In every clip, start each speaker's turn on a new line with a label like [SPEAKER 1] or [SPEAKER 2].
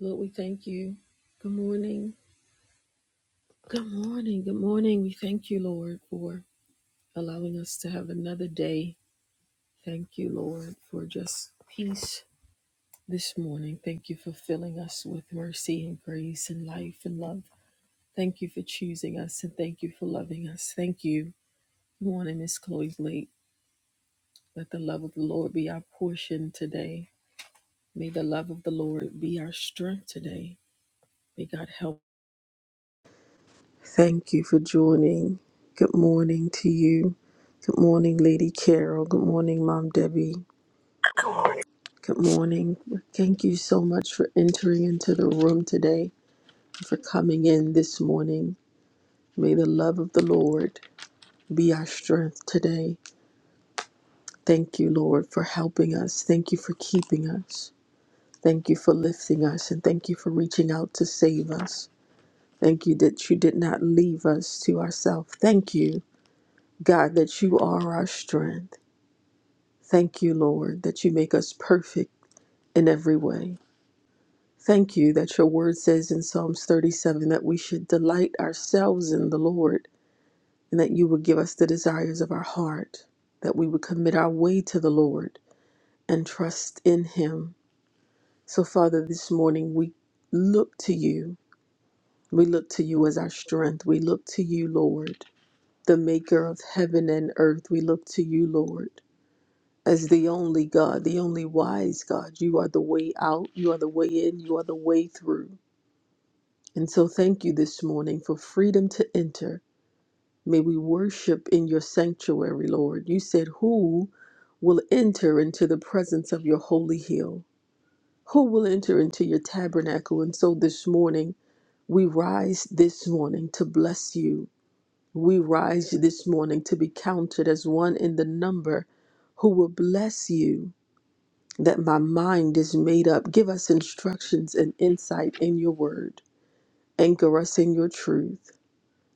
[SPEAKER 1] Lord, we thank you. Good morning. Good morning. Good morning. We thank you, Lord, for allowing us to have another day. Thank you, Lord, for just peace this morning. Thank you for filling us with mercy and grace and life and love. Thank you for choosing us and thank you for loving us. Thank you. Good morning, Miss Chloe Blake. Let the love of the Lord be our portion today. May the love of the Lord be our strength today. May God help. Thank you for joining. Good morning to you. Good morning, Lady Carol. Good morning, Mom Debbie.
[SPEAKER 2] My
[SPEAKER 1] Good morning. Thank you so much for entering into the room today, for coming in this morning. May the love of the Lord be our strength today. Thank you, Lord, for helping us. Thank you for keeping us. Thank you for lifting us. And thank you for reaching out to save us. Thank you that you did not leave us to ourselves. Thank you, God, that you are our strength. Thank you, Lord, that you make us perfect in every way. Thank you that your word says in Psalms 37 that we should delight ourselves in the Lord and that you would give us the desires of our heart, that we would commit our way to the Lord and trust in him. So, Father, this morning we look to you. We look to you as our strength. We look to you, Lord, the maker of heaven and earth. We look to you, Lord as the only God, the only wise God. You are the way out, you are the way in, you are the way through. And so, thank you this morning for freedom to enter. May we worship in your sanctuary, Lord. You said, Who will enter into the presence of your holy hill? Who will enter into your tabernacle? And so, this morning, we rise this morning to bless you. We rise this morning to be counted as one in the number who will bless you that my mind is made up. Give us instructions and insight in your word. Anchor us in your truth.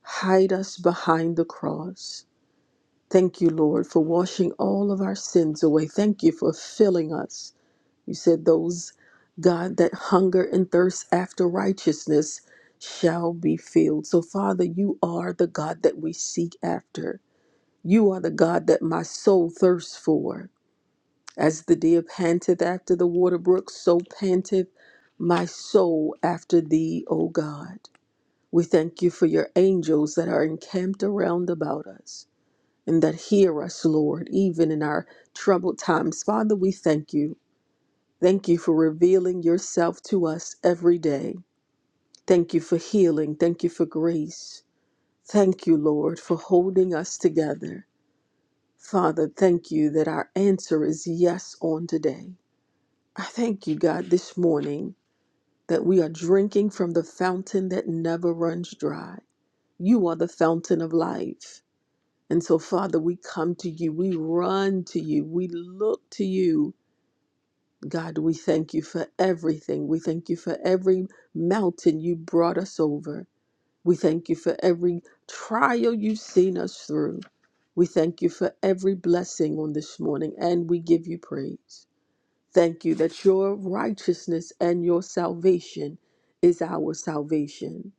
[SPEAKER 1] Hide us behind the cross. Thank you, Lord, for washing all of our sins away. Thank you for filling us. You said, Those, God, that hunger and thirst after righteousness shall be filled. So, Father, you are the God that we seek after. You are the God that my soul thirsts for. As the deer panteth after the water brook, so panteth my soul after thee, O God. We thank you for your angels that are encamped around about us and that hear us, Lord, even in our troubled times. Father, we thank you. Thank you for revealing yourself to us every day. Thank you for healing. Thank you for grace. Thank you, Lord, for holding us together. Father, thank you that our answer is yes on today. I thank you, God, this morning that we are drinking from the fountain that never runs dry. You are the fountain of life. And so, Father, we come to you, we run to you, we look to you. God, we thank you for everything. We thank you for every mountain you brought us over. We thank you for every trial you've seen us through. We thank you for every blessing on this morning, and we give you praise. Thank you that your righteousness and your salvation is our salvation.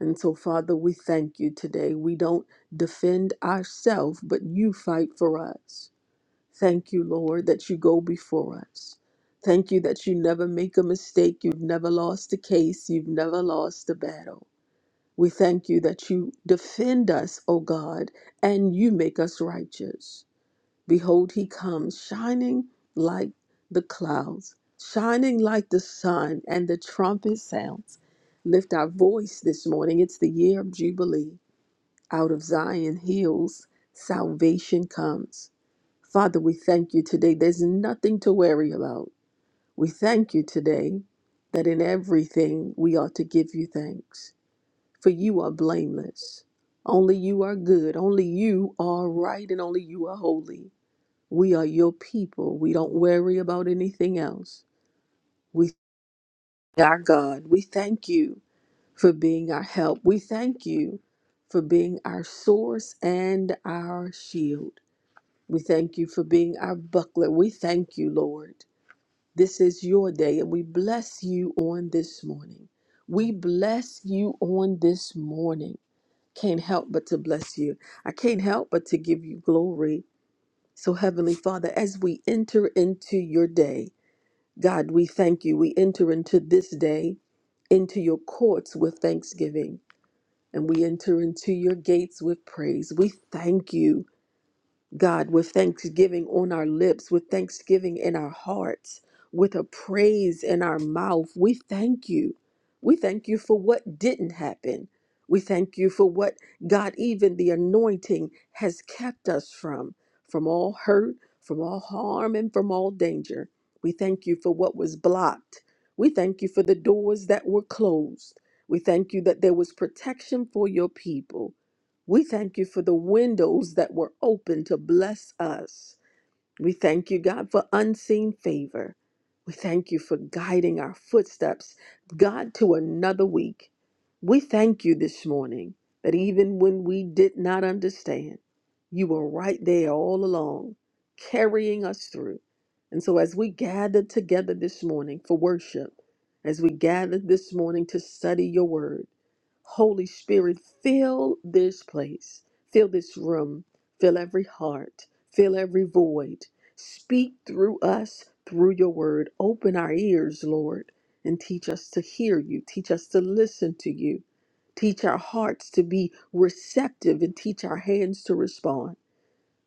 [SPEAKER 1] And so, Father, we thank you today. We don't defend ourselves, but you fight for us. Thank you, Lord, that you go before us. Thank you that you never make a mistake. You've never lost a case. You've never lost a battle. We thank you that you defend us, O God, and you make us righteous. Behold, he comes, shining like the clouds, shining like the sun, and the trumpet sounds. Lift our voice this morning. It's the year of Jubilee. Out of Zion hills, salvation comes. Father, we thank you today. There's nothing to worry about. We thank you today that in everything we ought to give you thanks, for you are blameless. Only you are good. Only you are right, and only you are holy. We are your people. We don't worry about anything else. We thank our God. We thank you for being our help. We thank you for being our source and our shield. We thank you for being our buckler. We thank you, Lord. This is your day, and we bless you on this morning. We bless you on this morning. Can't help but to bless you. I can't help but to give you glory. So, Heavenly Father, as we enter into your day, God, we thank you. We enter into this day, into your courts with thanksgiving, and we enter into your gates with praise. We thank you God, with thanksgiving on our lips, with thanksgiving in our hearts, with a praise in our mouth. We thank you. We thank you for what didn't happen. We thank you for what, God, even the anointing has kept us from, from all hurt, from all harm, and from all danger. We thank you for what was blocked. We thank you for the doors that were closed. We thank you that there was protection for your people. We thank you for the windows that were open to bless us. We thank you, God, for unseen favor. We thank you for guiding our footsteps, God, to another week. We thank you this morning that even when we did not understand, you were right there all along, carrying us through. And so, as we gather together this morning for worship, as we gather this morning to study your word, Holy Spirit, fill this place, fill this room, fill every heart, fill every void. Speak through us through your word. Open our ears, Lord, and teach us to hear you. Teach us to listen to you. Teach our hearts to be receptive and teach our hands to respond.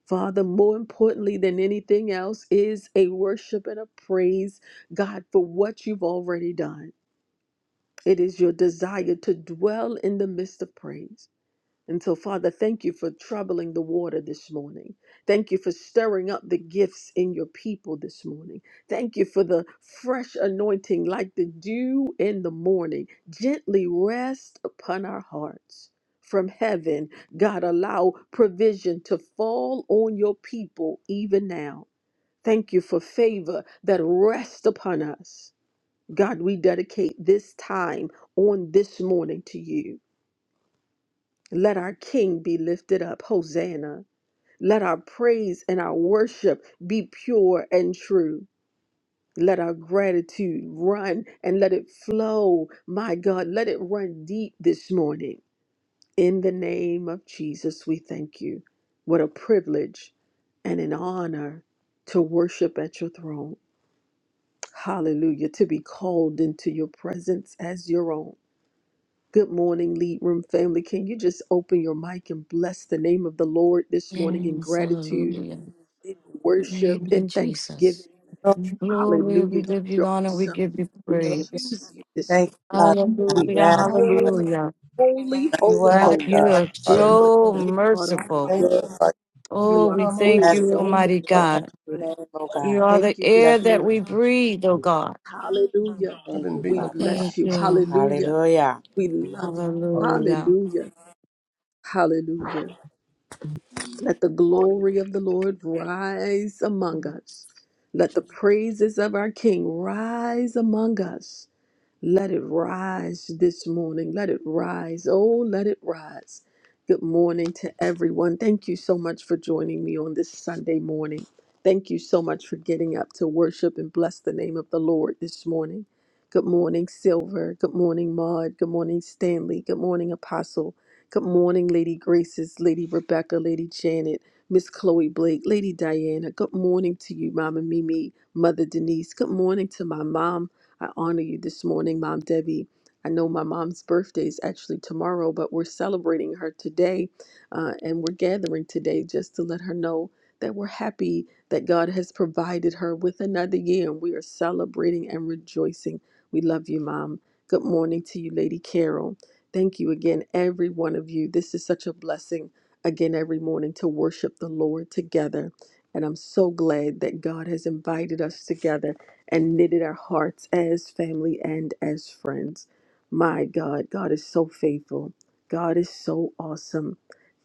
[SPEAKER 1] Father, more importantly than anything else is a worship and a praise, God, for what you've already done. It is your desire to dwell in the midst of praise. And so, Father, thank you for troubling the water this morning. Thank you for stirring up the gifts in your people this morning. Thank you for the fresh anointing like the dew in the morning. Gently rest upon our hearts. From heaven, God, allow provision to fall on your people even now. Thank you for favor that rests upon us. God, we dedicate this time on this morning to you. Let our King be lifted up. Hosanna. Let our praise and our worship be pure and true. Let our gratitude run and let it flow. My God, let it run deep this morning. In the name of Jesus, we thank you. What a privilege and an honor to worship at your throne. Hallelujah. To be called into your presence as your own. Good morning, Lead Room family. Can you just open your mic and bless the name of the Lord this morning in
[SPEAKER 3] Yes,
[SPEAKER 1] gratitude,
[SPEAKER 3] hallelujah.
[SPEAKER 1] in worship,
[SPEAKER 3] Thank you,
[SPEAKER 1] in
[SPEAKER 3] Jesus.
[SPEAKER 1] thanksgiving?
[SPEAKER 4] Lord,
[SPEAKER 3] Glory, we
[SPEAKER 1] Hallelujah. God,
[SPEAKER 3] give you
[SPEAKER 1] you're
[SPEAKER 3] honor, we
[SPEAKER 1] awesome.
[SPEAKER 3] give you
[SPEAKER 1] We
[SPEAKER 4] you Lord.
[SPEAKER 3] praise.
[SPEAKER 1] choose you this
[SPEAKER 4] Thank you,
[SPEAKER 1] morning.
[SPEAKER 4] Father God.
[SPEAKER 1] We are
[SPEAKER 3] Hallelujah,
[SPEAKER 4] Yes, Lord.
[SPEAKER 1] holy,
[SPEAKER 3] hallelujah.
[SPEAKER 1] holy,
[SPEAKER 4] You
[SPEAKER 1] holy,
[SPEAKER 4] word,
[SPEAKER 3] God, you
[SPEAKER 1] holy.
[SPEAKER 2] God,
[SPEAKER 4] Lord.
[SPEAKER 3] are
[SPEAKER 1] Is
[SPEAKER 2] hallelujah.
[SPEAKER 3] so
[SPEAKER 4] You
[SPEAKER 1] God
[SPEAKER 3] merciful.
[SPEAKER 1] Almighty.
[SPEAKER 4] Thank
[SPEAKER 2] Like,
[SPEAKER 3] Oh,
[SPEAKER 1] You are
[SPEAKER 3] we
[SPEAKER 5] Mama,
[SPEAKER 4] you,
[SPEAKER 3] thank you,
[SPEAKER 1] good.
[SPEAKER 4] Master.
[SPEAKER 1] Only
[SPEAKER 3] Almighty
[SPEAKER 4] Your
[SPEAKER 1] you are
[SPEAKER 4] holy
[SPEAKER 3] God.
[SPEAKER 1] good.
[SPEAKER 4] name, oh
[SPEAKER 3] You
[SPEAKER 4] God.
[SPEAKER 3] are
[SPEAKER 1] Thank
[SPEAKER 3] the
[SPEAKER 1] you
[SPEAKER 3] air
[SPEAKER 4] Blessed.
[SPEAKER 1] this
[SPEAKER 3] that
[SPEAKER 1] morning.
[SPEAKER 3] we breathe, oh God.
[SPEAKER 1] Hallelujah.
[SPEAKER 5] I've
[SPEAKER 4] Thank
[SPEAKER 5] been
[SPEAKER 4] you,
[SPEAKER 1] We
[SPEAKER 5] beating up.
[SPEAKER 4] Father
[SPEAKER 5] Like a
[SPEAKER 4] God.
[SPEAKER 3] Thank
[SPEAKER 1] bless you.
[SPEAKER 3] you.
[SPEAKER 1] Hallelujah.
[SPEAKER 4] Hallelujah.
[SPEAKER 1] We love you.
[SPEAKER 5] hot.
[SPEAKER 3] Hallelujah.
[SPEAKER 1] Hallelujah. Hallelujah. Let the glory of the Lord rise among us. Let the praises of our King rise among us. Let it rise this morning. Let it rise. Oh, let it rise. Good morning to everyone. Thank you so much for joining me on this Sunday morning. Thank you so much for getting up to worship and bless the name of the Lord this morning. Good morning, Silver. Good morning, Maud. Good morning, Stanley. Good morning, Apostle. Good morning, Lady Graces, Lady Rebecca, Lady Janet, Miss Chloe Blake, Lady Diana. Good morning to you, Mama Mimi, Mother Denise. Good morning to my mom. I honor you this morning, Mom Debbie. I know my mom's birthday is actually tomorrow, but we're celebrating her today uh, and we're gathering today just to let her know that we're happy that God has provided her with another year and we are celebrating and rejoicing. We love you, Mom. Good morning to you, Lady Carol. Thank you again, every one of you. This is such a blessing again every morning to worship the Lord together. And I'm so glad that God has invited us together and knitted our hearts as family and as friends. My God, God is so faithful. God is so awesome.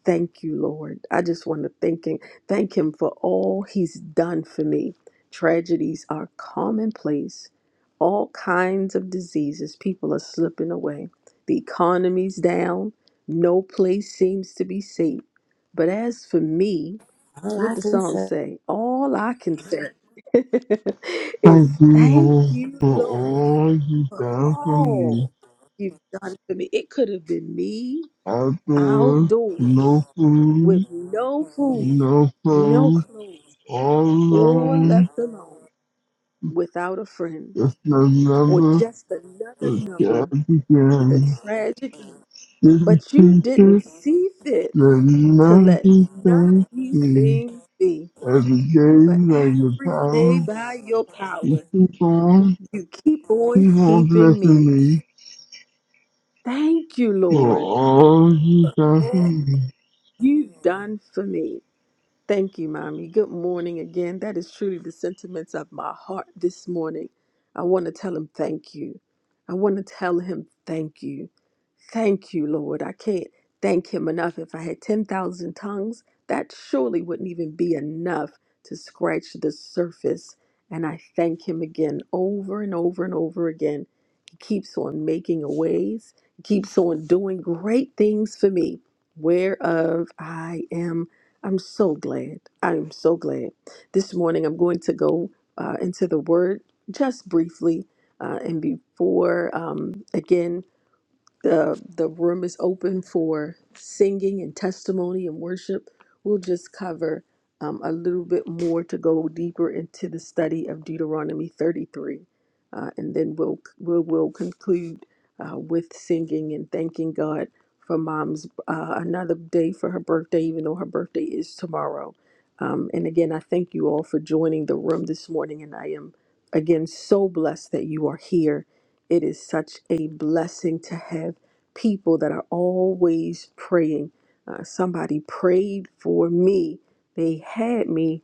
[SPEAKER 1] Thank you, Lord. I just want to thank him, thank him for all he's done for me. Tragedies are commonplace. All kinds of diseases, people are slipping away. The economy's down. No place seems to be safe. But as for me,
[SPEAKER 4] All
[SPEAKER 1] what
[SPEAKER 4] I
[SPEAKER 1] the
[SPEAKER 4] can
[SPEAKER 1] song
[SPEAKER 4] say,
[SPEAKER 1] say? All I can say is
[SPEAKER 6] Thank you,
[SPEAKER 1] thank
[SPEAKER 6] Lord,
[SPEAKER 1] you,
[SPEAKER 6] for
[SPEAKER 1] Lord.
[SPEAKER 6] all you done for me.
[SPEAKER 1] All you've done for me. It could have been me
[SPEAKER 6] Outdoors,
[SPEAKER 1] outdoors
[SPEAKER 6] no food,
[SPEAKER 1] with no food,
[SPEAKER 6] no
[SPEAKER 1] no
[SPEAKER 6] clothes,
[SPEAKER 1] clothes,
[SPEAKER 6] all
[SPEAKER 1] or
[SPEAKER 6] alone.
[SPEAKER 1] left alone without a friend,
[SPEAKER 6] Just
[SPEAKER 1] or
[SPEAKER 6] another
[SPEAKER 1] just another
[SPEAKER 6] that
[SPEAKER 1] number with a
[SPEAKER 6] began.
[SPEAKER 1] tragic end.
[SPEAKER 6] Didn't
[SPEAKER 1] But you didn't
[SPEAKER 6] teacher,
[SPEAKER 1] see fit
[SPEAKER 6] that
[SPEAKER 1] to let
[SPEAKER 6] nothing
[SPEAKER 1] none
[SPEAKER 6] can
[SPEAKER 1] of
[SPEAKER 6] save
[SPEAKER 1] these
[SPEAKER 6] me.
[SPEAKER 1] things be.
[SPEAKER 6] Every
[SPEAKER 1] For
[SPEAKER 6] day, like the
[SPEAKER 1] every day
[SPEAKER 6] power,
[SPEAKER 1] by your
[SPEAKER 6] you
[SPEAKER 1] power.
[SPEAKER 6] keep on,
[SPEAKER 1] You keep on
[SPEAKER 6] keep on
[SPEAKER 1] keeping
[SPEAKER 6] blessing
[SPEAKER 1] me.
[SPEAKER 6] me
[SPEAKER 1] Thank you,
[SPEAKER 6] for
[SPEAKER 1] Lord.
[SPEAKER 6] all you done for me.
[SPEAKER 1] You've done for me. Thank you, Mommy. Good morning again. That is truly the sentiments of my heart this morning. I want to tell him thank you. I want to tell him thank you. Thank you, Lord. I can't thank him enough. If I had 10,000 tongues, that surely wouldn't even be enough to scratch the surface. And I thank him again over and over and over again. He keeps on making a ways, he keeps on doing great things for me, whereof I am. I'm so glad. I am so glad. This morning, I'm going to go uh, into the word just briefly. Uh, and before, um, again, the the room is open for singing and testimony and worship. We'll just cover um, a little bit more to go deeper into the study of Deuteronomy 33, uh, and then we'll we'll, we'll conclude uh, with singing and thanking God for Mom's uh, another day for her birthday, even though her birthday is tomorrow. Um, and again, I thank you all for joining the room this morning, and I am again so blessed that you are here it is such a blessing to have people that are always praying. Uh, somebody prayed for me, they had me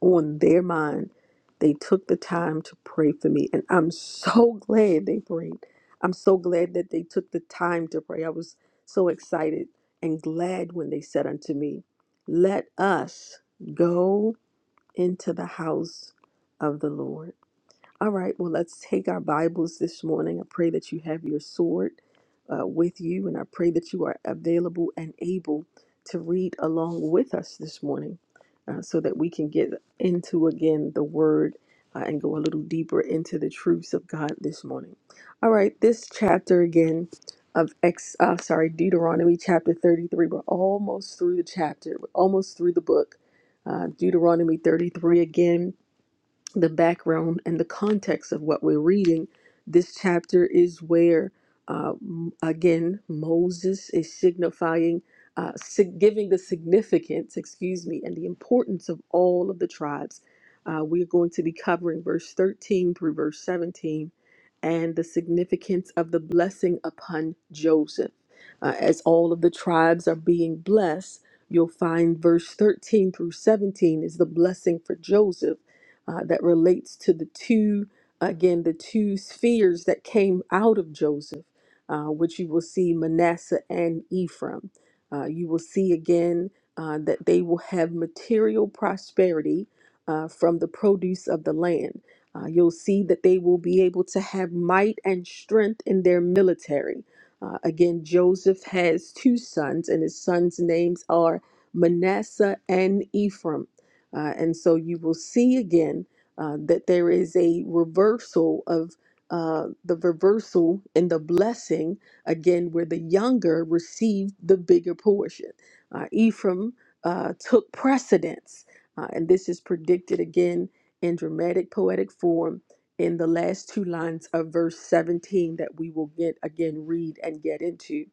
[SPEAKER 1] on their mind. They took the time to pray for me, and I'm so glad they prayed. I'm so glad that they took the time to pray. I was so excited and glad when they said unto me, Let us go into the house of the Lord. All right, well, let's take our Bibles this morning. I pray that you have your sword uh, with you, and I pray that you are available and able to read along with us this morning uh, so that we can get into again the word uh, and go a little deeper into the truths of God this morning. All right, this chapter again of ex uh, sorry deuteronomy chapter 33 we're almost through the chapter we're almost through the book uh, deuteronomy 33 again the background and the context of what we're reading, this chapter is where, uh, m- again, Moses is signifying, uh, sig- giving the significance, excuse me, and the importance of all of the tribes. Uh, we're going to be covering verse 13 through verse 17 and the significance of the blessing upon Joseph. Uh, as all of the tribes are being blessed, you'll find verse 13 through 17 is the blessing for Joseph uh, that relates to the two, again, the two spheres that came out of Joseph, uh, which you will see Manasseh and Ephraim. Uh, you will see again uh, that they will have material prosperity uh, from the produce of the land. Uh, you'll see that they will be able to have might and strength in their military. Uh, again, Joseph has two sons, and his sons' names are Manasseh and Ephraim uh, and so you will see again uh, that there is a reversal of uh, the reversal and the blessing, again, where the younger received the bigger portion. Uh, Ephraim uh, took precedence, uh, and this is predicted again in dramatic poetic form in the last two lines of verse 17 that we will get again read and get into.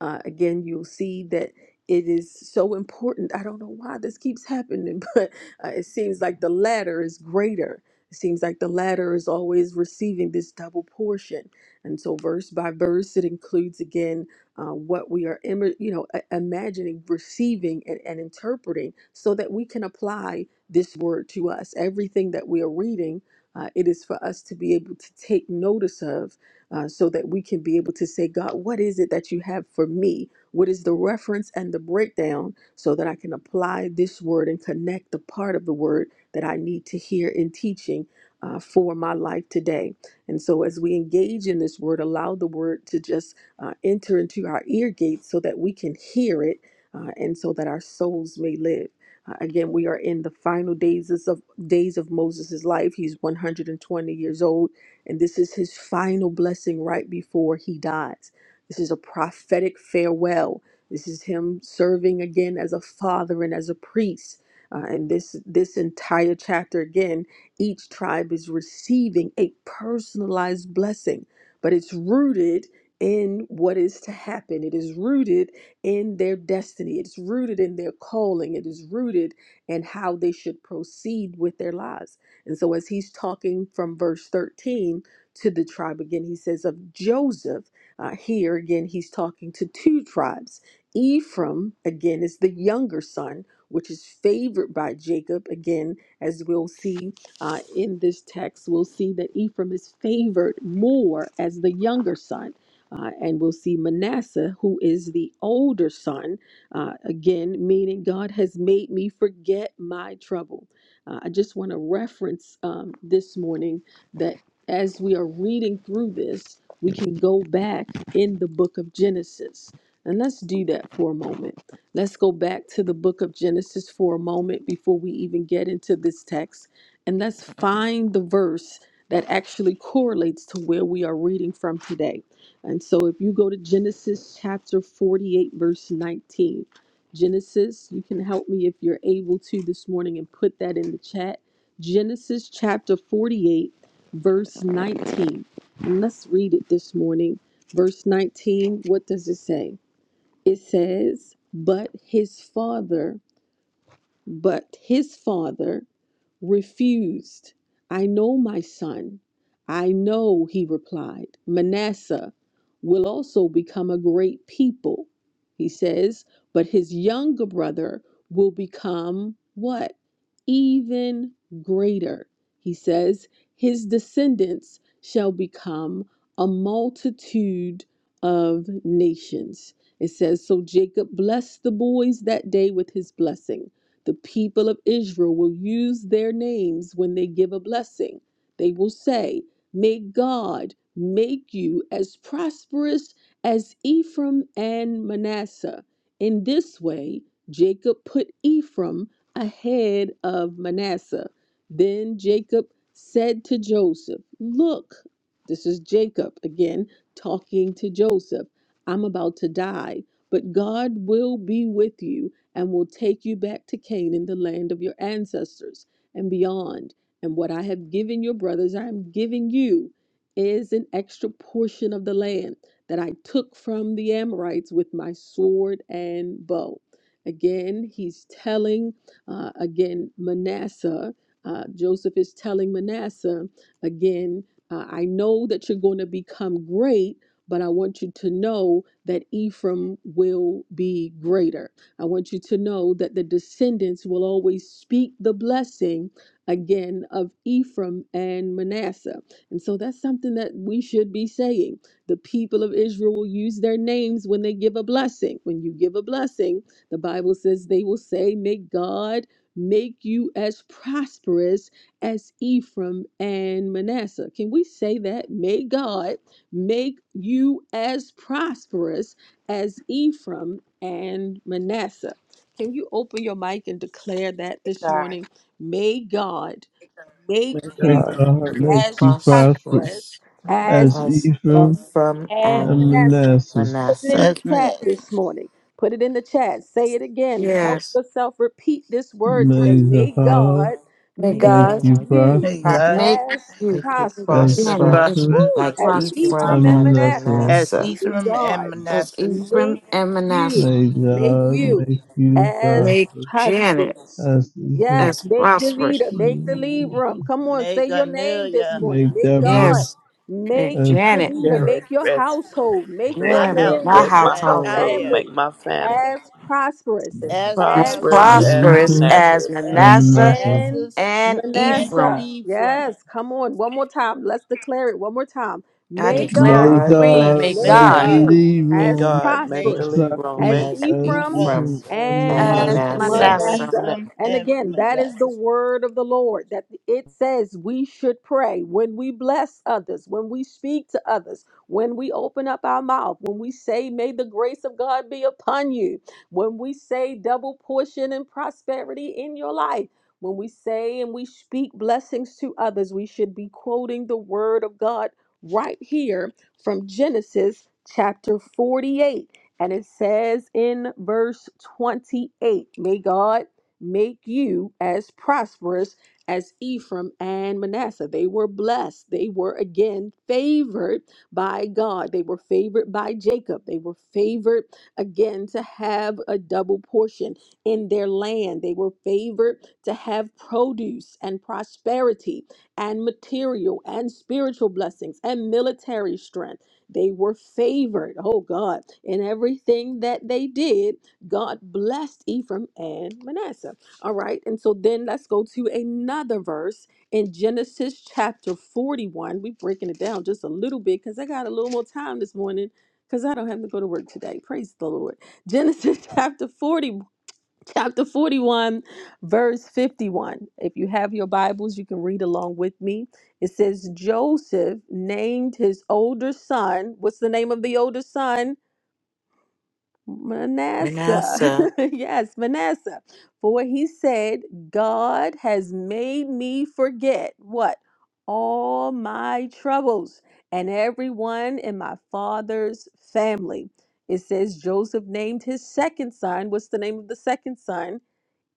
[SPEAKER 1] Uh, again, you'll see that it is so important. I don't know why this keeps happening, Uh, it seems like the latter is greater. It seems like the latter is always receiving this double portion. And so, verse by verse, it includes again uh, what we are, im- you know, i- imagining, receiving, and, and interpreting, so that we can apply this word to us. Everything that we are reading, uh, it is for us to be able to take notice of, uh, so that we can be able to say, God, what is it that you have for me? What is the reference and the breakdown so that I can apply this word and connect the part of the word that I need to hear in teaching uh, for my life today? And so, as we engage in this word, allow the word to just uh, enter into our ear gates so that we can hear it uh, and so that our souls may live. Uh, again, we are in the final days of days of Moses' life. He's 120 years old, and this is his final blessing right before he dies. This is a prophetic farewell. This is him serving again as a father and as a priest. Uh, and this this entire chapter again, each tribe is receiving a personalized blessing, but it's rooted in what is to happen. It is rooted in their destiny. It's rooted in their calling. It is rooted in how they should proceed with their lives. And so as he's talking from verse 13 to the tribe again, he says of Joseph uh, here again, he's talking to two tribes. Ephraim, again, is the younger son, which is favored by Jacob. Again, as we'll see uh, in this text, we'll see that Ephraim is favored more as the younger son. Uh, and we'll see Manasseh, who is the older son, uh, again, meaning God has made me forget my trouble. Uh, I just want to reference um, this morning that as we are reading through this, we can go back in the book of Genesis. And let's do that for a moment. Let's go back to the book of Genesis for a moment before we even get into this text. And let's find the verse that actually correlates to where we are reading from today. And so if you go to Genesis chapter 48, verse 19, Genesis, you can help me if you're able to this morning and put that in the chat. Genesis chapter 48, verse 19. And let's read it this morning. Verse 19, what does it say? It says, But his father, but his father refused. I know my son. I know, he replied. Manasseh will also become a great people, he says, but his younger brother will become what? Even greater, he says. His descendants shall become a multitude of nations. It says, So Jacob blessed the boys that day with his blessing. The people of Israel will use their names when they give a blessing. They will say, May God make you as prosperous as Ephraim and Manasseh. In this way, Jacob put Ephraim ahead of Manasseh. Then Jacob said to Joseph, Look, this is Jacob again talking to Joseph. I'm about to die, but God will be with you and will take you back to Canaan, the land of your ancestors, and beyond. And what I have given your brothers, I am giving you, is an extra portion of the land that I took from the Amorites with my sword and bow. Again, he's telling, uh, again, Manasseh, uh, Joseph is telling Manasseh, again, uh, I know that you're going to become great, but I want you to know that Ephraim will be greater. I want you to know that the descendants will always speak the blessing again of Ephraim and Manasseh. And so that's something that we should be saying. The people of Israel will use their names when they give a blessing. When you give a blessing, the Bible says they will say, May God make you as prosperous as Ephraim and Manasseh. Can we say that? May God make you as prosperous as Ephraim and Manasseh. Can you open your mic and declare that this
[SPEAKER 4] God,
[SPEAKER 1] morning? May God
[SPEAKER 2] May
[SPEAKER 1] make
[SPEAKER 6] May
[SPEAKER 1] you
[SPEAKER 2] God
[SPEAKER 6] God
[SPEAKER 7] Thank you,
[SPEAKER 4] first
[SPEAKER 6] make
[SPEAKER 1] as
[SPEAKER 6] you prosper
[SPEAKER 1] prosperous
[SPEAKER 7] prosperous
[SPEAKER 1] as
[SPEAKER 6] As
[SPEAKER 7] us
[SPEAKER 6] Ephraim
[SPEAKER 1] Ephraim
[SPEAKER 7] from
[SPEAKER 1] and
[SPEAKER 6] and
[SPEAKER 7] and
[SPEAKER 1] Manasseh.
[SPEAKER 6] Manasseh,
[SPEAKER 1] Put it in
[SPEAKER 7] Manasseh.
[SPEAKER 1] the
[SPEAKER 8] Yes, Miss.
[SPEAKER 1] chat this morning. Put it in the chat. Say it again. Help
[SPEAKER 3] Yes.
[SPEAKER 1] yourself repeat this word today.
[SPEAKER 6] may
[SPEAKER 1] May
[SPEAKER 4] God,
[SPEAKER 6] Zahar
[SPEAKER 1] God
[SPEAKER 3] May
[SPEAKER 7] Make
[SPEAKER 6] make
[SPEAKER 1] make
[SPEAKER 3] God
[SPEAKER 6] you
[SPEAKER 7] God
[SPEAKER 1] you
[SPEAKER 8] May
[SPEAKER 4] our
[SPEAKER 8] God
[SPEAKER 6] prosperous.
[SPEAKER 3] make
[SPEAKER 1] as
[SPEAKER 3] you
[SPEAKER 7] make you
[SPEAKER 6] As
[SPEAKER 8] make
[SPEAKER 1] prosperous.
[SPEAKER 8] us
[SPEAKER 3] Janet
[SPEAKER 7] prosper
[SPEAKER 3] as
[SPEAKER 6] Ephraim
[SPEAKER 8] prosperous
[SPEAKER 1] Woo!
[SPEAKER 7] like
[SPEAKER 1] As
[SPEAKER 3] prosperous
[SPEAKER 7] Ephraim
[SPEAKER 1] Ephraim
[SPEAKER 4] mom,
[SPEAKER 6] and
[SPEAKER 1] and
[SPEAKER 7] and
[SPEAKER 1] Manasseh,
[SPEAKER 6] Manasseh,
[SPEAKER 8] as
[SPEAKER 7] Manasseh.
[SPEAKER 1] may
[SPEAKER 8] Ephraim
[SPEAKER 1] God
[SPEAKER 8] and
[SPEAKER 3] as
[SPEAKER 8] Manasseh.
[SPEAKER 3] Ephraim
[SPEAKER 1] make
[SPEAKER 3] and
[SPEAKER 1] you,
[SPEAKER 3] Manasseh.
[SPEAKER 6] may
[SPEAKER 1] make
[SPEAKER 6] God
[SPEAKER 1] you
[SPEAKER 6] make you
[SPEAKER 1] as
[SPEAKER 3] Make
[SPEAKER 6] prosperous.
[SPEAKER 3] Janet
[SPEAKER 1] prosperous.
[SPEAKER 6] As Ephraim,
[SPEAKER 3] as
[SPEAKER 1] Yes, make the
[SPEAKER 3] prosperous.
[SPEAKER 1] leader, make the
[SPEAKER 4] and
[SPEAKER 1] Libram. Come on, say
[SPEAKER 8] Make
[SPEAKER 1] your name this
[SPEAKER 8] Amelia,
[SPEAKER 6] may
[SPEAKER 1] morning. Make
[SPEAKER 6] Deborah,
[SPEAKER 1] God,
[SPEAKER 3] Yes,
[SPEAKER 1] make
[SPEAKER 3] make
[SPEAKER 6] as,
[SPEAKER 1] the
[SPEAKER 3] Janet.
[SPEAKER 1] leader,
[SPEAKER 2] care of,
[SPEAKER 1] make your household, make
[SPEAKER 2] take
[SPEAKER 1] your
[SPEAKER 8] my
[SPEAKER 3] Yeah, make
[SPEAKER 2] care of,
[SPEAKER 3] my
[SPEAKER 1] lineage,
[SPEAKER 8] household,
[SPEAKER 2] make my
[SPEAKER 1] make
[SPEAKER 8] my
[SPEAKER 1] your
[SPEAKER 3] household
[SPEAKER 2] household,
[SPEAKER 8] entire,
[SPEAKER 2] make
[SPEAKER 1] family
[SPEAKER 2] my family
[SPEAKER 8] yes,
[SPEAKER 1] as prosperous
[SPEAKER 8] as
[SPEAKER 3] as
[SPEAKER 1] as
[SPEAKER 2] prosperous
[SPEAKER 6] as
[SPEAKER 8] prosperous
[SPEAKER 2] as
[SPEAKER 1] Ephraim
[SPEAKER 3] prosperous
[SPEAKER 6] Ephraim
[SPEAKER 3] as
[SPEAKER 2] Manassas.
[SPEAKER 8] as
[SPEAKER 6] and
[SPEAKER 3] Manasseh
[SPEAKER 6] Manasseh,
[SPEAKER 8] Manasseh
[SPEAKER 1] and
[SPEAKER 3] and
[SPEAKER 8] and
[SPEAKER 1] Manasseh.
[SPEAKER 3] Ephraim.
[SPEAKER 8] Ephraim.
[SPEAKER 1] Yes, come on. One more time. Let's declare it one more time.
[SPEAKER 3] I
[SPEAKER 1] May
[SPEAKER 7] May
[SPEAKER 3] declare a
[SPEAKER 1] God
[SPEAKER 6] may
[SPEAKER 7] God
[SPEAKER 3] decree.
[SPEAKER 6] God
[SPEAKER 3] May
[SPEAKER 7] bless
[SPEAKER 8] May
[SPEAKER 6] make
[SPEAKER 1] make
[SPEAKER 6] the
[SPEAKER 3] God
[SPEAKER 8] God
[SPEAKER 7] you
[SPEAKER 1] you
[SPEAKER 6] lead
[SPEAKER 2] May
[SPEAKER 1] as
[SPEAKER 6] room
[SPEAKER 2] God make
[SPEAKER 8] make
[SPEAKER 2] the
[SPEAKER 6] as
[SPEAKER 1] prosperous
[SPEAKER 2] lead wrong,
[SPEAKER 1] as
[SPEAKER 6] prosperous
[SPEAKER 2] make
[SPEAKER 8] me,
[SPEAKER 7] as
[SPEAKER 6] as
[SPEAKER 1] Ephraim
[SPEAKER 7] Ephraim
[SPEAKER 6] Ephraim
[SPEAKER 8] us,
[SPEAKER 6] and
[SPEAKER 8] as
[SPEAKER 7] and
[SPEAKER 1] and
[SPEAKER 3] and
[SPEAKER 8] prosperous
[SPEAKER 6] Manasseh.
[SPEAKER 8] as
[SPEAKER 7] Manasseh.
[SPEAKER 2] as
[SPEAKER 3] Manasseh
[SPEAKER 1] Manasseh.
[SPEAKER 2] Manassas.
[SPEAKER 8] Ephraim
[SPEAKER 1] And
[SPEAKER 8] and
[SPEAKER 1] again, that is the
[SPEAKER 8] Manasseh.
[SPEAKER 1] word of the Lord that it says we should pray when we bless others, when we speak to others, when we open up our mouth, when we say, May the grace of God be upon you, when we say, double portion and prosperity in your life. When we say and we speak blessings to others, we should be quoting the word of God right here from Genesis chapter 48. And it says in verse 28 May God make you as prosperous as Ephraim and Manasseh. They were blessed. They were again favored by God. They were favored by Jacob. They were favored again to have a double portion in their land. They were favored to have produce and prosperity and material and spiritual blessings and military strength. They were favored, oh God, in everything that they did. God blessed Ephraim and Manasseh. All right, and so then let's go to another verse in Genesis chapter 41. We're breaking it down just a little bit because I got a little more time this morning because I don't have to go to work today. Praise the Lord. Genesis chapter 41 chapter 41, verse 51. If you have your Bibles, you can read along with me. It says, Joseph named his older son. What's the name of the older son? Manasseh.
[SPEAKER 7] Manasseh,
[SPEAKER 1] yes, Manasseh. For he said, God has made me forget what? All my troubles and everyone in my father's family. It says Joseph named his second son. What's the name of the second son?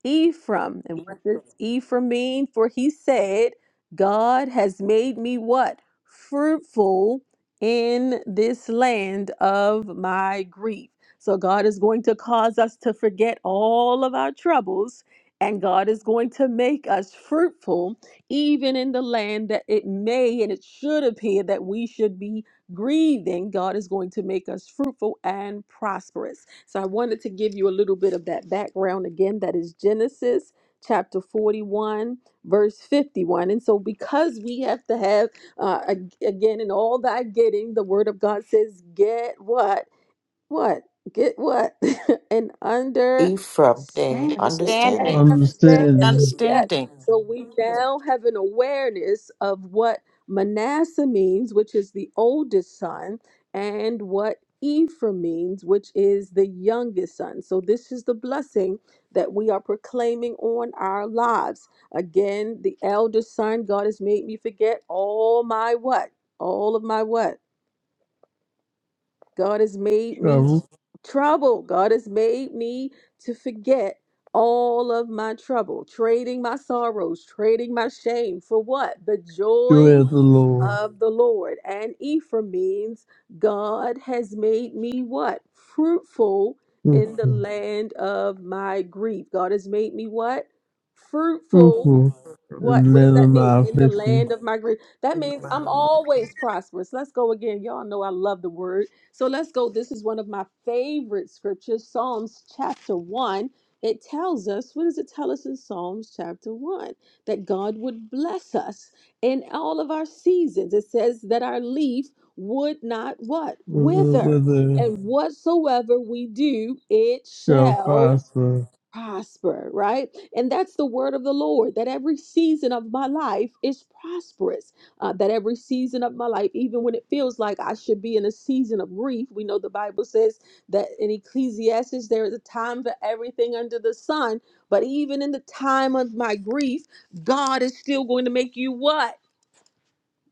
[SPEAKER 1] Ephraim. And what does Ephraim mean? For he said, God has made me what? Fruitful in this land of my grief. So God is going to cause us to forget all of our troubles, and God is going to make us fruitful, even in the land that it may and it should appear that we should be grieving. God is going to make us fruitful and prosperous. So I wanted to give you a little bit of that background again. That is Genesis chapter 41, verse 51. And so, because we have to have, uh, ag- again, in all thy getting, the word of God says, get what? what? Get what? and understand
[SPEAKER 7] Ephraim, thing,
[SPEAKER 1] it. Yes,
[SPEAKER 7] understanding.
[SPEAKER 3] understanding, with
[SPEAKER 1] understand it.
[SPEAKER 6] Understanding,
[SPEAKER 1] Yes.
[SPEAKER 3] understanding,
[SPEAKER 1] So we now have an awareness of what Manasseh means, which is the oldest son, and what Ephraim means, which is the youngest son. So this is the blessing that we are proclaiming on our lives. Again, the eldest son, God has made me forget all my what? All of my what? God has made me
[SPEAKER 6] trouble.
[SPEAKER 1] trouble. God has made me to forget all of my trouble, trading my sorrows, trading my shame for what? The joy
[SPEAKER 6] Joy of the Lord,
[SPEAKER 1] of the Lord. And Ephraim means God has made me what? Fruitful in the
[SPEAKER 6] fruitful,
[SPEAKER 1] land of my grief. God has made me what? Fruitful
[SPEAKER 6] fruitful,
[SPEAKER 1] what
[SPEAKER 6] and
[SPEAKER 1] what does
[SPEAKER 6] live in
[SPEAKER 1] that mean?
[SPEAKER 6] my
[SPEAKER 1] In the
[SPEAKER 6] affliction.
[SPEAKER 1] land of my grief. That means I'm always prosperous. Let's go again. Y'all know I love the word. So let's go. This is one of my favorite scriptures, Psalms chapter 1. It tells us, what does it tell us in Psalms chapter 1? That God would bless us in all of our seasons. It says that our leaf would not what?
[SPEAKER 6] Whether,
[SPEAKER 1] Wither.
[SPEAKER 6] whether
[SPEAKER 1] And whatsoever we do, it
[SPEAKER 6] shall
[SPEAKER 1] shall
[SPEAKER 6] prosper,
[SPEAKER 1] prosper, right? And that's the word of the Lord that every season of my life is prosperous. Uh, that every season of my life, even when it feels like I should be in a season of grief, we know the Bible says that in Ecclesiastes, there is a time for everything under the sun. But even in the time of my grief, God is still going to make you what?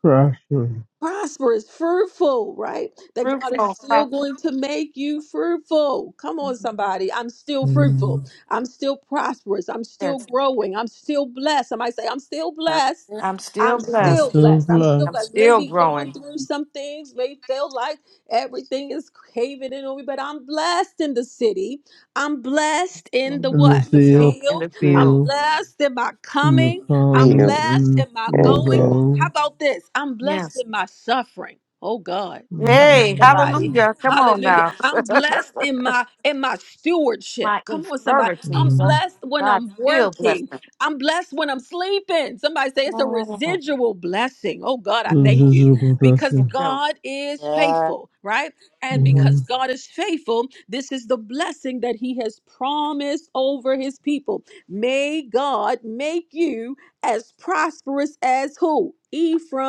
[SPEAKER 6] prosper.
[SPEAKER 1] prosperous, fruitful, right? That God is
[SPEAKER 3] fruitful,
[SPEAKER 1] still
[SPEAKER 3] prosperous.
[SPEAKER 1] going to make you fruitful. Come on, somebody. I'm still fruitful.
[SPEAKER 6] And
[SPEAKER 1] I'm still prosperous. I'm still growing. I'm still blessed. Somebody say, I'm still
[SPEAKER 4] God,
[SPEAKER 1] blessed.
[SPEAKER 3] I'm still
[SPEAKER 1] I'm
[SPEAKER 6] i will
[SPEAKER 1] still
[SPEAKER 3] blessed.
[SPEAKER 6] turn
[SPEAKER 1] blessed. I'm still
[SPEAKER 6] black
[SPEAKER 3] I'm
[SPEAKER 1] blessed.
[SPEAKER 3] still
[SPEAKER 1] Maybe going
[SPEAKER 3] growing
[SPEAKER 1] through some things, may feel like everything is caving in on me, but I'm blessed in the city. I'm blessed in the
[SPEAKER 3] in
[SPEAKER 6] in
[SPEAKER 3] the
[SPEAKER 6] the
[SPEAKER 1] what? The
[SPEAKER 3] field.
[SPEAKER 6] field,
[SPEAKER 3] In
[SPEAKER 1] field.
[SPEAKER 3] the
[SPEAKER 1] I'm
[SPEAKER 3] field.
[SPEAKER 6] field,
[SPEAKER 1] blessed in my
[SPEAKER 6] in the
[SPEAKER 1] coming. I'm
[SPEAKER 6] calm,
[SPEAKER 9] will
[SPEAKER 1] blessed
[SPEAKER 6] and
[SPEAKER 1] in my
[SPEAKER 6] in the
[SPEAKER 9] and
[SPEAKER 1] going.
[SPEAKER 9] God
[SPEAKER 1] How
[SPEAKER 6] gold.
[SPEAKER 1] about this? I'm blessed
[SPEAKER 3] Yes.
[SPEAKER 1] in my suffering. Oh God. Come on,
[SPEAKER 3] Hey,
[SPEAKER 1] somebody.
[SPEAKER 3] hallelujah.
[SPEAKER 6] Mm-hmm.
[SPEAKER 3] Come on
[SPEAKER 1] Hallelujah.
[SPEAKER 3] now.
[SPEAKER 1] I'm blessed in my in my stewardship.
[SPEAKER 3] my
[SPEAKER 1] Come on, somebody. I'm
[SPEAKER 3] infirmities. Oh,
[SPEAKER 1] blessed when
[SPEAKER 3] God,
[SPEAKER 1] I'm
[SPEAKER 3] still bless
[SPEAKER 1] working.
[SPEAKER 3] me.
[SPEAKER 1] I'm blessed when I'm sleeping. Somebody say it's a
[SPEAKER 3] Mm,
[SPEAKER 1] residual blessing. Oh God, I
[SPEAKER 3] mm,
[SPEAKER 1] thank
[SPEAKER 6] This is
[SPEAKER 1] you.
[SPEAKER 6] a
[SPEAKER 1] Because
[SPEAKER 3] Thank
[SPEAKER 6] confession.
[SPEAKER 3] you.
[SPEAKER 1] God is
[SPEAKER 4] yeah,
[SPEAKER 1] faithful, right? And because
[SPEAKER 6] Mm-hmm.
[SPEAKER 3] Yes.
[SPEAKER 1] God is faithful, this is the blessing that He has promised over His people. May God make you as prosperous as who?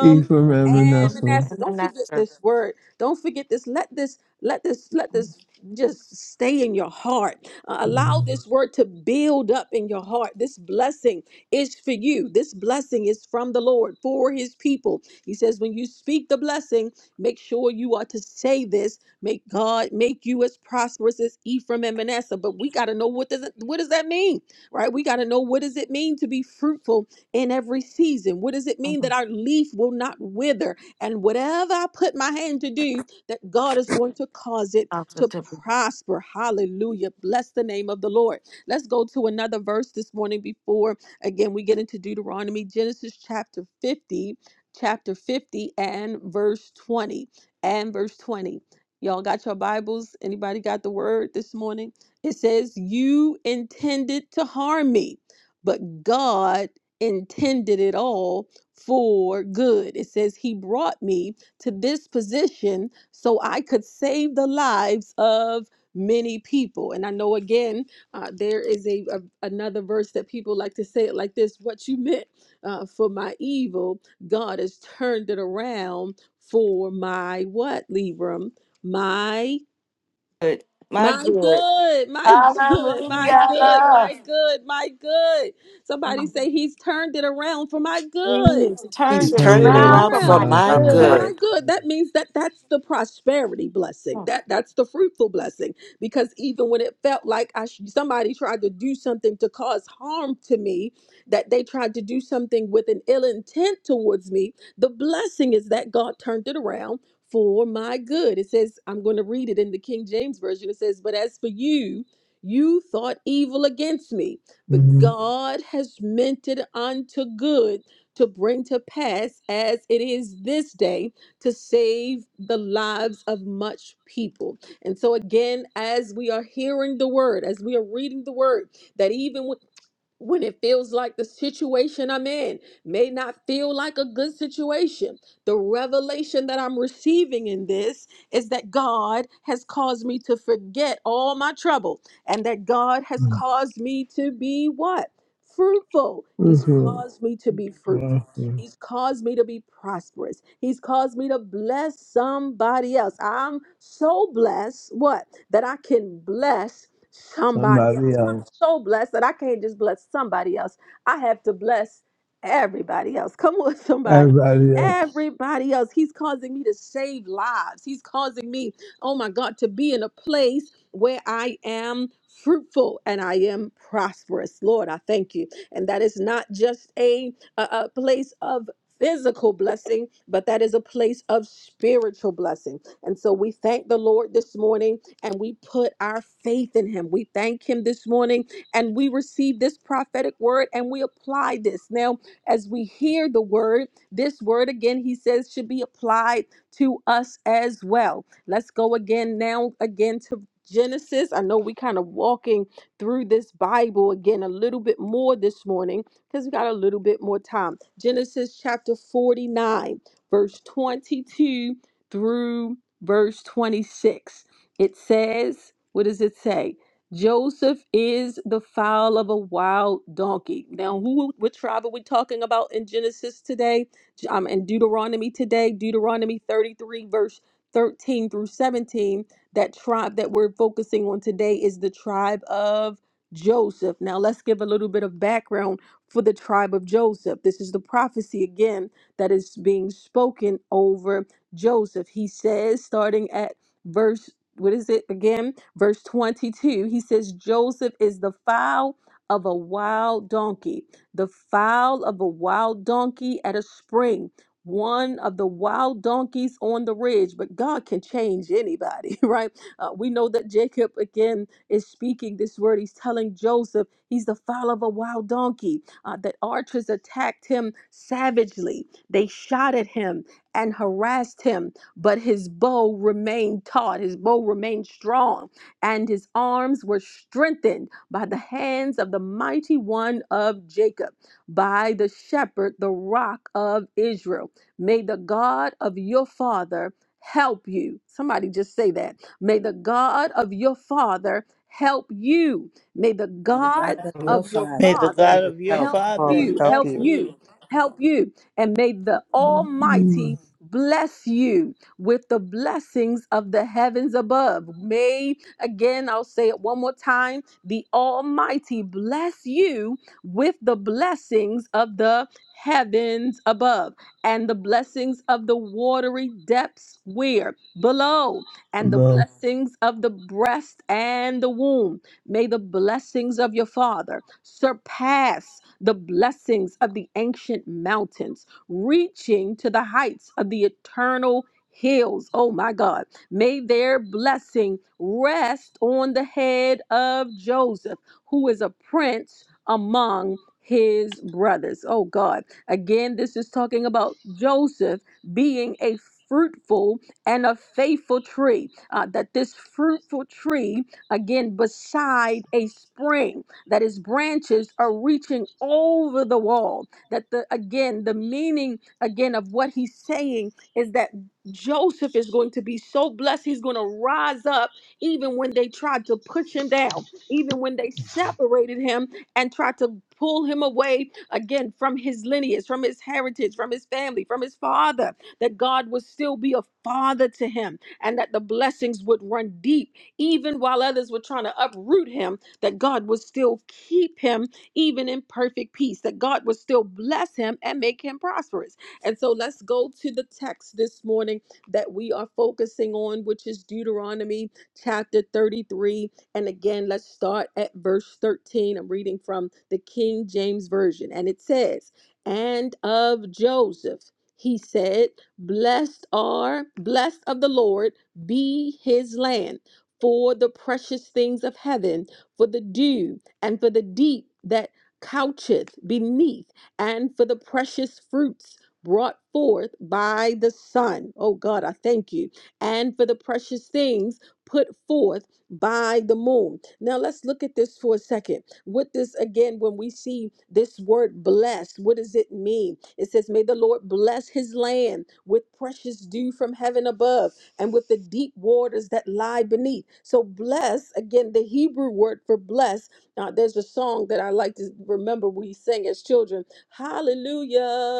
[SPEAKER 6] Eat from
[SPEAKER 3] And eat
[SPEAKER 1] and
[SPEAKER 3] them
[SPEAKER 6] Evanescence.
[SPEAKER 3] and
[SPEAKER 1] Manasseh.
[SPEAKER 3] the
[SPEAKER 1] Don't forget
[SPEAKER 3] nectar.
[SPEAKER 1] this word. Don't forget this. Let this, let this, let
[SPEAKER 3] Mm,
[SPEAKER 1] this just stay in your heart. Uh, allow this word to build up in your heart. This blessing is for you. This blessing is from the Lord for his people. He says, when you speak the blessing, make sure you are to say this. Make God make you as prosperous as Ephraim and Manasseh. But we got to know what does it, what does that mean? right? We got to know what does it mean to be fruitful in every season? What does it mean that
[SPEAKER 3] mm,
[SPEAKER 1] our leaf will not wither? And whatever I put my hand to do, that God is going to cause it
[SPEAKER 3] Also
[SPEAKER 1] to
[SPEAKER 3] to be
[SPEAKER 1] prosper. Hallelujah. Bless the name of the Lord. Let's go to another verse this morning before again we get into Deuteronomy, Genesis chapter 50, chapter 50 and verse 20. And verse 20. Y'all got your Bibles? Anybody got the word this morning? It says, You intended to harm me, but God intended it all for good. It says, He brought me to this position so I could save the lives of many people. And I know again, uh, there is a, a- another verse that people like to say it like this what you meant uh, for my evil, God has turned it around for my what, Libram? My
[SPEAKER 3] good. My
[SPEAKER 1] my
[SPEAKER 3] good.
[SPEAKER 1] good, my good, my good, my
[SPEAKER 3] Hallelujah.
[SPEAKER 1] good, my good. Somebody
[SPEAKER 3] Mm,
[SPEAKER 1] say he's turned it around for my
[SPEAKER 3] He
[SPEAKER 1] good.
[SPEAKER 3] has turned
[SPEAKER 7] He's
[SPEAKER 1] He's
[SPEAKER 3] it
[SPEAKER 7] turned
[SPEAKER 6] Turn
[SPEAKER 7] it
[SPEAKER 1] turned it
[SPEAKER 6] around
[SPEAKER 3] around
[SPEAKER 7] around
[SPEAKER 3] for
[SPEAKER 6] from
[SPEAKER 7] for
[SPEAKER 3] my
[SPEAKER 1] around
[SPEAKER 6] my
[SPEAKER 7] my
[SPEAKER 1] for
[SPEAKER 3] good.
[SPEAKER 6] good.
[SPEAKER 1] my
[SPEAKER 7] good.
[SPEAKER 1] good. That means that that's the prosperity blessing.
[SPEAKER 3] Mm,
[SPEAKER 1] That that's the fruitful blessing. Because even when it felt like I sh- somebody tried to do something to cause harm to me, that they tried to do something with an ill intent towards me, the blessing is that God turned it around for my good. It says, I'm going to read it in the King James Version. It says, But as for you, you thought evil against me, but
[SPEAKER 6] Mm-hmm.
[SPEAKER 1] God has meant it unto good to bring to pass as it is this day to save the lives of much people. And so, again, as we are hearing the word, as we are reading the word, that even when when it feels like the situation I'm in may not feel like a good situation. The revelation that I'm receiving in this is that God has caused me to forget all my trouble and that God has caused me to be what? Fruitful. He's Mhm.
[SPEAKER 6] Fruitful,
[SPEAKER 1] caused me to be fruitful.
[SPEAKER 6] prosper.
[SPEAKER 1] He's caused me to be prosperous. He's caused me to bless somebody else. I'm so blessed, what? That I can bless somebody
[SPEAKER 6] somebody
[SPEAKER 1] else. I'm
[SPEAKER 6] else,
[SPEAKER 1] so blessed that I can't just bless somebody else. I have to bless everybody else. Come on, somebody.
[SPEAKER 6] everybody else.
[SPEAKER 1] Everybody else. He's causing me to save lives. He's causing me, oh my God, to be in a place where I am fruitful and I am prosperous. Lord, I thank you. And that is not just a, a, a place of physical blessing, but that is a place of spiritual blessing. And so we thank the Lord this morning and we put our faith in him. We thank him this morning and we receive this prophetic word and we apply this. Now, as we hear the word, this word again, he says, should be applied to us as well. Let's go again now, again to Genesis. I know we kind of walking through this Bible again a little bit more this morning because we got a little bit more time. Genesis chapter 49, verse 22 through verse 26 it says, what does it say? Joseph is the fowl of a wild donkey. Now, who what tribe are we talking about in Genesis today? J- Um, in Deuteronomy today, Deuteronomy 33, verse 13 through 17. That tribe that we're focusing on today is the tribe of Joseph. Now, let's give a little bit of background for the tribe of Joseph. This is the prophecy again that is being spoken over Joseph. He says, starting at verse what is it again? Verse 22. He says, Joseph is the fowl of a wild donkey, the fowl of a wild donkey at a spring, one of the wild donkeys on the ridge. But God can change anybody, right? Uh, we know that Jacob, again, is speaking this word. He's telling Joseph he's the fowl of a wild donkey, uh, that archers attacked him savagely. They shot at him and harassed him but his bow remained taut, his bow remained strong, and his arms were strengthened by the hands of the mighty one of Jacob, by the shepherd, the rock of Israel. May the God of your father help you. Somebody just say that. May the God of your father help you. May the
[SPEAKER 4] May the God
[SPEAKER 1] God
[SPEAKER 4] of your
[SPEAKER 1] of your
[SPEAKER 8] May the
[SPEAKER 4] Father.
[SPEAKER 1] father
[SPEAKER 8] God of your
[SPEAKER 4] Help.
[SPEAKER 1] help
[SPEAKER 8] father
[SPEAKER 5] Father,
[SPEAKER 1] you,
[SPEAKER 5] help
[SPEAKER 8] help
[SPEAKER 1] help
[SPEAKER 5] you.
[SPEAKER 8] you
[SPEAKER 1] you, help you. And may the Almighty
[SPEAKER 6] Mm.
[SPEAKER 1] bless you with the blessings of the heavens above. May, again, I'll say it one more time the Almighty bless you with the blessings of the heavens above and the blessings of the watery depths where below and the
[SPEAKER 6] The
[SPEAKER 1] blessings of the breast and the womb may the blessings of your father surpass the blessings of the ancient mountains reaching to the heights of the eternal hills. Oh my God. May their blessing rest on the head of Joseph, who is a prince among his brothers. Oh God. Again, this is talking about Joseph being a fruitful and a faithful tree. Uh, that this fruitful tree, again, beside a spring, that its branches are reaching over the wall. That the again, the meaning again of what he's saying is that Joseph is going to be so blessed. He's going to rise up even when they tried to push him down, even when they separated him and tried to pull him away again from his lineage, from his heritage, from his family, from his father, that God would still be a father to him and that the blessings would run deep, even while others were trying to uproot him, that God would still keep him even in perfect peace, that God would still bless him and make him prosperous. And so let's go to the text this morning that we are focusing on, which is Deuteronomy chapter 33. And again, let's start at verse 13. I'm reading from the King James Version, and it says, And of Joseph, he said, Blessed are, blessed of the Lord be his land for the precious things of heaven, for the dew, and for the deep that coucheth beneath, and for the precious fruits brought forth by the Son. Oh God, I thank you. And for the precious things put forth by the moon. Now let's look at this for a second. With this again, when we see this word blessed, what does it mean? It says, May the Lord bless his land with precious dew from heaven above and with the deep waters that lie beneath. So, bless, again, the Hebrew word for bless. Now, there's a song that I like to remember we sang as children. Hallelujah.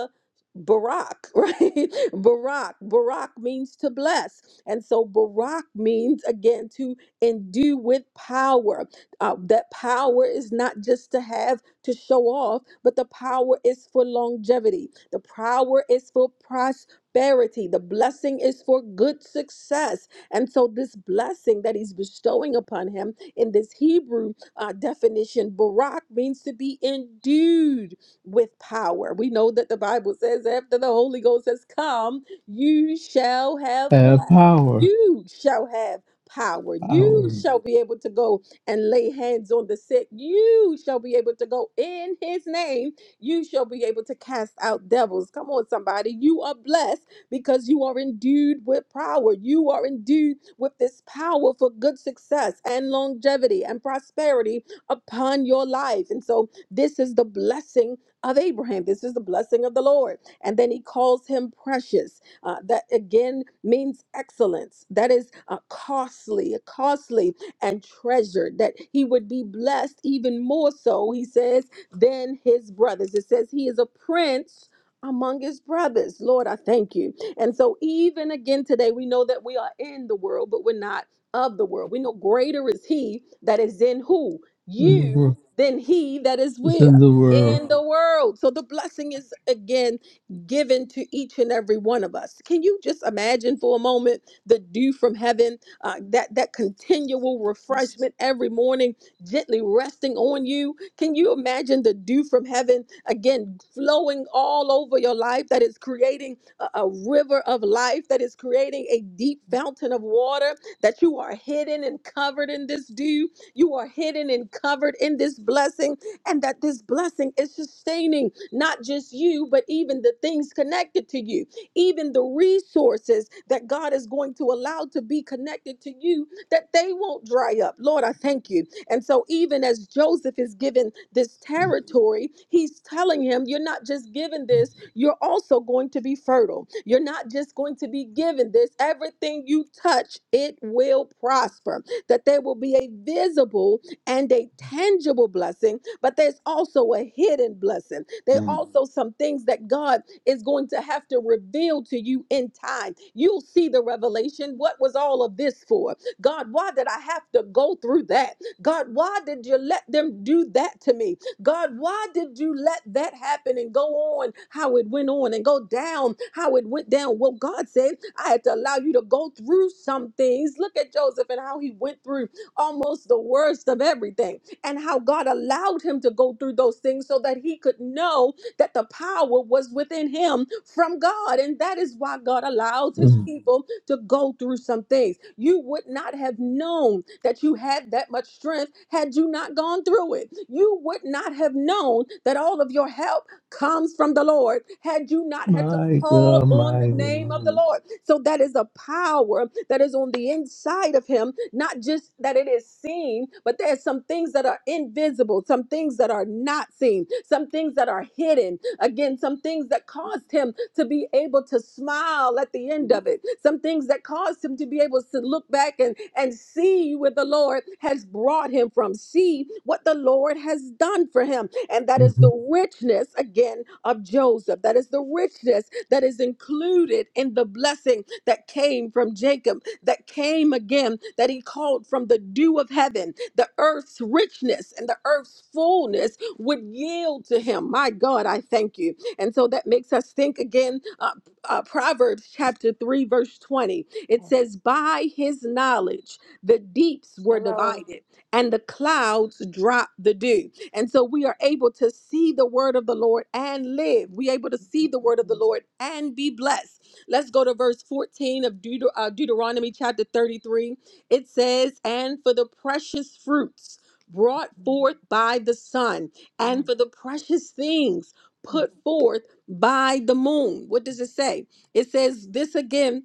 [SPEAKER 1] Barak, right? Barak. Barak means to bless. And so Barak means, again, to endue with power. Uh, that power is not just to have to show off, but the power is for longevity. The power is for prosperity. The blessing is for good success. And so this blessing that he's bestowing upon him in this Hebrew uh, definition, Barak means to be endued with power. We know that the Bible says after the Holy Ghost has come, you shall have
[SPEAKER 6] have
[SPEAKER 1] what?
[SPEAKER 6] power,
[SPEAKER 1] You shall have power. You
[SPEAKER 6] power in
[SPEAKER 1] shall be able to go and lay hands on the sick. You shall be able to go in his name. You shall be able to cast out devils. Come on, somebody. You are blessed because you are endued with power. You are endued with this power for good success and longevity and prosperity upon your life. And so, this is the blessing of Abraham. This is the blessing of the Lord. And then he calls him precious. Uh, that again means excellence. That is uh, costly, costly and treasured. That he would be blessed even more so, he says, than his brothers. It says he is a prince among his brothers. Lord, I thank you. And so, even again today, we know that we are in the world, but we're not of the world. We know greater is he that is in who?
[SPEAKER 6] the
[SPEAKER 1] You
[SPEAKER 6] world.
[SPEAKER 1] than he that is
[SPEAKER 6] It's
[SPEAKER 1] with
[SPEAKER 6] in the world.
[SPEAKER 1] in the world. So the blessing is again given to each and every one of us. Can you just imagine for a moment the dew from heaven, uh, that that continual refreshment every morning, gently resting on you? Can you imagine the dew from heaven again flowing all over your life? That is creating a, a river of life. That is creating a deep fountain of water. That you are hidden and covered in this dew. You are hidden and covered in this blessing and that this blessing is sustaining not just you, but even the things connected to you, even the resources that God is going to allow to be connected to you, that they won't dry up. Lord, I thank you. And so, even as Joseph is given this territory, he's telling him, You're not just given this, you're also going to be fertile. You're not just going to be given this. Everything you touch, it will prosper. That there will be a visible and a tangible blessing but there's also a hidden blessing. There are also some things that God is going to have to reveal to you in time. You'll see the revelation. What was all of this for? God, why did I have to go through that? God, why did you let them do that to me? God, why did you let that happen and go on how it went on and go down how it went down? Well, God said, I had to allow you to go through some things. Look at Joseph and how he went through almost the worst of everything and how God allowed him to go through those things so that he could know that the power was within him from God. And that is why God allows his
[SPEAKER 6] Mhm.
[SPEAKER 1] people to go through some things. You would not have known that you had that much strength had you not gone through it. You would not have known that all of your help comes from the Lord had you not had to
[SPEAKER 6] My God,
[SPEAKER 1] call on
[SPEAKER 6] my
[SPEAKER 1] the name of the
[SPEAKER 6] God.
[SPEAKER 1] Lord. So that is a power that is on the inside of him, not just that it is seen, but there's some things that are invisible, some things that are not seen, some things that are hidden. Again, some things that caused him to be able to smile at the end of it. Some things that caused him to be able to look back and, and see where the Lord has brought him from, see what the Lord has done for him. And that is
[SPEAKER 6] Mhm.
[SPEAKER 1] the richness, again, of Joseph. That is the richness that is included in the blessing that came from Jacob, that came again, that he called from the dew of heaven. The earth's richness and the earth's fullness would yield to him. My God, I thank you. And so that makes us think again, uh, uh, Proverbs chapter 3, verse 20. It says, By his knowledge, the deeps were
[SPEAKER 3] Hello.
[SPEAKER 1] divided and the clouds dropped the dew. And so we are able to see the word of the Lord and live. we able to see the word of the
[SPEAKER 3] Mm,
[SPEAKER 1] Lord and be blessed. Let's go to verse 14 of Deut- uh, Deuteronomy chapter 33. It says, And for the precious fruits brought
[SPEAKER 3] mm,
[SPEAKER 1] forth by the sun, and
[SPEAKER 3] mm,
[SPEAKER 1] for the precious things put forth by the moon. What does it say? It says this again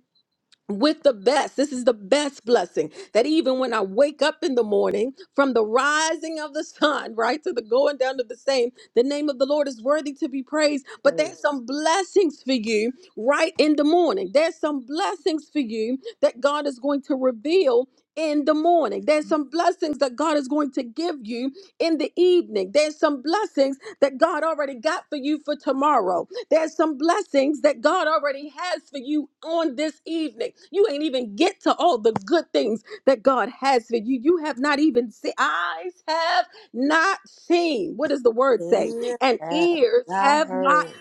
[SPEAKER 1] with the best. This is the best blessing that even when I wake up in the morning, from the rising of the sun, right, to the going down of the same, the name of the Lord is worthy to be praised. But there's
[SPEAKER 3] Praise
[SPEAKER 1] some blessings for you right in the morning. There's some blessings for you that God is going to reveal. In the morning, there's some blessings that God is going to give you in the evening. There's some blessings that God already got for you for tomorrow. There's some blessings that God already has for you on this evening. You ain't even get to all the good things that God has for you. You have not even seen, eyes have not seen. What does the word say?
[SPEAKER 4] Hear
[SPEAKER 1] And
[SPEAKER 4] that.
[SPEAKER 1] ears
[SPEAKER 4] I
[SPEAKER 1] have not
[SPEAKER 4] heard.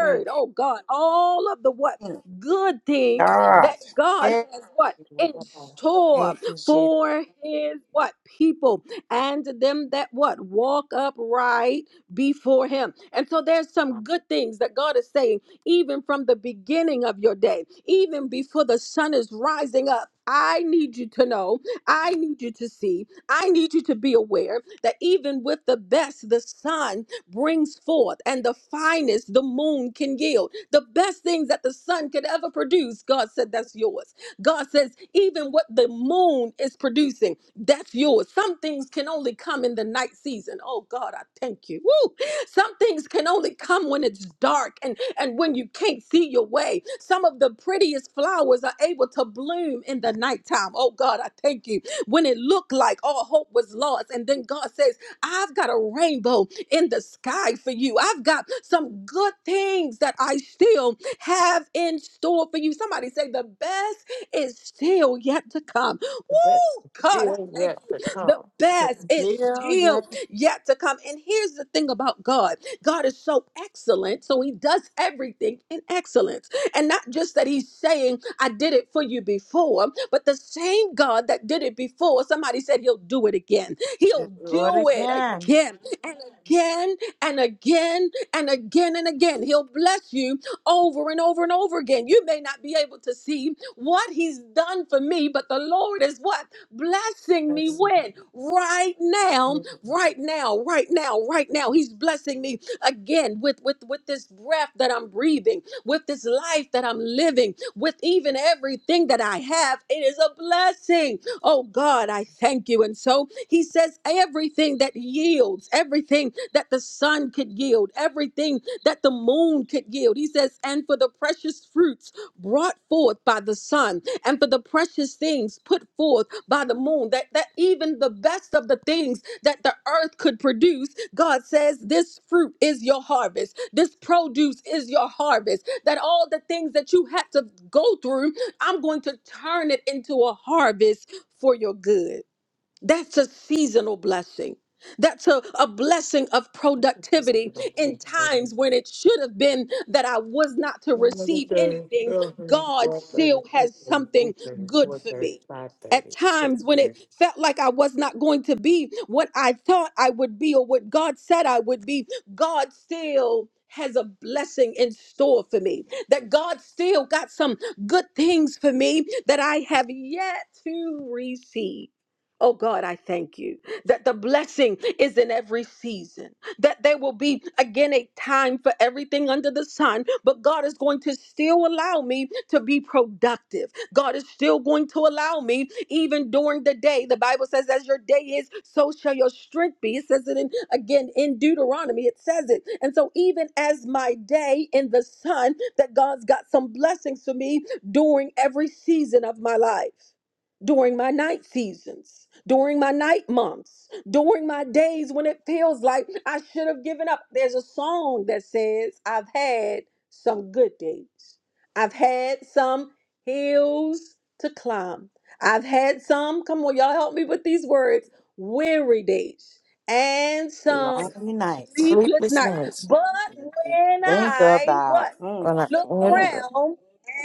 [SPEAKER 4] Mm,
[SPEAKER 1] Oh God, all of the what?
[SPEAKER 4] mm.
[SPEAKER 1] Good things
[SPEAKER 4] God.
[SPEAKER 1] that
[SPEAKER 3] Jesus.
[SPEAKER 1] God
[SPEAKER 4] yeah,
[SPEAKER 1] has what?
[SPEAKER 3] Mm,
[SPEAKER 1] In
[SPEAKER 3] mm,
[SPEAKER 4] Thank
[SPEAKER 1] store
[SPEAKER 4] you, Jesus.
[SPEAKER 1] for his what people and them that what walk upright before him. And so there's
[SPEAKER 3] mm.
[SPEAKER 1] some good things that God is saying, even from the beginning of your day, even before the sun is rising up. I need you to know, I need you to see, I need you to be aware that even with the best the sun brings forth and the finest the moon can yield, the best things that the sun could ever produce, God said that's yours. God says, even what the moon is producing, that's yours. Some things can only come in the night season. Oh God, I thank you. Woo! Some things can only come when it's dark and, and when you can't see your way. Some of the prettiest flowers are able to bloom in the nighttime. Oh God, I thank you. When it looked like all hope was lost, and then God says, I've got a rainbow in the sky for you. I've got some good things that I still have in store for you. Somebody say the best is still yet to come.
[SPEAKER 3] The best
[SPEAKER 1] Woo!
[SPEAKER 3] is
[SPEAKER 1] God, I
[SPEAKER 3] still
[SPEAKER 1] thank
[SPEAKER 3] yet to
[SPEAKER 1] you. The
[SPEAKER 3] come.
[SPEAKER 1] best is
[SPEAKER 4] Still yet
[SPEAKER 1] still yet to come. And here's the thing about God God is so excellent, so He does everything in excellence. And not just that He's saying, I did it for you before, but the same God that did it before, somebody said He'll do it again.
[SPEAKER 3] The
[SPEAKER 4] to
[SPEAKER 1] He'll
[SPEAKER 4] do
[SPEAKER 3] good.
[SPEAKER 4] it
[SPEAKER 1] do it
[SPEAKER 4] again.
[SPEAKER 1] again and again and again and again and again. He'll bless you over and over and over again. You may not be able to see what he's done for me, but the Lord is what? Blessing me
[SPEAKER 3] Bless you.
[SPEAKER 1] when? Right now,
[SPEAKER 3] Mm,
[SPEAKER 1] right now, right now, right now. He's blessing me again with, with, with this breath that I'm breathing, with this life that I'm living, with even everything that I have. It is a blessing. Oh God, I thank you. And so he says, everything that yields, everything that the sun could yield, everything that the moon could yield. He says, and for the precious fruits brought forth by the sun, and for the precious things put forth by the moon, that, that even the best of the things that the earth could produce, God says, this fruit is your harvest. This produce is your harvest. That all the things that you had to go through I'm going to turn it into a harvest for your good. That's a seasonal blessing. That's a, a blessing of
[SPEAKER 3] I think it's
[SPEAKER 1] productivity
[SPEAKER 3] about
[SPEAKER 1] in
[SPEAKER 3] 10:30.
[SPEAKER 1] times when it should have been that I was not to
[SPEAKER 3] Eleven
[SPEAKER 1] receive
[SPEAKER 3] thirty,
[SPEAKER 1] anything.
[SPEAKER 3] twelve thirty,
[SPEAKER 1] God
[SPEAKER 3] one thirty,
[SPEAKER 1] still
[SPEAKER 3] two
[SPEAKER 1] has
[SPEAKER 3] thirty,
[SPEAKER 1] something
[SPEAKER 3] three thirty,
[SPEAKER 1] good
[SPEAKER 3] four
[SPEAKER 1] for
[SPEAKER 3] thirty,
[SPEAKER 1] me.
[SPEAKER 3] five
[SPEAKER 1] At
[SPEAKER 3] thirty, six
[SPEAKER 1] times when it
[SPEAKER 3] thirty.
[SPEAKER 1] felt like I was not going to be what I thought I would be or what God said I would be, God still has a blessing in store for me. That God still got some good things for me that I have yet to receive. Oh God, I thank you that the blessing is in every season, that there will be again a time for everything under the sun, but God is going to still allow me to be productive. God is still going to allow me, even during the day. The Bible says, as your day is, so shall your strength be. It says it in, again in Deuteronomy, it says it. And so, even as my day in the sun, that God's got some blessings for me during every season of my life during my night seasons, during my night months, during my days when it feels like I should have given up. There's a song that says, I've had some good days, I've had some hills to climb, I've had some, come on, y'all help me with these words, weary days, and some
[SPEAKER 10] Sleepless
[SPEAKER 4] Lonely
[SPEAKER 10] nights,
[SPEAKER 4] nights.
[SPEAKER 1] sleepless
[SPEAKER 3] Sleepless
[SPEAKER 1] nights.
[SPEAKER 3] nights.
[SPEAKER 1] But
[SPEAKER 10] when I think it
[SPEAKER 1] when
[SPEAKER 4] Think
[SPEAKER 10] over,
[SPEAKER 1] I,
[SPEAKER 4] about
[SPEAKER 1] what?
[SPEAKER 4] mm,
[SPEAKER 3] Well,
[SPEAKER 1] Look
[SPEAKER 4] mm,
[SPEAKER 1] around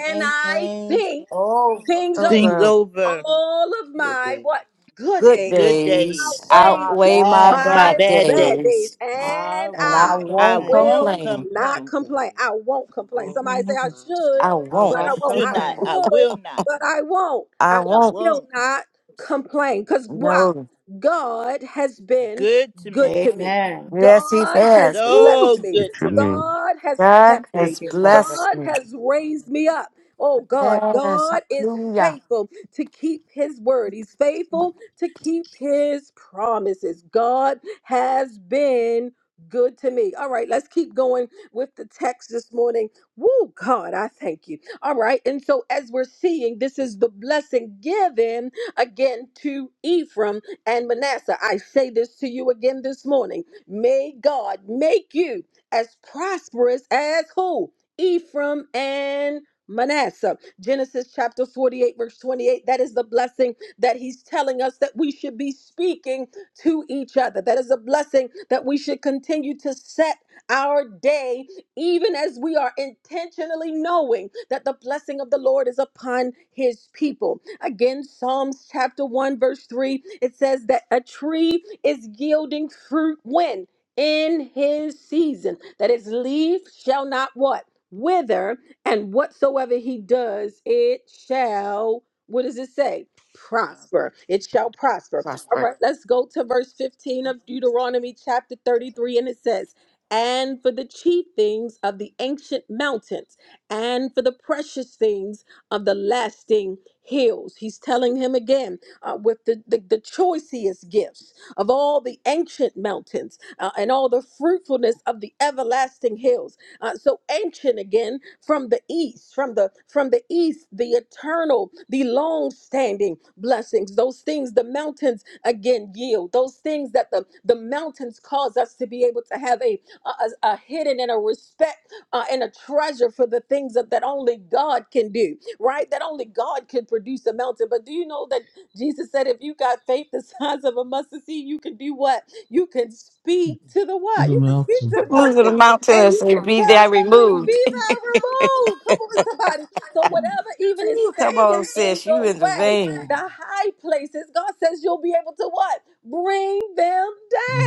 [SPEAKER 1] and
[SPEAKER 4] ain't
[SPEAKER 1] I
[SPEAKER 4] things
[SPEAKER 1] think
[SPEAKER 4] over.
[SPEAKER 1] things
[SPEAKER 3] those
[SPEAKER 1] over
[SPEAKER 8] think
[SPEAKER 3] are
[SPEAKER 8] over
[SPEAKER 1] all of
[SPEAKER 10] good
[SPEAKER 1] my
[SPEAKER 10] days
[SPEAKER 1] what good
[SPEAKER 3] good
[SPEAKER 1] days
[SPEAKER 8] good
[SPEAKER 10] outweighed
[SPEAKER 3] days
[SPEAKER 8] days,
[SPEAKER 10] all
[SPEAKER 4] My
[SPEAKER 1] outweighs
[SPEAKER 3] outweigh my
[SPEAKER 4] bad.
[SPEAKER 8] my
[SPEAKER 10] of
[SPEAKER 3] bad
[SPEAKER 1] my
[SPEAKER 10] my
[SPEAKER 8] bad
[SPEAKER 10] bad
[SPEAKER 8] days.
[SPEAKER 1] bad days,
[SPEAKER 3] days,
[SPEAKER 10] days,
[SPEAKER 4] I
[SPEAKER 1] and
[SPEAKER 3] and I
[SPEAKER 1] I
[SPEAKER 4] won't
[SPEAKER 10] and I
[SPEAKER 8] I
[SPEAKER 3] won't
[SPEAKER 10] won't
[SPEAKER 4] complain.
[SPEAKER 8] won't
[SPEAKER 1] will
[SPEAKER 3] complain.
[SPEAKER 1] not
[SPEAKER 8] complain.
[SPEAKER 1] complain.
[SPEAKER 10] complain.
[SPEAKER 1] I won't complain.
[SPEAKER 10] Oh
[SPEAKER 1] Somebody say I
[SPEAKER 3] Mhm.
[SPEAKER 10] my God.
[SPEAKER 1] should,
[SPEAKER 3] I
[SPEAKER 4] I
[SPEAKER 3] won't.
[SPEAKER 1] but
[SPEAKER 8] I
[SPEAKER 1] I
[SPEAKER 4] won't
[SPEAKER 1] won't.
[SPEAKER 8] should
[SPEAKER 1] I
[SPEAKER 8] not.
[SPEAKER 4] complain.
[SPEAKER 8] I
[SPEAKER 1] could,
[SPEAKER 8] will not.
[SPEAKER 1] but I won't.
[SPEAKER 3] I
[SPEAKER 1] I
[SPEAKER 8] I
[SPEAKER 3] won't.
[SPEAKER 1] will
[SPEAKER 8] won't.
[SPEAKER 1] not complain. Because why?
[SPEAKER 3] No.
[SPEAKER 1] God has been
[SPEAKER 8] Good to
[SPEAKER 1] good
[SPEAKER 8] me.
[SPEAKER 1] to me.
[SPEAKER 4] Amen.
[SPEAKER 3] Yes, he
[SPEAKER 1] God
[SPEAKER 3] has.
[SPEAKER 1] has
[SPEAKER 3] Woo!
[SPEAKER 8] So
[SPEAKER 1] blessed me.
[SPEAKER 8] good to me.
[SPEAKER 9] determine
[SPEAKER 1] God has
[SPEAKER 3] God
[SPEAKER 1] kept
[SPEAKER 3] has
[SPEAKER 4] Thank
[SPEAKER 1] me.
[SPEAKER 4] you, Father.
[SPEAKER 3] blessed
[SPEAKER 1] God
[SPEAKER 3] me.
[SPEAKER 1] has raised me up. Oh God,
[SPEAKER 3] Yes.
[SPEAKER 1] God is
[SPEAKER 3] Hallelujah.
[SPEAKER 1] faithful to keep his word. He's faithful to keep his promises. God has been good to me. All right, let's keep going with the text this morning. Woo, God, I thank you. All right, and so as we're seeing, this is the blessing given again to Ephraim and Manasseh. I say this to you again this morning. May God make you as prosperous as who? Ephraim and Manasseh. Genesis chapter 48, verse 28. That is the blessing that he's telling us that we should be speaking to each other. That is a blessing that we should continue to set our day, even as we are intentionally knowing that the blessing of the Lord is upon his people. Again, Psalms chapter 1, verse 3, it says that a tree is yielding fruit when? In his season, that its leaf shall not what? Wither, and whatsoever he does, it shall, what does it say? Prosper. It shall prosper. All
[SPEAKER 3] Prosper.
[SPEAKER 1] right, let's go to verse 15 of Deuteronomy chapter 33, and it says, and for the chief things of the ancient mountains, and for the precious things of the lasting hills. He's telling him again uh, with the, the, the choicest gifts of all the ancient mountains uh, and all the fruitfulness of the everlasting hills uh, so ancient again from the east, from the from the east, the eternal, the long-standing blessings, those things the mountains again yield, those things that the, the mountains cause us to be able to have a, a, a a hidden and a respect uh, and a treasure for the things that, that only God can do, right? That only God can produce a mountain. But do you know that Jesus said, if you got faith the size of a mustard seed, you can do what? You can speak to the
[SPEAKER 6] To
[SPEAKER 1] what?
[SPEAKER 6] the
[SPEAKER 1] You can speak
[SPEAKER 6] mountain,
[SPEAKER 1] to the
[SPEAKER 3] Move to the
[SPEAKER 1] mountain
[SPEAKER 3] mountain
[SPEAKER 1] and
[SPEAKER 3] and
[SPEAKER 1] you
[SPEAKER 3] say,
[SPEAKER 1] can
[SPEAKER 3] "Be thou
[SPEAKER 1] tell about the
[SPEAKER 3] removed."
[SPEAKER 1] fever removed. Come on, somebody. So whatever even is
[SPEAKER 3] Ooh, Come on,
[SPEAKER 1] standing in
[SPEAKER 3] sis, you
[SPEAKER 1] your
[SPEAKER 3] in the
[SPEAKER 1] way,
[SPEAKER 3] vein.
[SPEAKER 1] the high places, God says you'll be able to what? Bring them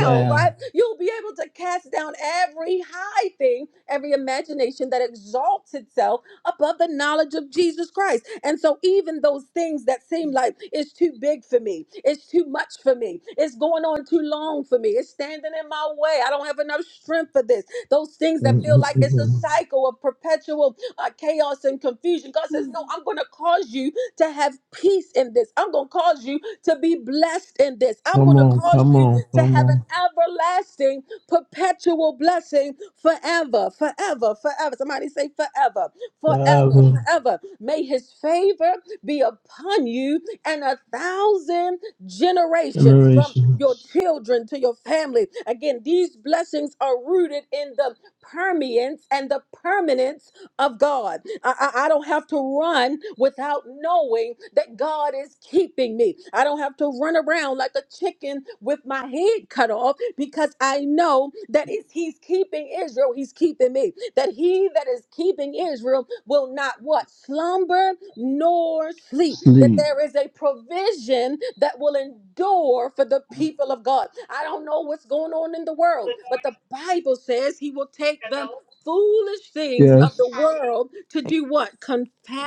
[SPEAKER 1] down, right? You'll be able to cast down every high thing, every imagination that exalts itself above the knowledge of Jesus Christ. And so even those things that seem like it's too big for me, it's too much for me, it's going on too long for me, it's standing in my way. I don't have enough strength for this. Those things that feel like it's a
[SPEAKER 6] Mhm.
[SPEAKER 1] cycle of perpetual uh, chaos and confusion. God says, No, I'm going to cause you to have peace in this. I'm going to cause you to be blessed in this. I'm
[SPEAKER 6] Come
[SPEAKER 1] going to
[SPEAKER 6] on,
[SPEAKER 1] cause
[SPEAKER 6] come
[SPEAKER 1] you
[SPEAKER 6] on,
[SPEAKER 1] to
[SPEAKER 6] come
[SPEAKER 1] have an
[SPEAKER 6] on.
[SPEAKER 1] everlasting, perpetual blessing forever, forever, forever. Somebody say forever forever,
[SPEAKER 6] Forever,
[SPEAKER 1] forever. May his favor be upon you and a thousand generations from your
[SPEAKER 6] generations,
[SPEAKER 1] children to your family. Again, these blessings are rooted in the permeance and the permanence of God. I, I, I don't have to run without knowing that God is keeping me. I don't have to run around around like a chicken with my head cut off because I know that if he's keeping Israel, he's keeping me. That he that is keeping Israel will not what? Slumber nor sleep. That
[SPEAKER 6] sleep.
[SPEAKER 1] there is a provision that will endure for the people of God. I don't know what's going on in the world, but the Bible says he will take them foolish things of the
[SPEAKER 6] Yes,
[SPEAKER 1] world to
[SPEAKER 7] Make
[SPEAKER 1] do what?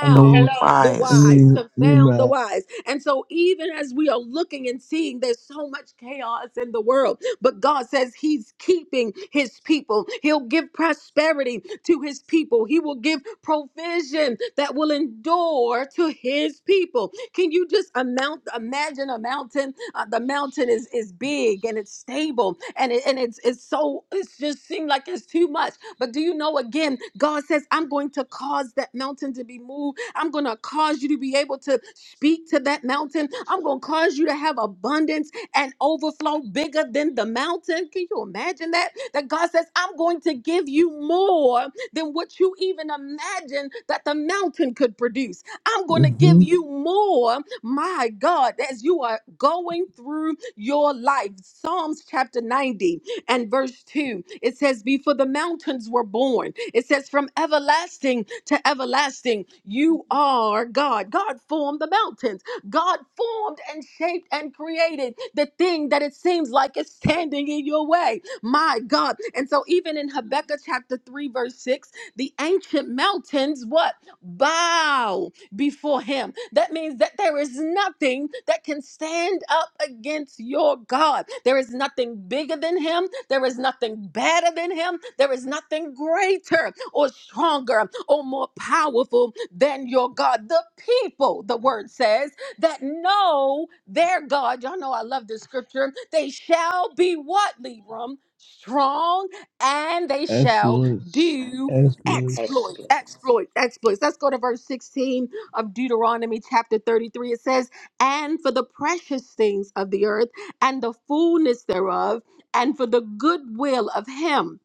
[SPEAKER 6] I need,
[SPEAKER 7] the
[SPEAKER 6] Hello.
[SPEAKER 1] the
[SPEAKER 6] I
[SPEAKER 7] wise.
[SPEAKER 1] wise,
[SPEAKER 6] need, need
[SPEAKER 1] confound the
[SPEAKER 6] my
[SPEAKER 1] wise. And so, even as we are looking and seeing there's so much chaos in the world, but God says He's keeping His people. He'll give prosperity to His people, He will give provision that will endure to His people. Can you just amount, imagine a mountain? Uh, the mountain is, is big and it's stable and, it, and it's, it's so, it just seemed like it's too much. But do you know, again, God says, I'm going to cause that mountain to be moved I'm going to cause you to be able to speak to that mountain. I'm going to cause you to have abundance and overflow bigger than the mountain. Can you imagine that? That God says, I'm going to give you more than what you even imagine that the mountain could produce. I'm going to give
[SPEAKER 6] hmm
[SPEAKER 1] you more, my God, as you are going through your life. Psalms chapter 90 and verse 2. It says, Before the mountains were born, it says, From everlasting to everlasting, you are God. God formed the mountains. God formed and shaped and created the thing that it seems like is standing in your way. My God. And so, even in Habakkuk chapter 3, verse 6, the ancient mountains, what? Bow before him. That means that there is nothing that can stand up against your God. There is nothing bigger than him. There is nothing better than him. There is nothing greater or stronger or more powerful than your God. The people, the word says, that know their God. Y'all know I love this scripture. They shall be what, Libram? Strong and they shall
[SPEAKER 6] exploits,
[SPEAKER 1] do exploits,
[SPEAKER 6] exploits.
[SPEAKER 10] Exploits.
[SPEAKER 1] exploits, exploits. Let's go to verse 16 of Deuteronomy chapter 33. It says, And for the precious things of the earth and the fullness thereof, and for the goodwill of him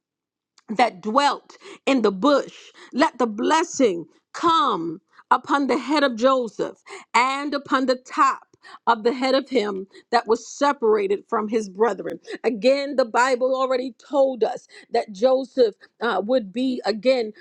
[SPEAKER 1] that dwelt in the bush. Let the blessing come upon the head of Joseph and upon the top of the head of him that was separated from his brethren. Again, the Bible already told us that Joseph uh, would be again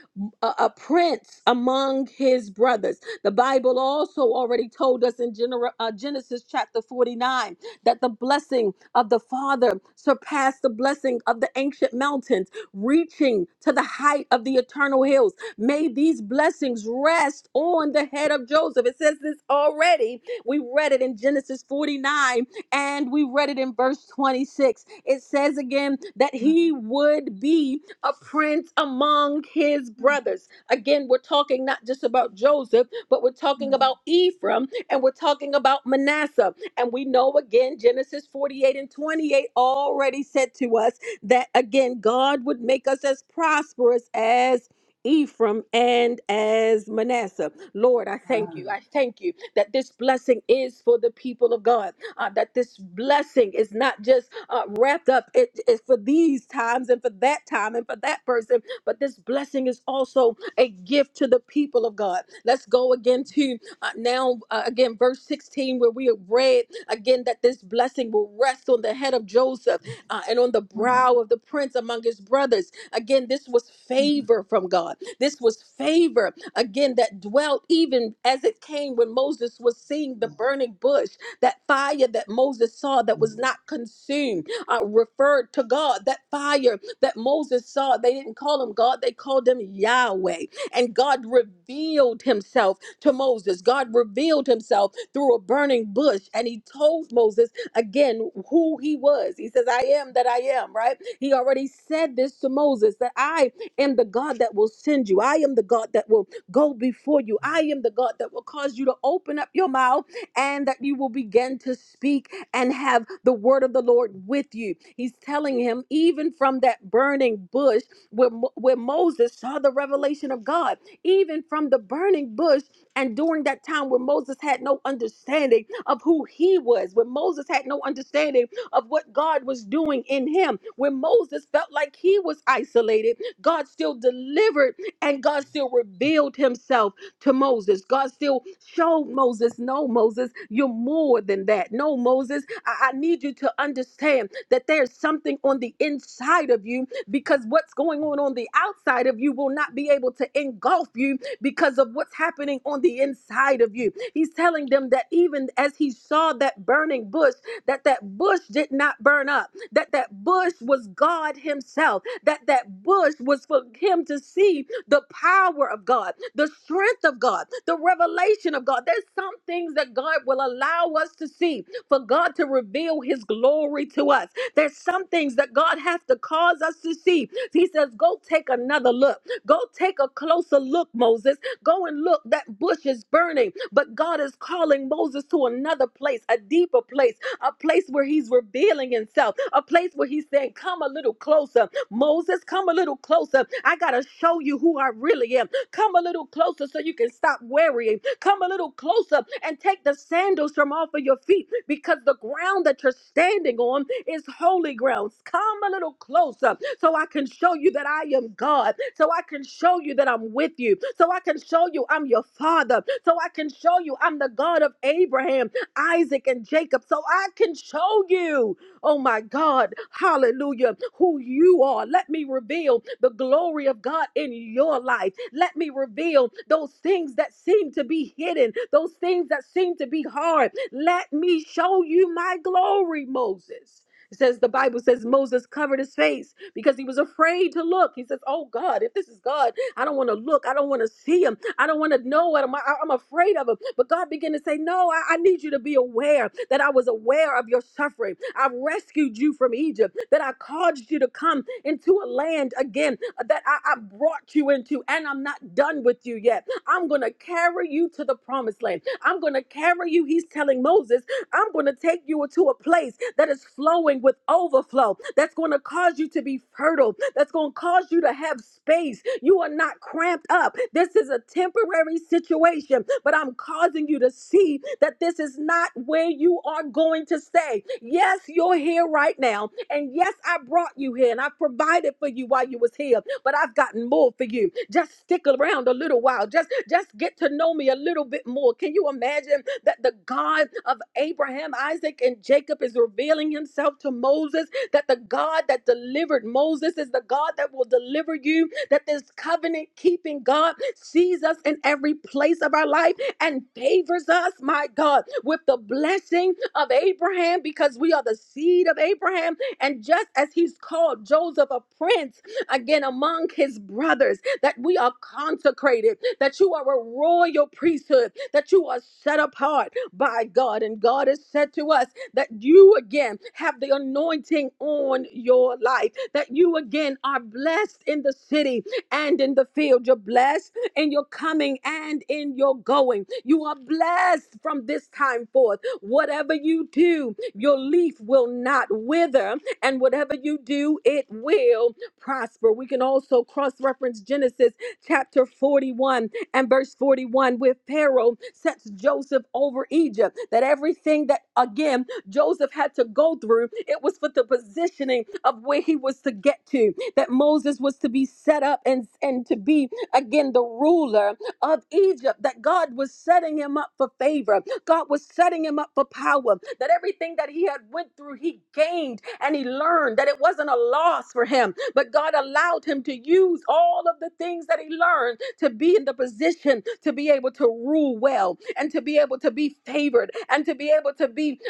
[SPEAKER 1] a, a prince among his brothers. The Bible also already told us in Gener- uh, Genesis chapter 49 that the blessing of the father surpassed the blessing of the ancient mountains reaching to the height of the eternal hills. May these blessings rest on the head of Joseph. It says this already. We read it in Genesis 49 and we read it in verse 26. It says again that he would be a prince among his brothers. Again, we're talking not just about Joseph, but we're talking about Ephraim and we're talking about Manasseh. And we know again, Genesis 48 and 28 already said to us that again, God would make us as prosperous as. Ephraim and as Manasseh. Lord, I thank you. I thank you that this blessing is for the people of God, uh, that this blessing is not just uh, wrapped up it, it's for these times and for that time and for that person, but this blessing is also a gift to the people of God. Let's go again to uh, now, uh, again, verse 16, where we have read again that this blessing will rest on the head of Joseph uh, and on the brow of the prince among his brothers. Again, this was favor from God. This was favor, again, that dwelt even as it came when Moses was seeing the burning bush. That fire that Moses saw that was not consumed uh, referred to God. That fire that Moses saw, they didn't call him God, they called him Yahweh. And God revealed himself to Moses. God revealed himself through a burning bush, and he told Moses again who he was. He says, I am that I am, right? He already said this to Moses that I am the God that will send you. I am the God that will go before you. I am the God that will cause you to open up your mouth and that you will begin to speak and have the word of the Lord with you. He's telling him, even from that burning bush where, Mo- where Moses saw the revelation of God, even from the burning bush, and during that time where Moses had no understanding of who he was, where Moses had no understanding of what God was doing in him, where Moses felt like he was isolated, God still delivered and God still revealed himself to Moses. God still showed Moses, no, Moses, you're more than that. No, Moses, I, I need you to understand that there's something on the inside of you because what's going on on the outside of you will not be able to engulf you because of what's happening on the inside of you. He's telling them that even as he saw that burning bush, that that bush did not burn up, that that bush was God himself, that that bush was for him to see the power of God, the strength of God, the revelation of God. There's some things that God will allow us to see for God to reveal his glory to us. There's some things that God has to cause us to see. He says, Go take another look. Go take a closer look, Moses. Go and look. That bush is burning. But God is calling Moses to another place, a deeper place, a place where he's revealing himself, a place where he's saying, Come a little closer. Moses, come a little closer. I got to show you who I really am. Come a little closer so you can stop worrying. Come a little closer and take the sandals from off of your feet because the ground that you're standing on is holy ground. Come a little closer so I can show you that I am God, so I can show you that I'm with you, so I can show you I'm your father, so I can show you I'm the God of Abraham, Isaac, and Jacob, so I can show you oh my God, hallelujah, who you are. Let me reveal the glory of God in your life. Let me reveal those things that seem to be hidden, those things that seem to be hard. Let me show you my glory, Moses. It says the Bible says Moses covered his face because he was afraid to look. He says, Oh God, if this is God, I don't want to look. I don't want to see him. I don't want to know him. I, am afraid of him. But God began to say, No, I, I need you to be aware that I was aware of your suffering. I rescued you from Egypt, that I caused you to come into a land again uh, that I, I brought you into, and I'm not done with you yet. I'm going to carry you to the promised land. I'm going to carry you, he's telling Moses, I'm going to take you to a place that is flowing with overflow, that's going to cause you to be fertile, that's going to cause you to have space. You are not cramped up. This is a temporary situation, but I'm causing you to see that this is not not where you are going to stay. Yes, you're here right now. And yes, I brought you here and I provided for you while you was here, but I've gotten more for you. Just stick around a little while. Just just get to know me a little bit more. Can you imagine that the God of Abraham, Isaac, and Jacob is revealing himself to Moses? That the God that delivered Moses is the God that will deliver you, that this covenant keeping God sees us in every place of our life and favors us, my God, with the blessing of Abraham because we are the seed of Abraham. And just as he's called Joseph a prince, again among his brothers, that we are consecrated, that you are a royal priesthood, that you are set apart by God. And God has said to us that you again have the anointing on your life, that you again are blessed in the city and in the field. You're blessed in your coming and in your going. You are blessed from this time forth. Whatever you do, your leaf will not wither, and whatever you do, it will prosper. We can also cross reference Genesis chapter 41 and verse 41, where Pharaoh sets Joseph over Egypt. That everything that, again, Joseph had to go through, it was for the positioning of where he was to get to, that Moses was to be set up and, and to be again, the ruler of Egypt, that God was setting him up for favor. God was setting him up for power. That everything that he had went through, he gained and he learned that it wasn't a loss for him, but God allowed him to use all of the things that he learned to be in the position to be able to rule well and to be able to be favored and to be able to be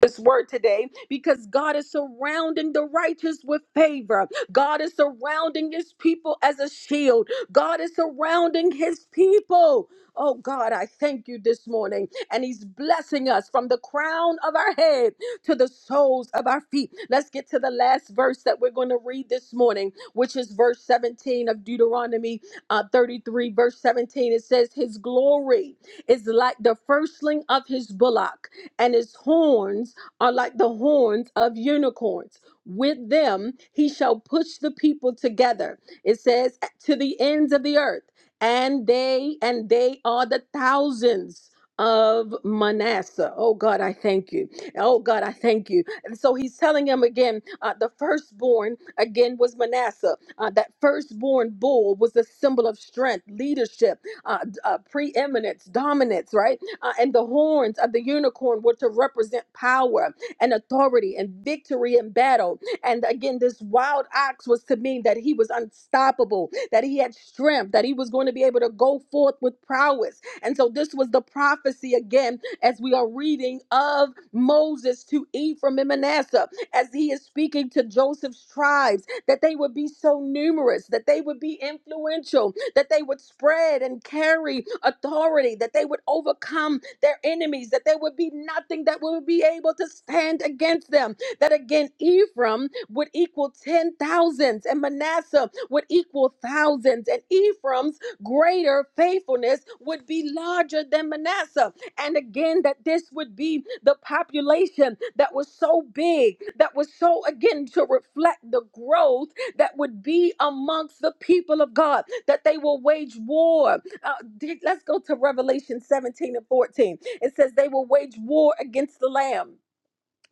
[SPEAKER 1] this word today because God is surrounding the righteous with favor. God is surrounding his people as a shield. God is surrounding his people. Oh God, I thank you this morning. And he's blessing us from the crown of our head to the soles of our feet. Let's get to the last verse that we're going to read this morning, which is verse 17 of Deuteronomy uh, 33, verse 17. It says, His glory is like the firstling of his bullock and his horns are like the horns of unicorns. With them he shall push the people together. It says to the ends of the earth, and they and they are the thousands of Manasseh. Oh God, I thank you. Oh God, I thank you. And so he's telling him again, uh, the firstborn again was Manasseh. Uh, that firstborn bull was a symbol of strength, leadership, uh, d- uh, preeminence, dominance, right? Uh, and the horns of the unicorn were to represent power and authority and victory in battle. And again, this wild ox was to mean that he was unstoppable, that he had strength, that he was going to be able to go forth with prowess. And so this was the prophecy again, as we are reading of Moses to Ephraim and Manasseh, as he is speaking to Joseph's tribes, that they would be so numerous, that they would be influential, that they would spread and carry authority, that they would overcome their enemies, that there would be nothing that would be able to stand against them. That again, Ephraim would equal 10,000s and Manasseh would equal thousands, and Ephraim's greater faithfulness would be larger than Manasseh. And again, that this would be the population that was so big, that was so, again, to reflect the growth that would be amongst the people of God, that they will wage war. Uh, d- let's go to Revelation 17 and 14. It says, They will wage war against the Lamb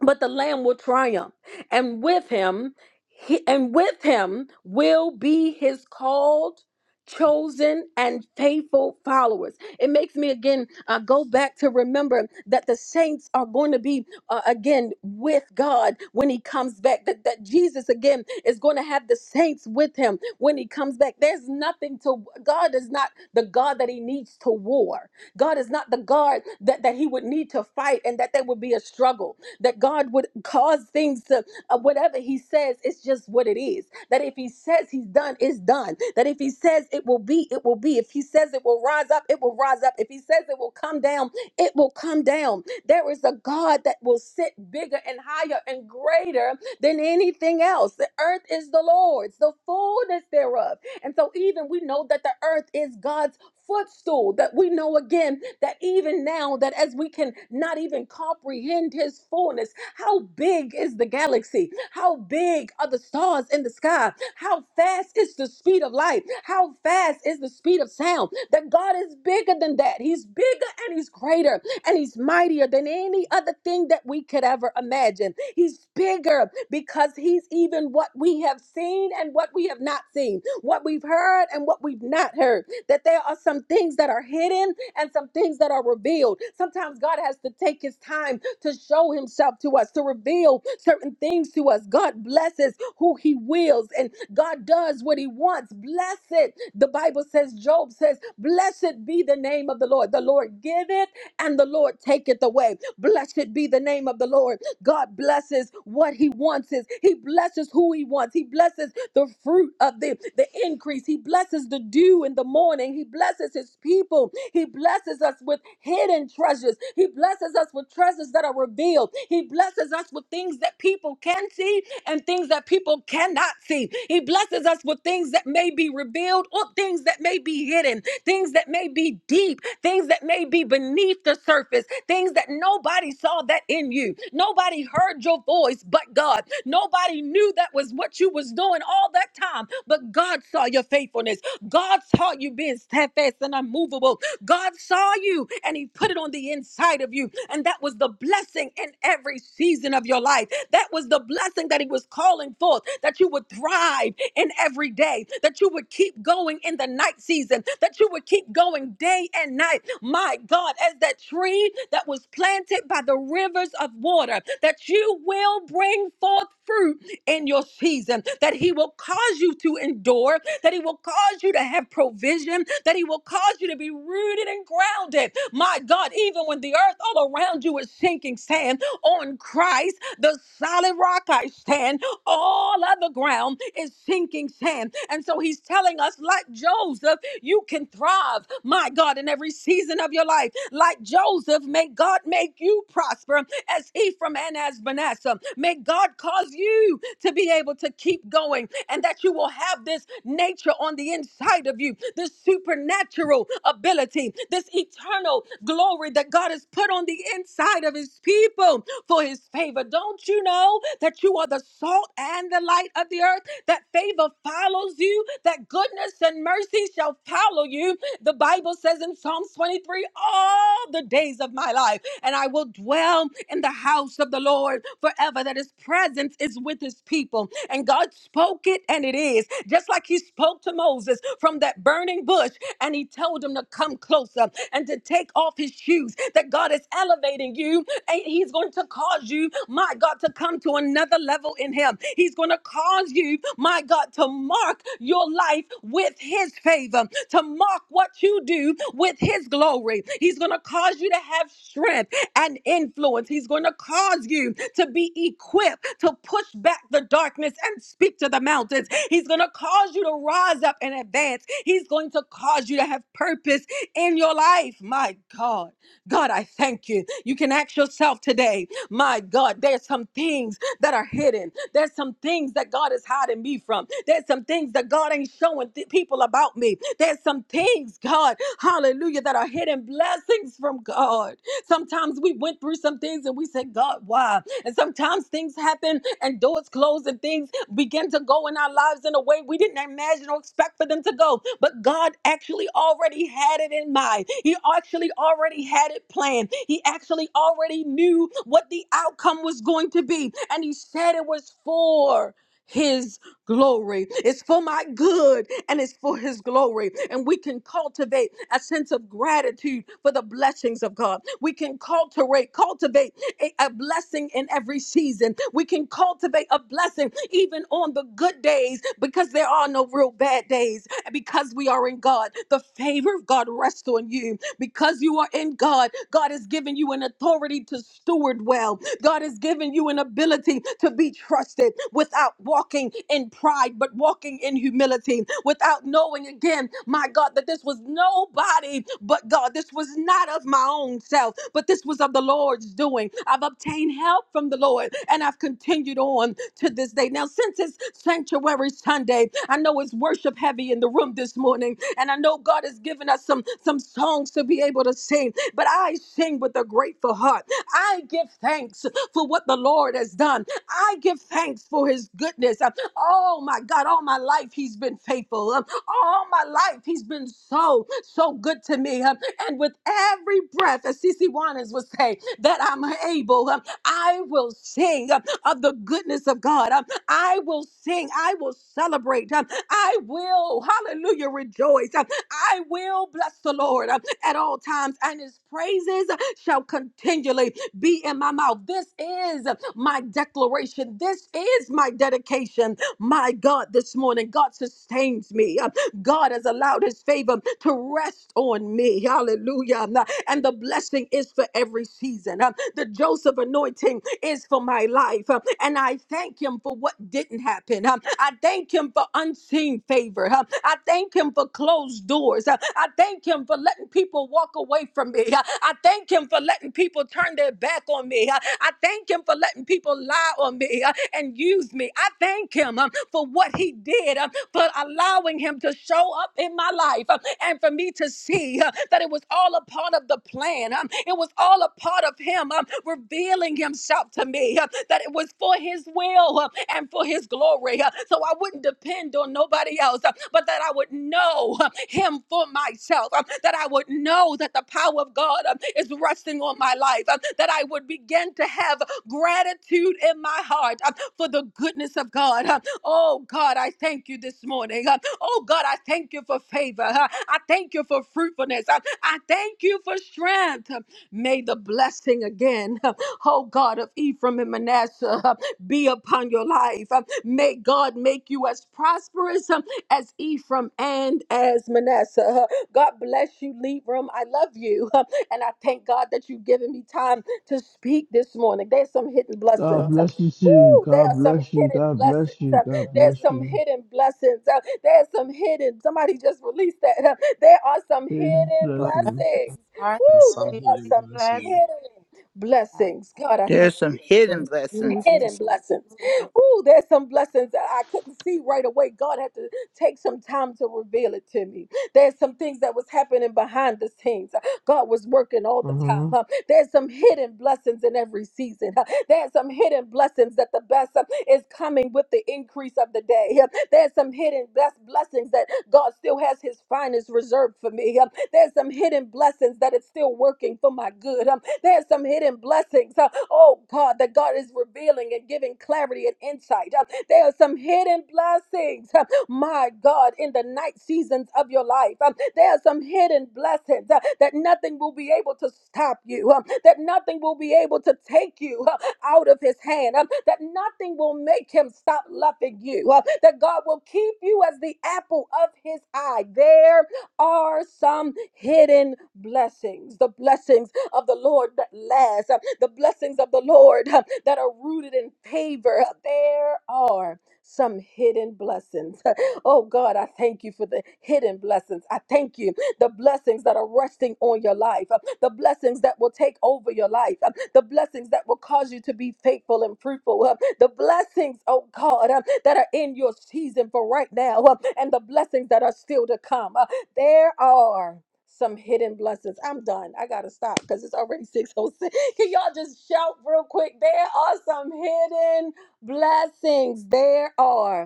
[SPEAKER 1] but the lamb will triumph and with him he, and with him will be his called chosen and faithful followers it makes me again uh, go back to remember that the saints are going to be uh, again with god when he comes back that, that jesus again is going to have the saints with him when he comes back there's nothing to god is not the god that he needs to war god is not the god that, that he would need to fight and that there would be a struggle that God would cause things to, uh, whatever He says, it's just what it is. That if He says He's done, it's done. That if He says it will be, it will be. If He says it will rise up, it will rise up. If He says it will come down, it will come down. There is a God that will sit bigger and higher and greater than anything else. The earth is the Lord's, the fullness thereof and so, even we know that the earth is God's footstool, that we know again that even now, that as we can not even comprehend his fullness, how big is the galaxy? How big are the stars in the sky? How fast is the speed of light? How fast is the speed of sound? That God is bigger than that. He's bigger and he's greater and he's mightier than any other thing that we could ever imagine. He's bigger because he's even what we have seen and what we have not seen, what we've heard and what we've not heard. That there are some things that are hidden and some things that are revealed. Sometimes God has to take his time to show himself to us, to reveal certain things to us. God blesses who he wills and God does what he wants. Blessed, the Bible says, Job says, Blessed be the name of the Lord. The Lord giveth and the Lord taketh away. Blessed be the name of the Lord. God blesses what he wants is. He blesses who he wants. He blesses the fruit of the, the increase. He blesses the dew in the morning. He blesses his people. He blesses us with hidden treasures. He blesses us with treasures that are revealed. He blesses us with things that people can see and things that people cannot see. He blesses us with things that may be revealed or things that that may be hidden, things that may be deep, things that may be beneath the surface, things that nobody saw that in you. Nobody heard your voice but God. Nobody knew that was what you was doing all that time, but God saw your faithfulness. God saw you being steadfast and unmovable. God saw you and he put it on the inside of you. And that was the blessing in every season of your life. That was the blessing that he was calling forth that you would thrive in every day, that you would keep going in the night season, that you would keep going day and night. My God, as that tree that was planted by the rivers of water, that you will bring forth fruit in your season, that He will cause you to endure, that He will cause you to have provision, that He will cause you to be rooted and grounded. My God, even when the earth all around you is sinking sand, on Christ, the solid rock I stand, all other ground is sinking sand. And so he's telling us, like Joseph, you can thrive, my God, in every season of your life. Like Joseph, may God make you prosper as Ephraim and as Manasseh. May God cause you to be able to keep going and that you will have this nature on the inside of you, this supernatural ability, this eternal glory that God has put on the inside of his people for his favor. Don't you know that you are the salt and the light of the earth? that favor follows you, that goodness and mercy shall follow you. The Bible says in Psalms 23 all the days of my life, and I will dwell in the house of the Lord forever, that his presence is with his people. And God spoke it, and it is. Just like he spoke to Moses from that burning bush, and he told him to come closer and to take off his shoes, that God is elevating you, and he's going to cause you my God, to come to another level in Him. He's going to cause you, my God, to mark your life with His favor, to mark what you do with His glory. He's going to cause you to have strength and influence. He's going to cause you to be equipped to push back the darkness and speak to the mountains. He's going to cause you to rise up and advance. He's going to cause you to have purpose in your life. My God, God, I thank you. You can ask yourself today my God, there's some things that are hidden. There's some things that God is hiding me from. There's some things that God ain't showing th- people about me. There's some things, God, hallelujah, that are hidden blessings from God. Sometimes we went through some things and we said, God, why? And sometimes things happen and doors close and things begin to go in our lives in a way we didn't imagine or expect for them to go. But God actually already had it in mind. He actually already had it planned. He actually already knew what the outcome was going to be. And He said it was for His glory. It's for my good and it's for His glory. And we can cultivate a sense of gratitude for the blessings of God. We can cultivate, cultivate a, a blessing in every season. We can cultivate a blessing even on the good days because there are no real bad days. Because we are in God, the favor of God rests on you. Because you are in God, God has given you an authority to steward well. God has given you an ability to be trusted without walking in pride, but walking in humility, without knowing again, my God, that this was nobody but God. This was not of my own self, but this was of the Lord's doing. I've obtained help from the Lord and I've continued on to this day. Now, since it's Sanctuary Sunday, I know it's worship heavy in the room this morning, and I know God has given us some, some songs to be able to sing, but I sing with a grateful heart. I give thanks for what the Lord has done. I give thanks for his goodness. Uh, Oh my God, all my life he's been faithful. Um, All my life he's been so, so good to me. Um, And with every breath, as CC Juanes would say, that I'm able, um, I will sing um, of the goodness of God. Um, I will sing. I will celebrate. Um, I will, hallelujah, rejoice. Um, I will bless the Lord um, at all times, and his praises shall continually be in my mouth. This is my declaration. This is my dedication. My God, this morning, God sustains me. God has allowed his favor to rest on me. Hallelujah. And the blessing is for every season. Uh, The Joseph anointing is for my life. Uh, And I thank him for what didn't happen. Um, I thank him for unseen favor. Um, I thank him for closed doors. Uh, I thank him for letting people walk away from me. Uh, I thank him for letting people turn their it back on me. Uh, I thank him for letting people lie on me uh, and use me. I thank him um, for what he did, um, for allowing him to show up in my life um, and for me to see uh, that it was all a part of the plan. um, It was all a part of him um, revealing himself to me, uh, that it was for his will uh, and for his glory. uh, So I wouldn't depend on depend on nobody else, uh, but that I would know uh, him for myself, uh, that I would know that the power of God uh, is resting on my life, uh, that I would begin to have gratitude in my heart uh, for the goodness of God. uh. Oh God, I thank you this morning. uh. Oh God, I thank you for favor. uh. I thank you for fruitfulness. uh. I thank you for strength. Uh, May the blessing again, oh God of Ephraim and Manasseh, be upon your life. Um, May God make you as prosperous um, as Ephraim and as Manasseh. Uh, God bless you, Libram. I love you. Uh, And I thank God that you've given me time to speak this morning. There's some hidden blessings.
[SPEAKER 6] God
[SPEAKER 1] Uh,
[SPEAKER 6] bless you too.
[SPEAKER 1] Woo, there are
[SPEAKER 6] God
[SPEAKER 1] some
[SPEAKER 6] bless you.
[SPEAKER 1] hidden
[SPEAKER 6] God
[SPEAKER 1] blessings.
[SPEAKER 6] bless you.
[SPEAKER 1] Uh,
[SPEAKER 6] God
[SPEAKER 1] There's
[SPEAKER 6] bless
[SPEAKER 1] some
[SPEAKER 6] you.
[SPEAKER 1] hidden blessings. Uh, There's some hidden. Somebody just released that. Uh, There are some
[SPEAKER 6] Hidden
[SPEAKER 1] hidden
[SPEAKER 4] Well, there
[SPEAKER 6] blessings.
[SPEAKER 1] blessings.
[SPEAKER 4] are
[SPEAKER 11] and
[SPEAKER 1] Woo,
[SPEAKER 4] some
[SPEAKER 11] some
[SPEAKER 1] there are
[SPEAKER 11] healing
[SPEAKER 1] some
[SPEAKER 4] hidden blessings.
[SPEAKER 11] blessing.
[SPEAKER 1] hidden blessings. God, I thank
[SPEAKER 8] There's
[SPEAKER 1] you
[SPEAKER 8] some hidden blessings.
[SPEAKER 1] hidden
[SPEAKER 5] Yes.
[SPEAKER 1] blessings. Ooh, there's some blessings that I couldn't see right away. God had to take some time to reveal it to me. There's some things that was happening behind the scenes. God was working all the
[SPEAKER 6] Uh
[SPEAKER 1] time.
[SPEAKER 6] huh.
[SPEAKER 1] Uh, There's some hidden blessings in every season. Uh, There's some hidden blessings that the best uh, is coming with the increase of the day. Uh, There's some hidden best blessings that God still has his finest reserved for me. Uh, There's some hidden blessings that it's still working for my good. Um, there's some hidden blessings, uh, oh God, that God is revealing and giving clarity and insight. Uh, there are some hidden blessings, uh, my God, in the night seasons of your life. Um, there are some hidden blessings uh, that nothing will be able to stop you, um, that nothing will be able to take you uh, out of his hand, um, that nothing will make him stop loving you, uh, that God will keep you as the apple of his eye. There are some hidden blessings the blessings of the Lord that last, uh, the blessings of the Lord uh, that are rooted in favor. There are some hidden blessings. Oh God, I thank you for the hidden blessings. I thank you the blessings that are resting on your life, uh, the blessings that will take over your life, uh, the blessings that will cause you to be faithful and fruitful, uh, the blessings, oh God, uh, that are in your season for right now, uh, and the blessings that are still to come. Uh, There are some hidden blessings. I'm done. I gotta stop because it's already 606. Can y'all just shout real quick? There are some hidden blessings. There are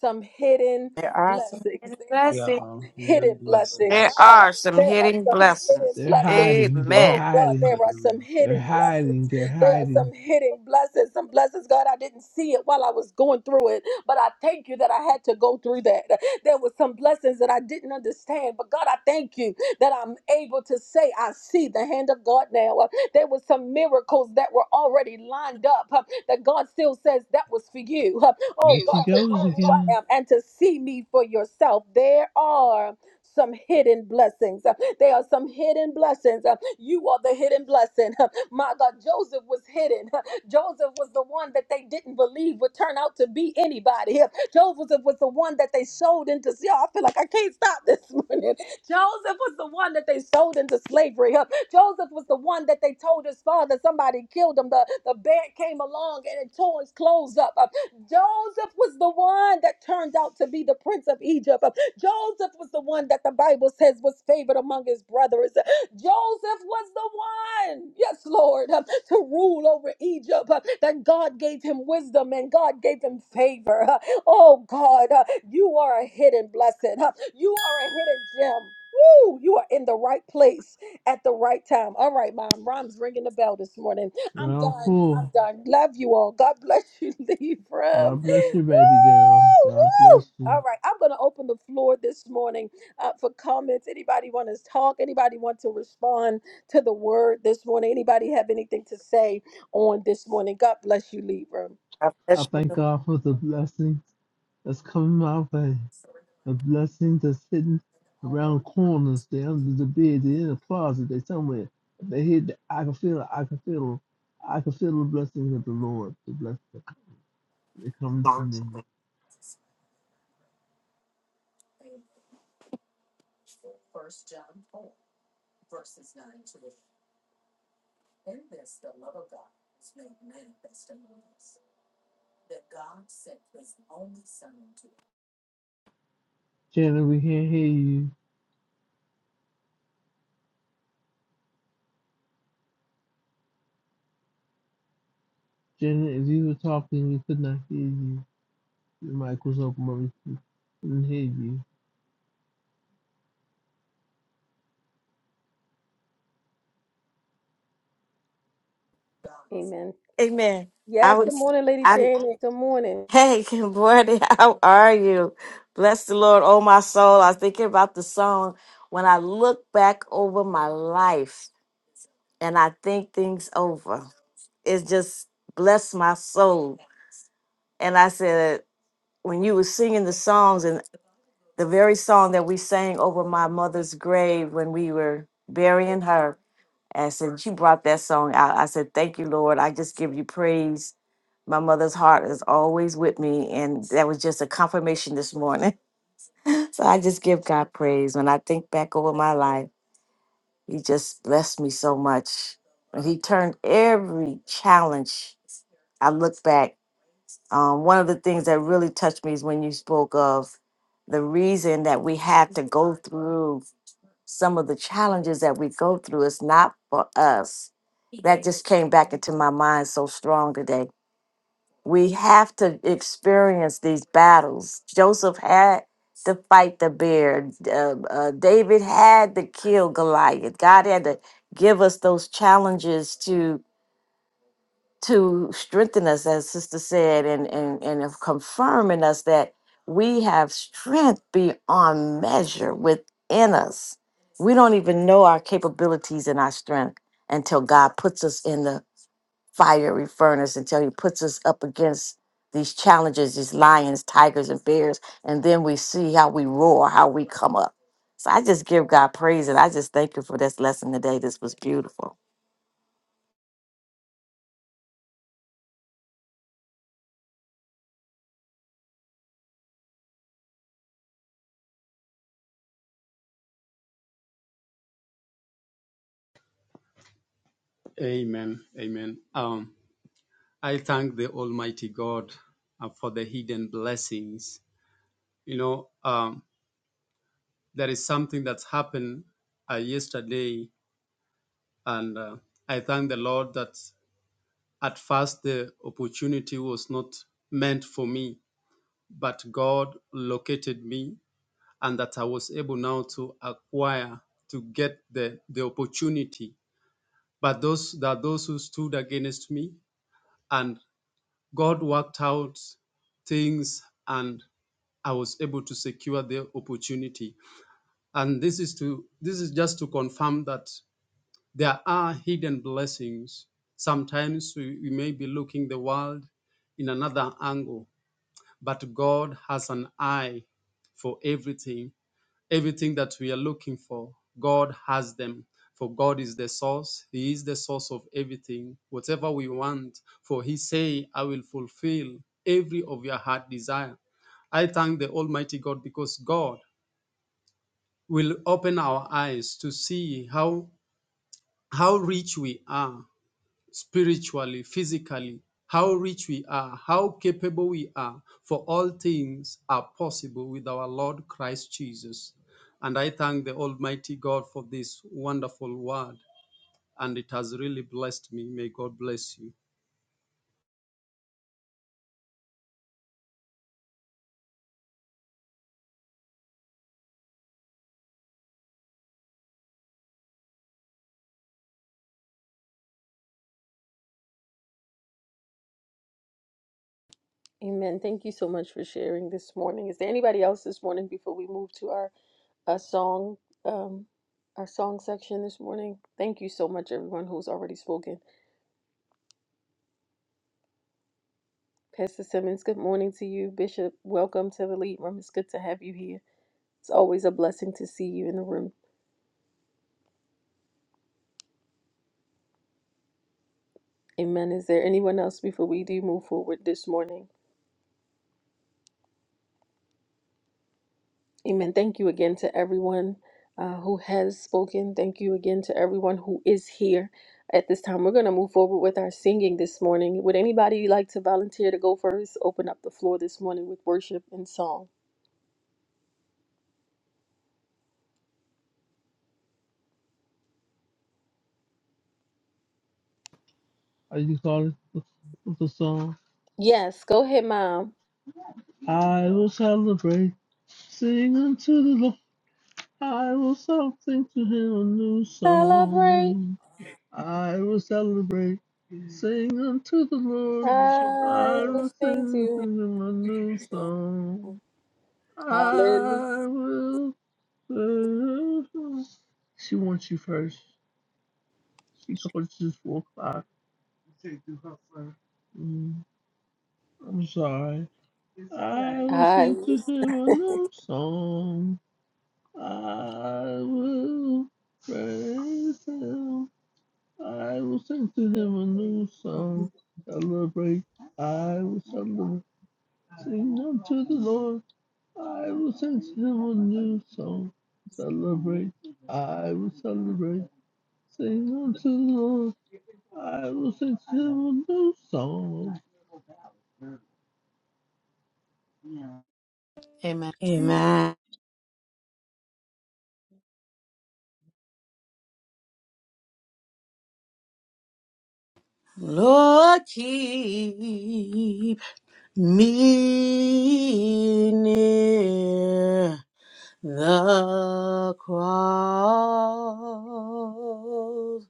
[SPEAKER 1] some hidden
[SPEAKER 4] There are some
[SPEAKER 1] blessings.
[SPEAKER 4] hidden
[SPEAKER 1] There are
[SPEAKER 11] There
[SPEAKER 4] blessings.
[SPEAKER 11] are
[SPEAKER 1] some hidden
[SPEAKER 11] hidden
[SPEAKER 1] blessings.
[SPEAKER 3] There
[SPEAKER 11] blessings.
[SPEAKER 1] Ah,
[SPEAKER 3] are some
[SPEAKER 1] there are
[SPEAKER 3] hitting
[SPEAKER 1] some hidden
[SPEAKER 3] blessings.
[SPEAKER 6] They're
[SPEAKER 1] blessings.
[SPEAKER 6] hiding. They're
[SPEAKER 1] Oh
[SPEAKER 3] Amen.
[SPEAKER 1] God, there
[SPEAKER 6] hiding.
[SPEAKER 1] are
[SPEAKER 11] Hallelujah.
[SPEAKER 1] some
[SPEAKER 6] They're
[SPEAKER 1] hidden
[SPEAKER 6] hiding.
[SPEAKER 1] blessings.
[SPEAKER 6] They're
[SPEAKER 1] There are
[SPEAKER 6] hiding.
[SPEAKER 1] some hidden blessings. Some blessings, God, I didn't see it while I was going through it, but I thank you that I had to go through that. There were some blessings that I didn't understand, but God, I thank you that I'm able to say, I see the hand of God now. There were some miracles that were already lined up uh, that God still says that was for you. Uh, Oh,
[SPEAKER 6] There
[SPEAKER 1] God,
[SPEAKER 6] she
[SPEAKER 1] to
[SPEAKER 6] goes
[SPEAKER 1] know who I
[SPEAKER 6] again.
[SPEAKER 1] am and to see me for yourself. There are some hidden blessings. Uh, There are some hidden blessings. Uh, You are the hidden blessing. My God, Joseph was hidden. Joseph was the one that they didn't believe would turn out to be anybody. Joseph was the one that they sold into. See, I feel like I can't stop this morning. Joseph was the one that they sold into slavery. Huh? Joseph was the one that they told his father somebody killed him. The, the bear came along and it tore his clothes up. Uh, Joseph was the one that turned out to be the prince of Egypt. Uh, Joseph was the one that the Bible says was favored among his brothers. Uh, Joseph was the one, yes, Lord, uh, to rule over Egypt. Uh, That God gave him wisdom and God gave him favor. Uh, Oh God, uh, you are a hidden blessing. huh? You are a hidden gem. Woo, you are in the right place at the right time. All right, Mom. Rom's ringing the bell this morning. I'm
[SPEAKER 6] Round
[SPEAKER 1] done. I'm
[SPEAKER 6] four.
[SPEAKER 1] done. Love you all. God bless you, Libra.
[SPEAKER 6] God
[SPEAKER 1] Woo,
[SPEAKER 6] bless you, baby girl. God
[SPEAKER 1] woo.
[SPEAKER 6] bless
[SPEAKER 1] All
[SPEAKER 6] you.
[SPEAKER 1] right, I'm going to open the floor this morning uh, for comments. Anybody want to talk? Anybody want to respond to the word this morning? Anybody have anything to say on this morning? God bless you, Libra.
[SPEAKER 4] I
[SPEAKER 6] I
[SPEAKER 4] bless
[SPEAKER 6] thank
[SPEAKER 4] you.
[SPEAKER 6] God for the blessings that's coming my way. The blessings are sitting around corners. They're under the bed. They're in the closet. They're somewhere. If they hit, the, I can feel it. I can feel them. I can feel the blessings of the Lord. The blessings that coming to me. Janet, we can't hear you. Janet, if you were talking, we could not hear you. Your mic was open, but we couldn't hear you.
[SPEAKER 1] Amen.
[SPEAKER 3] Amen. I
[SPEAKER 1] Yes, good
[SPEAKER 3] was,
[SPEAKER 1] morning, Lady
[SPEAKER 3] I,
[SPEAKER 1] Janet. Good morning.
[SPEAKER 3] hey, good morning. How are you? Bless the Lord, oh my soul. I was thinking about the song when I look back over my life and I think things over. It's just bless my soul. And I said, when you were singing the songs and the very song that we sang over my mother's grave when we were burying her, And since you brought that song out, I said, Thank you, Lord. I just give you praise. My mother's heart is always with me. And that was just a confirmation this morning. so I just give God praise. When I think back over my life, He just blessed me so much. And He turned every challenge. I look back. Um, one of the things that really touched me is when you spoke of the reason that we have to go through some of the challenges that we go through. It's not for us that just came back into my mind so strong today. We have to experience these battles. Joseph had to fight the bear. Uh, uh, David had to kill Goliath. God had to give us those challenges to to strengthen us, as Sister said, and and and of confirming us that we have strength beyond measure within us. We don't even know our capabilities and our strength until God puts us in the fiery furnace until he puts us up against these challenges, these lions, tigers, and bears. And then we see how we roar, how we come up. So I just give God praise and I just thank you for this lesson today. This was beautiful.
[SPEAKER 11] Amen. Amen. Um, I thank the Almighty God uh, for the hidden blessings. You know, um, there is something that's happened uh, yesterday, and uh, I thank the Lord that at first the opportunity was not meant for me, but God located me, and that I was able now to acquire to get the the opportunity but those there are those who stood against me and god worked out things and i was able to secure the opportunity and this is to this is just to confirm that there are hidden blessings sometimes we, we may be looking the world in another angle but god has an eye for everything everything that we are looking for, God has them. For God is the source. He is the source of everything. Whatever we want, for He say, I will fulfill every of your heart desire. I thank the Almighty God because God will open our eyes to see how how rich we are spiritually, physically, how rich we are, how capable we are, for all things are possible with our Lord Christ Jesus. And I thank the Almighty God for this wonderful word, and it has really blessed me. May God bless you.
[SPEAKER 1] Amen. Thank you so much for sharing this morning. Is there anybody else this morning before we move to our, our song um our song section this morning? Thank you so much, everyone who's already spoken. Pastor Simmons, good morning to you. Bishop, welcome to the lead room. It's good to have you here. It's always a blessing to see you in the room. Amen. Is there anyone else before we do move forward this morning? Amen. Thank you again to everyone uh, who has spoken. Thank you again to everyone who is here at this time. We're going to move forward with our singing this morning. Would anybody like to volunteer to go first? Open up the floor this morning with worship and song.
[SPEAKER 6] Are you calling? What's the song?
[SPEAKER 1] Yes, go ahead, Mom.
[SPEAKER 6] I will celebrate, sing unto the Lord. I will sing to him a new
[SPEAKER 1] Celebrate.
[SPEAKER 6] song. I will celebrate, sing unto the Lord.
[SPEAKER 1] I
[SPEAKER 6] I
[SPEAKER 1] will
[SPEAKER 6] will
[SPEAKER 1] sing
[SPEAKER 6] sing
[SPEAKER 1] to
[SPEAKER 6] to him a
[SPEAKER 1] him.
[SPEAKER 6] new
[SPEAKER 1] So,
[SPEAKER 6] song.
[SPEAKER 1] hallelujah.
[SPEAKER 6] I will. sing. She wants you first. She called you four o'clock. Mm, I'm sorry. I will
[SPEAKER 1] I
[SPEAKER 6] sing to
[SPEAKER 1] will sing.
[SPEAKER 6] him a new song. I will praise him. I will sing to them a new song, celebrate. I will celebrate, sing unto the Lord. I will sing to them a new song, celebrate. I will celebrate, sing unto the Lord. I will sing to them a new song.
[SPEAKER 4] Amen. Amen. Lord, keep me near. the cross,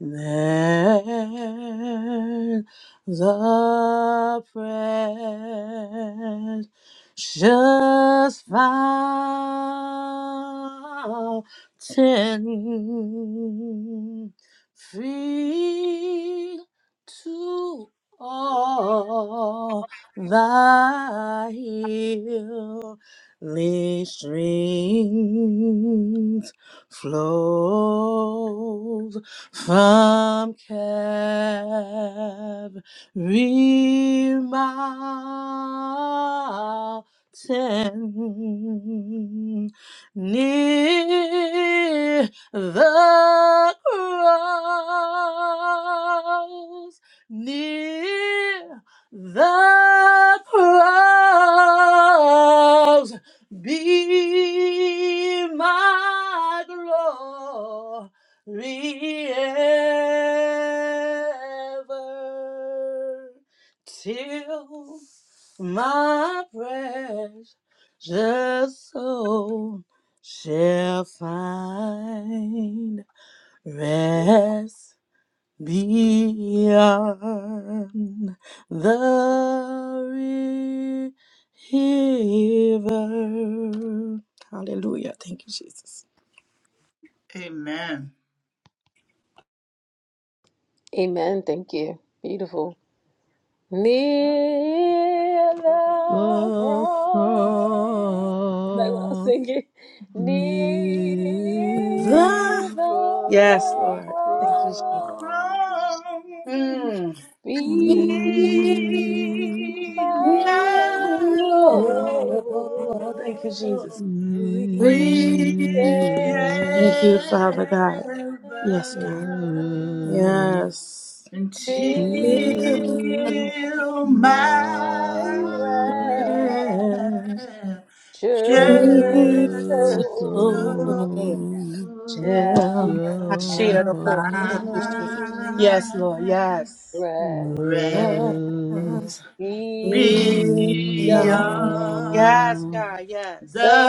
[SPEAKER 4] then the precious fountain, free to all thy hills strings flows from Calvary mountain near the cross, near the cross be my glory ever till my precious soul shall find rest. Beyond the river. Hallelujah. Thank you, Jesus.
[SPEAKER 8] Amen.
[SPEAKER 1] Amen. Thank you. Beautiful. Near the
[SPEAKER 6] The
[SPEAKER 1] cross. Like when I was
[SPEAKER 6] cross,
[SPEAKER 1] singing, near
[SPEAKER 6] near
[SPEAKER 4] The
[SPEAKER 1] the
[SPEAKER 4] yes,
[SPEAKER 6] the
[SPEAKER 4] Lord. Thank you, Jesus.
[SPEAKER 1] cross
[SPEAKER 8] Rose,
[SPEAKER 6] cross.
[SPEAKER 4] Mm.
[SPEAKER 1] be
[SPEAKER 8] be
[SPEAKER 6] In
[SPEAKER 1] my
[SPEAKER 8] my
[SPEAKER 6] my
[SPEAKER 1] glory.
[SPEAKER 4] Mm,
[SPEAKER 6] glory,
[SPEAKER 4] Lord. Thank you, Jesus.
[SPEAKER 6] my
[SPEAKER 8] glory
[SPEAKER 4] Thank you, Father
[SPEAKER 8] ever.
[SPEAKER 4] God. Yes, God. Yes.
[SPEAKER 1] Till
[SPEAKER 8] until my
[SPEAKER 1] I rest.
[SPEAKER 8] raptured
[SPEAKER 1] Sure,
[SPEAKER 6] righteous
[SPEAKER 1] soul
[SPEAKER 8] soul
[SPEAKER 4] Yes.
[SPEAKER 6] soul
[SPEAKER 4] Yeah.
[SPEAKER 1] shall
[SPEAKER 4] I see
[SPEAKER 6] shall
[SPEAKER 4] that
[SPEAKER 8] shall
[SPEAKER 4] before.
[SPEAKER 1] find
[SPEAKER 4] Thank
[SPEAKER 8] find
[SPEAKER 4] you, Jesus.
[SPEAKER 6] find
[SPEAKER 4] Yes, Lord. Yes.
[SPEAKER 6] Oh, glory.
[SPEAKER 1] rest
[SPEAKER 8] rest beyond
[SPEAKER 4] Yeah.
[SPEAKER 1] beyond
[SPEAKER 4] Yes, God. Yes.
[SPEAKER 8] the
[SPEAKER 1] the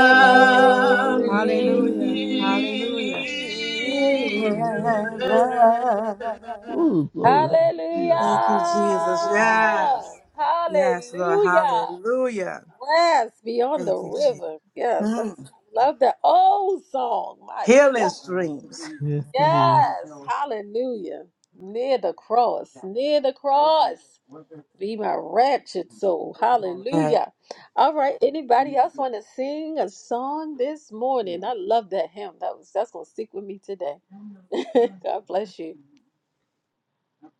[SPEAKER 4] Hallelujah. Hallelujah.
[SPEAKER 1] grave.
[SPEAKER 8] river.
[SPEAKER 4] Forever.
[SPEAKER 1] Hallelujah!
[SPEAKER 6] Hallelujah.
[SPEAKER 4] Thank you, Jesus. Yes. Yes, Lord.
[SPEAKER 1] Hallelujah!
[SPEAKER 4] Hallelujah.
[SPEAKER 1] Rest beyond the
[SPEAKER 4] Thank you, Jesus.
[SPEAKER 1] river. Yes, that's, I
[SPEAKER 4] Mm.
[SPEAKER 1] love that old song. My
[SPEAKER 4] Healing
[SPEAKER 1] God.
[SPEAKER 4] streams.
[SPEAKER 6] Yes, indeed.
[SPEAKER 1] Yes, hallelujah. Near the cross, near the cross. Be my wretched soul.
[SPEAKER 4] Yeah.
[SPEAKER 1] Hallelujah. All right. Anybody else want to sing a song this morning? I love that hymn. That was that's gonna stick with me today. God bless you.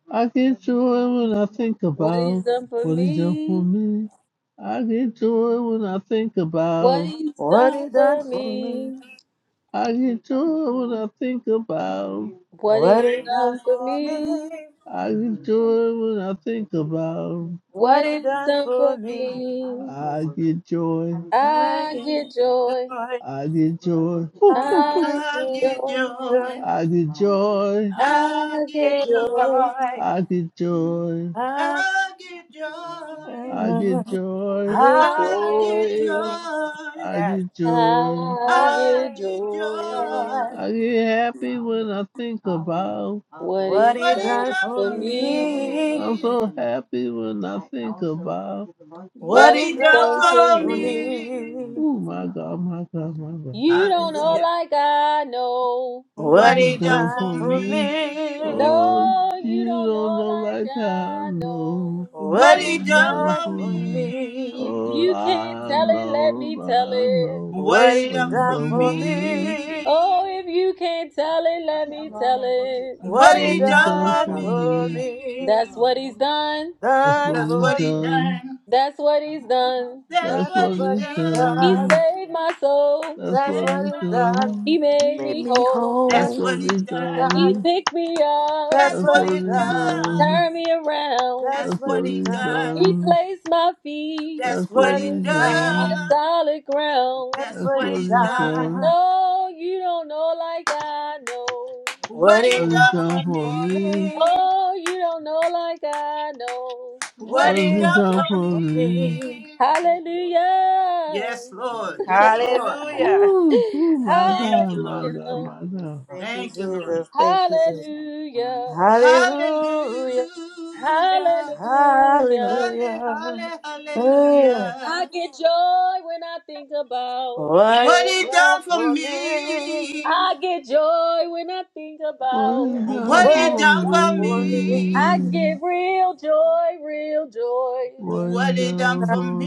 [SPEAKER 6] I get joy when I think
[SPEAKER 1] What he's
[SPEAKER 6] about
[SPEAKER 1] done for
[SPEAKER 6] what he's done for
[SPEAKER 1] me.
[SPEAKER 6] me. I get joy when I think
[SPEAKER 1] What
[SPEAKER 6] about.
[SPEAKER 1] he's
[SPEAKER 4] What
[SPEAKER 1] done
[SPEAKER 4] it done
[SPEAKER 1] for
[SPEAKER 4] for me.
[SPEAKER 1] me.
[SPEAKER 6] I get joy when I think about.
[SPEAKER 1] What
[SPEAKER 4] What
[SPEAKER 1] he's
[SPEAKER 4] it done
[SPEAKER 1] done for
[SPEAKER 4] for me.
[SPEAKER 1] me.
[SPEAKER 6] I get joy when I think about.
[SPEAKER 4] What
[SPEAKER 1] What
[SPEAKER 4] it
[SPEAKER 1] he's
[SPEAKER 4] done
[SPEAKER 1] done
[SPEAKER 4] for
[SPEAKER 1] for
[SPEAKER 4] me.
[SPEAKER 1] me.
[SPEAKER 6] I get joy.
[SPEAKER 4] I
[SPEAKER 1] I
[SPEAKER 4] get
[SPEAKER 1] get joy.
[SPEAKER 4] joy.
[SPEAKER 6] I get joy.
[SPEAKER 4] I
[SPEAKER 1] I
[SPEAKER 8] I
[SPEAKER 4] get
[SPEAKER 1] get
[SPEAKER 8] get
[SPEAKER 1] joy.
[SPEAKER 8] joy.
[SPEAKER 4] joy.
[SPEAKER 6] I get joy.
[SPEAKER 8] I
[SPEAKER 1] I get
[SPEAKER 8] get
[SPEAKER 4] Get
[SPEAKER 1] joy,
[SPEAKER 8] joy.
[SPEAKER 4] joy.
[SPEAKER 6] I get joy.
[SPEAKER 4] I,
[SPEAKER 8] I get joy.
[SPEAKER 6] I get
[SPEAKER 4] mm,
[SPEAKER 6] joy.
[SPEAKER 1] get
[SPEAKER 4] I
[SPEAKER 8] I
[SPEAKER 4] get
[SPEAKER 8] get
[SPEAKER 4] joy.
[SPEAKER 1] joy.
[SPEAKER 8] joy.
[SPEAKER 6] I
[SPEAKER 4] Yes,
[SPEAKER 6] get joy.
[SPEAKER 1] I
[SPEAKER 8] I
[SPEAKER 1] get
[SPEAKER 4] I
[SPEAKER 8] get
[SPEAKER 4] get
[SPEAKER 1] joy.
[SPEAKER 4] joy.
[SPEAKER 8] joy.
[SPEAKER 6] I get happy when I think about.
[SPEAKER 1] What
[SPEAKER 4] What
[SPEAKER 1] he's
[SPEAKER 8] What
[SPEAKER 4] he
[SPEAKER 8] he
[SPEAKER 1] done
[SPEAKER 4] done
[SPEAKER 8] done
[SPEAKER 4] for
[SPEAKER 1] for
[SPEAKER 8] for
[SPEAKER 1] me,
[SPEAKER 4] me.
[SPEAKER 6] I'm
[SPEAKER 8] me.
[SPEAKER 6] so happy when I think about.
[SPEAKER 4] What
[SPEAKER 1] what
[SPEAKER 8] What
[SPEAKER 4] he
[SPEAKER 8] he
[SPEAKER 1] he's
[SPEAKER 8] done
[SPEAKER 1] done
[SPEAKER 4] done
[SPEAKER 1] for
[SPEAKER 8] for
[SPEAKER 4] for
[SPEAKER 1] me.
[SPEAKER 8] me.
[SPEAKER 4] me.
[SPEAKER 6] Oh my God, my God, my God.
[SPEAKER 1] You
[SPEAKER 4] Thank you,
[SPEAKER 1] don't know
[SPEAKER 4] Jesus.
[SPEAKER 8] Hallelujah.
[SPEAKER 1] like I know.
[SPEAKER 6] what
[SPEAKER 4] What
[SPEAKER 8] What
[SPEAKER 6] is
[SPEAKER 4] he
[SPEAKER 8] he done
[SPEAKER 6] done
[SPEAKER 4] done
[SPEAKER 8] for
[SPEAKER 6] for
[SPEAKER 4] for
[SPEAKER 6] me.
[SPEAKER 8] me.
[SPEAKER 4] me.
[SPEAKER 6] Oh,
[SPEAKER 1] No, you
[SPEAKER 6] you
[SPEAKER 1] don't
[SPEAKER 6] don't
[SPEAKER 1] know
[SPEAKER 6] know
[SPEAKER 1] like
[SPEAKER 6] like I
[SPEAKER 1] I
[SPEAKER 6] know
[SPEAKER 1] know.
[SPEAKER 4] What
[SPEAKER 8] What
[SPEAKER 6] what
[SPEAKER 4] he
[SPEAKER 8] he
[SPEAKER 6] is
[SPEAKER 8] done
[SPEAKER 6] done
[SPEAKER 4] done
[SPEAKER 6] for
[SPEAKER 8] for
[SPEAKER 4] for
[SPEAKER 6] me.
[SPEAKER 4] me.
[SPEAKER 8] me.
[SPEAKER 6] Oh,
[SPEAKER 1] You can't
[SPEAKER 6] I
[SPEAKER 1] tell it, let
[SPEAKER 6] know,
[SPEAKER 1] me tell
[SPEAKER 6] I
[SPEAKER 1] it.
[SPEAKER 6] know
[SPEAKER 8] What
[SPEAKER 4] What
[SPEAKER 8] he
[SPEAKER 4] he
[SPEAKER 6] what is
[SPEAKER 8] done for
[SPEAKER 4] done
[SPEAKER 6] done
[SPEAKER 4] for
[SPEAKER 6] for me.
[SPEAKER 4] me.
[SPEAKER 1] Oh,
[SPEAKER 8] me.
[SPEAKER 1] if you can't tell it, let me tell it.
[SPEAKER 4] What
[SPEAKER 8] What
[SPEAKER 6] What
[SPEAKER 4] he
[SPEAKER 8] he
[SPEAKER 6] is
[SPEAKER 8] done
[SPEAKER 6] done
[SPEAKER 8] for
[SPEAKER 4] done
[SPEAKER 6] for
[SPEAKER 4] for
[SPEAKER 6] me.
[SPEAKER 4] me,
[SPEAKER 1] That's
[SPEAKER 8] me.
[SPEAKER 1] what he's done.
[SPEAKER 6] That's
[SPEAKER 4] done
[SPEAKER 6] what
[SPEAKER 8] That's
[SPEAKER 6] is
[SPEAKER 8] what
[SPEAKER 4] for
[SPEAKER 8] he
[SPEAKER 4] me.
[SPEAKER 6] done.
[SPEAKER 8] done.
[SPEAKER 1] That's what he's done.
[SPEAKER 8] That's
[SPEAKER 4] That's
[SPEAKER 6] That's
[SPEAKER 8] what
[SPEAKER 6] what
[SPEAKER 8] he
[SPEAKER 4] what
[SPEAKER 6] is
[SPEAKER 4] he
[SPEAKER 1] He
[SPEAKER 8] done.
[SPEAKER 4] done.
[SPEAKER 6] done.
[SPEAKER 1] saved my soul.
[SPEAKER 6] That's
[SPEAKER 4] That's
[SPEAKER 6] what
[SPEAKER 8] Saved
[SPEAKER 4] what
[SPEAKER 6] is
[SPEAKER 8] my
[SPEAKER 4] he
[SPEAKER 8] soul.
[SPEAKER 4] done.
[SPEAKER 1] He
[SPEAKER 6] done.
[SPEAKER 7] You
[SPEAKER 1] made
[SPEAKER 7] made
[SPEAKER 1] me
[SPEAKER 7] me
[SPEAKER 1] whole.
[SPEAKER 6] That's
[SPEAKER 8] That's
[SPEAKER 4] That's
[SPEAKER 7] whole.
[SPEAKER 8] what
[SPEAKER 6] what
[SPEAKER 8] he
[SPEAKER 6] is
[SPEAKER 4] what he
[SPEAKER 8] done.
[SPEAKER 1] He
[SPEAKER 4] done.
[SPEAKER 6] done.
[SPEAKER 1] picked me up,
[SPEAKER 4] That's
[SPEAKER 8] That's
[SPEAKER 6] That's
[SPEAKER 4] what
[SPEAKER 6] what
[SPEAKER 8] what
[SPEAKER 4] he
[SPEAKER 8] he
[SPEAKER 6] is
[SPEAKER 4] done.
[SPEAKER 8] done.
[SPEAKER 6] done.
[SPEAKER 1] turned me around.
[SPEAKER 4] That's
[SPEAKER 8] That's
[SPEAKER 6] That's
[SPEAKER 8] what
[SPEAKER 6] what
[SPEAKER 4] what he
[SPEAKER 6] he's
[SPEAKER 8] he done.
[SPEAKER 1] He
[SPEAKER 4] done.
[SPEAKER 6] done.
[SPEAKER 1] placed my feet
[SPEAKER 8] That's
[SPEAKER 6] That's
[SPEAKER 8] what
[SPEAKER 6] what
[SPEAKER 4] What
[SPEAKER 8] he
[SPEAKER 4] he
[SPEAKER 6] he's
[SPEAKER 8] done.
[SPEAKER 1] on
[SPEAKER 4] done.
[SPEAKER 1] a
[SPEAKER 6] done.
[SPEAKER 1] solid ground.
[SPEAKER 4] That's
[SPEAKER 8] That's
[SPEAKER 6] That's
[SPEAKER 4] what
[SPEAKER 8] what
[SPEAKER 6] what
[SPEAKER 4] he
[SPEAKER 8] he's
[SPEAKER 6] he's
[SPEAKER 8] done.
[SPEAKER 6] done.
[SPEAKER 4] done.
[SPEAKER 1] No, you don't know like I know.
[SPEAKER 4] What
[SPEAKER 8] What he
[SPEAKER 6] What
[SPEAKER 4] he
[SPEAKER 6] he's
[SPEAKER 8] done
[SPEAKER 6] done
[SPEAKER 4] done
[SPEAKER 8] for
[SPEAKER 6] for
[SPEAKER 4] for
[SPEAKER 6] me.
[SPEAKER 8] me.
[SPEAKER 4] me.
[SPEAKER 1] Oh, you don't know like I know.
[SPEAKER 4] What
[SPEAKER 8] What
[SPEAKER 6] What
[SPEAKER 4] he
[SPEAKER 8] he
[SPEAKER 6] he's
[SPEAKER 8] done
[SPEAKER 6] done
[SPEAKER 8] for
[SPEAKER 4] done
[SPEAKER 6] for
[SPEAKER 4] for
[SPEAKER 6] me.
[SPEAKER 4] me.
[SPEAKER 8] me.
[SPEAKER 1] Hallelujah.
[SPEAKER 8] Yes, Lord. Yes, Lord.
[SPEAKER 4] Hallelujah.
[SPEAKER 6] Ooh, ooh, my
[SPEAKER 8] Thank
[SPEAKER 6] God,
[SPEAKER 8] you,
[SPEAKER 6] my
[SPEAKER 8] Lord.
[SPEAKER 6] God,
[SPEAKER 1] Hallelujah.
[SPEAKER 6] my God.
[SPEAKER 4] Thank you,
[SPEAKER 8] Thank you, Lord.
[SPEAKER 4] Jesus. Thank you, Jesus.
[SPEAKER 1] Hallelujah.
[SPEAKER 4] Hallelujah.
[SPEAKER 8] Hallelujah.
[SPEAKER 1] Hallelujah.
[SPEAKER 8] Halle,
[SPEAKER 4] Hallelujah.
[SPEAKER 8] halle,
[SPEAKER 4] Mm.
[SPEAKER 1] I
[SPEAKER 8] hallelujah.
[SPEAKER 1] get joy when I think about.
[SPEAKER 4] What
[SPEAKER 8] What
[SPEAKER 4] is
[SPEAKER 8] he
[SPEAKER 4] that
[SPEAKER 8] done for
[SPEAKER 4] for me?
[SPEAKER 8] me.
[SPEAKER 1] I get joy when I think
[SPEAKER 6] What
[SPEAKER 1] about.
[SPEAKER 6] he's done
[SPEAKER 8] What
[SPEAKER 4] What
[SPEAKER 8] he
[SPEAKER 6] for
[SPEAKER 4] is
[SPEAKER 8] done
[SPEAKER 4] that
[SPEAKER 8] for
[SPEAKER 4] for me?
[SPEAKER 8] me.
[SPEAKER 1] I
[SPEAKER 6] me.
[SPEAKER 1] get real joy, real joy.
[SPEAKER 6] What
[SPEAKER 8] What
[SPEAKER 6] he's
[SPEAKER 8] he done
[SPEAKER 6] done
[SPEAKER 8] for
[SPEAKER 6] for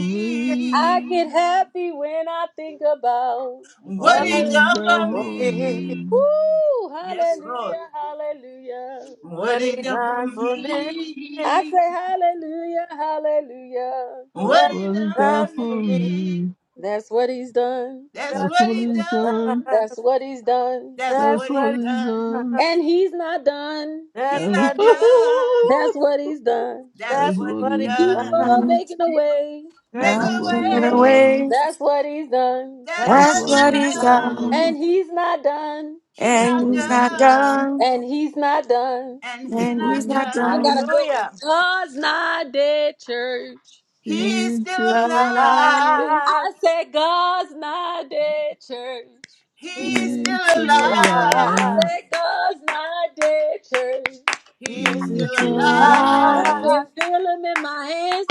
[SPEAKER 1] I get
[SPEAKER 6] me.
[SPEAKER 1] happy when I think about.
[SPEAKER 8] What
[SPEAKER 4] What
[SPEAKER 6] What
[SPEAKER 8] he
[SPEAKER 4] is
[SPEAKER 6] he's
[SPEAKER 8] done
[SPEAKER 6] done
[SPEAKER 4] that
[SPEAKER 8] for
[SPEAKER 4] for
[SPEAKER 6] for
[SPEAKER 4] me?
[SPEAKER 6] me.
[SPEAKER 8] me.
[SPEAKER 1] Woo!
[SPEAKER 8] Yes,
[SPEAKER 1] Hallelujah,
[SPEAKER 8] Lord.
[SPEAKER 1] hallelujah.
[SPEAKER 8] What
[SPEAKER 4] What
[SPEAKER 8] he
[SPEAKER 4] is
[SPEAKER 8] done for
[SPEAKER 4] that for me?
[SPEAKER 1] I
[SPEAKER 8] me.
[SPEAKER 1] say hallelujah, hallelujah.
[SPEAKER 4] What
[SPEAKER 8] What
[SPEAKER 4] is
[SPEAKER 8] he
[SPEAKER 6] What
[SPEAKER 8] done
[SPEAKER 6] he's done
[SPEAKER 8] for
[SPEAKER 4] that
[SPEAKER 6] for
[SPEAKER 4] for me?
[SPEAKER 8] me.
[SPEAKER 6] me.
[SPEAKER 1] That's what he's done.
[SPEAKER 8] That's
[SPEAKER 6] That's
[SPEAKER 4] That's
[SPEAKER 8] what
[SPEAKER 6] what
[SPEAKER 4] what
[SPEAKER 8] he
[SPEAKER 4] it
[SPEAKER 6] he's done.
[SPEAKER 8] done.
[SPEAKER 4] does.
[SPEAKER 1] That's what he's done.
[SPEAKER 8] That's
[SPEAKER 4] That's
[SPEAKER 6] That's
[SPEAKER 8] what he
[SPEAKER 6] what
[SPEAKER 4] what it
[SPEAKER 6] he's
[SPEAKER 8] done.
[SPEAKER 6] done.
[SPEAKER 4] does.
[SPEAKER 1] And he's not done.
[SPEAKER 8] He
[SPEAKER 4] That's
[SPEAKER 6] That's what
[SPEAKER 4] what
[SPEAKER 8] not
[SPEAKER 4] it.
[SPEAKER 8] done.
[SPEAKER 1] That's what he's done.
[SPEAKER 8] That's
[SPEAKER 4] That's
[SPEAKER 8] what he
[SPEAKER 4] what it
[SPEAKER 6] he's
[SPEAKER 1] Keeps
[SPEAKER 4] does.
[SPEAKER 8] done.
[SPEAKER 1] on
[SPEAKER 6] done.
[SPEAKER 3] Um,
[SPEAKER 1] making a way.
[SPEAKER 8] Make
[SPEAKER 4] That's
[SPEAKER 6] That's
[SPEAKER 8] a
[SPEAKER 3] I'm
[SPEAKER 6] what he's
[SPEAKER 3] taking
[SPEAKER 4] what it
[SPEAKER 8] way.
[SPEAKER 6] done.
[SPEAKER 3] away.
[SPEAKER 1] That's what he's done.
[SPEAKER 4] does.
[SPEAKER 8] That's
[SPEAKER 6] That's
[SPEAKER 8] what
[SPEAKER 3] That's
[SPEAKER 6] what
[SPEAKER 8] he
[SPEAKER 3] what
[SPEAKER 6] he's
[SPEAKER 3] he's
[SPEAKER 8] done.
[SPEAKER 3] done.
[SPEAKER 6] done.
[SPEAKER 1] And he's not done.
[SPEAKER 8] He
[SPEAKER 6] That's
[SPEAKER 8] not
[SPEAKER 3] And
[SPEAKER 6] what
[SPEAKER 3] he's
[SPEAKER 6] he's
[SPEAKER 3] not
[SPEAKER 8] done.
[SPEAKER 6] done.
[SPEAKER 3] done.
[SPEAKER 1] And he's not done.
[SPEAKER 8] And
[SPEAKER 6] That's
[SPEAKER 8] he
[SPEAKER 3] And
[SPEAKER 6] what
[SPEAKER 3] he's
[SPEAKER 8] not
[SPEAKER 6] he's
[SPEAKER 3] not
[SPEAKER 1] I
[SPEAKER 8] done.
[SPEAKER 6] done.
[SPEAKER 1] got a
[SPEAKER 3] done.
[SPEAKER 1] good one.
[SPEAKER 4] Hallelujah.
[SPEAKER 1] God's not dead, church.
[SPEAKER 4] He's
[SPEAKER 8] He's
[SPEAKER 6] He's
[SPEAKER 8] still
[SPEAKER 6] still
[SPEAKER 8] alive.
[SPEAKER 6] alive.
[SPEAKER 4] alive.
[SPEAKER 1] I said, God's not dead, church.
[SPEAKER 4] He
[SPEAKER 8] He's
[SPEAKER 4] is
[SPEAKER 6] He's
[SPEAKER 8] still
[SPEAKER 6] still
[SPEAKER 1] I
[SPEAKER 6] alive.
[SPEAKER 4] alive.
[SPEAKER 8] alive.
[SPEAKER 1] said, God's not dead, church.
[SPEAKER 4] He
[SPEAKER 8] He's
[SPEAKER 4] is
[SPEAKER 8] still
[SPEAKER 3] He's
[SPEAKER 6] He's
[SPEAKER 3] still
[SPEAKER 6] still
[SPEAKER 1] I
[SPEAKER 3] alive.
[SPEAKER 8] alive.
[SPEAKER 1] can
[SPEAKER 6] alive.
[SPEAKER 4] alive.
[SPEAKER 1] feel him in my hands,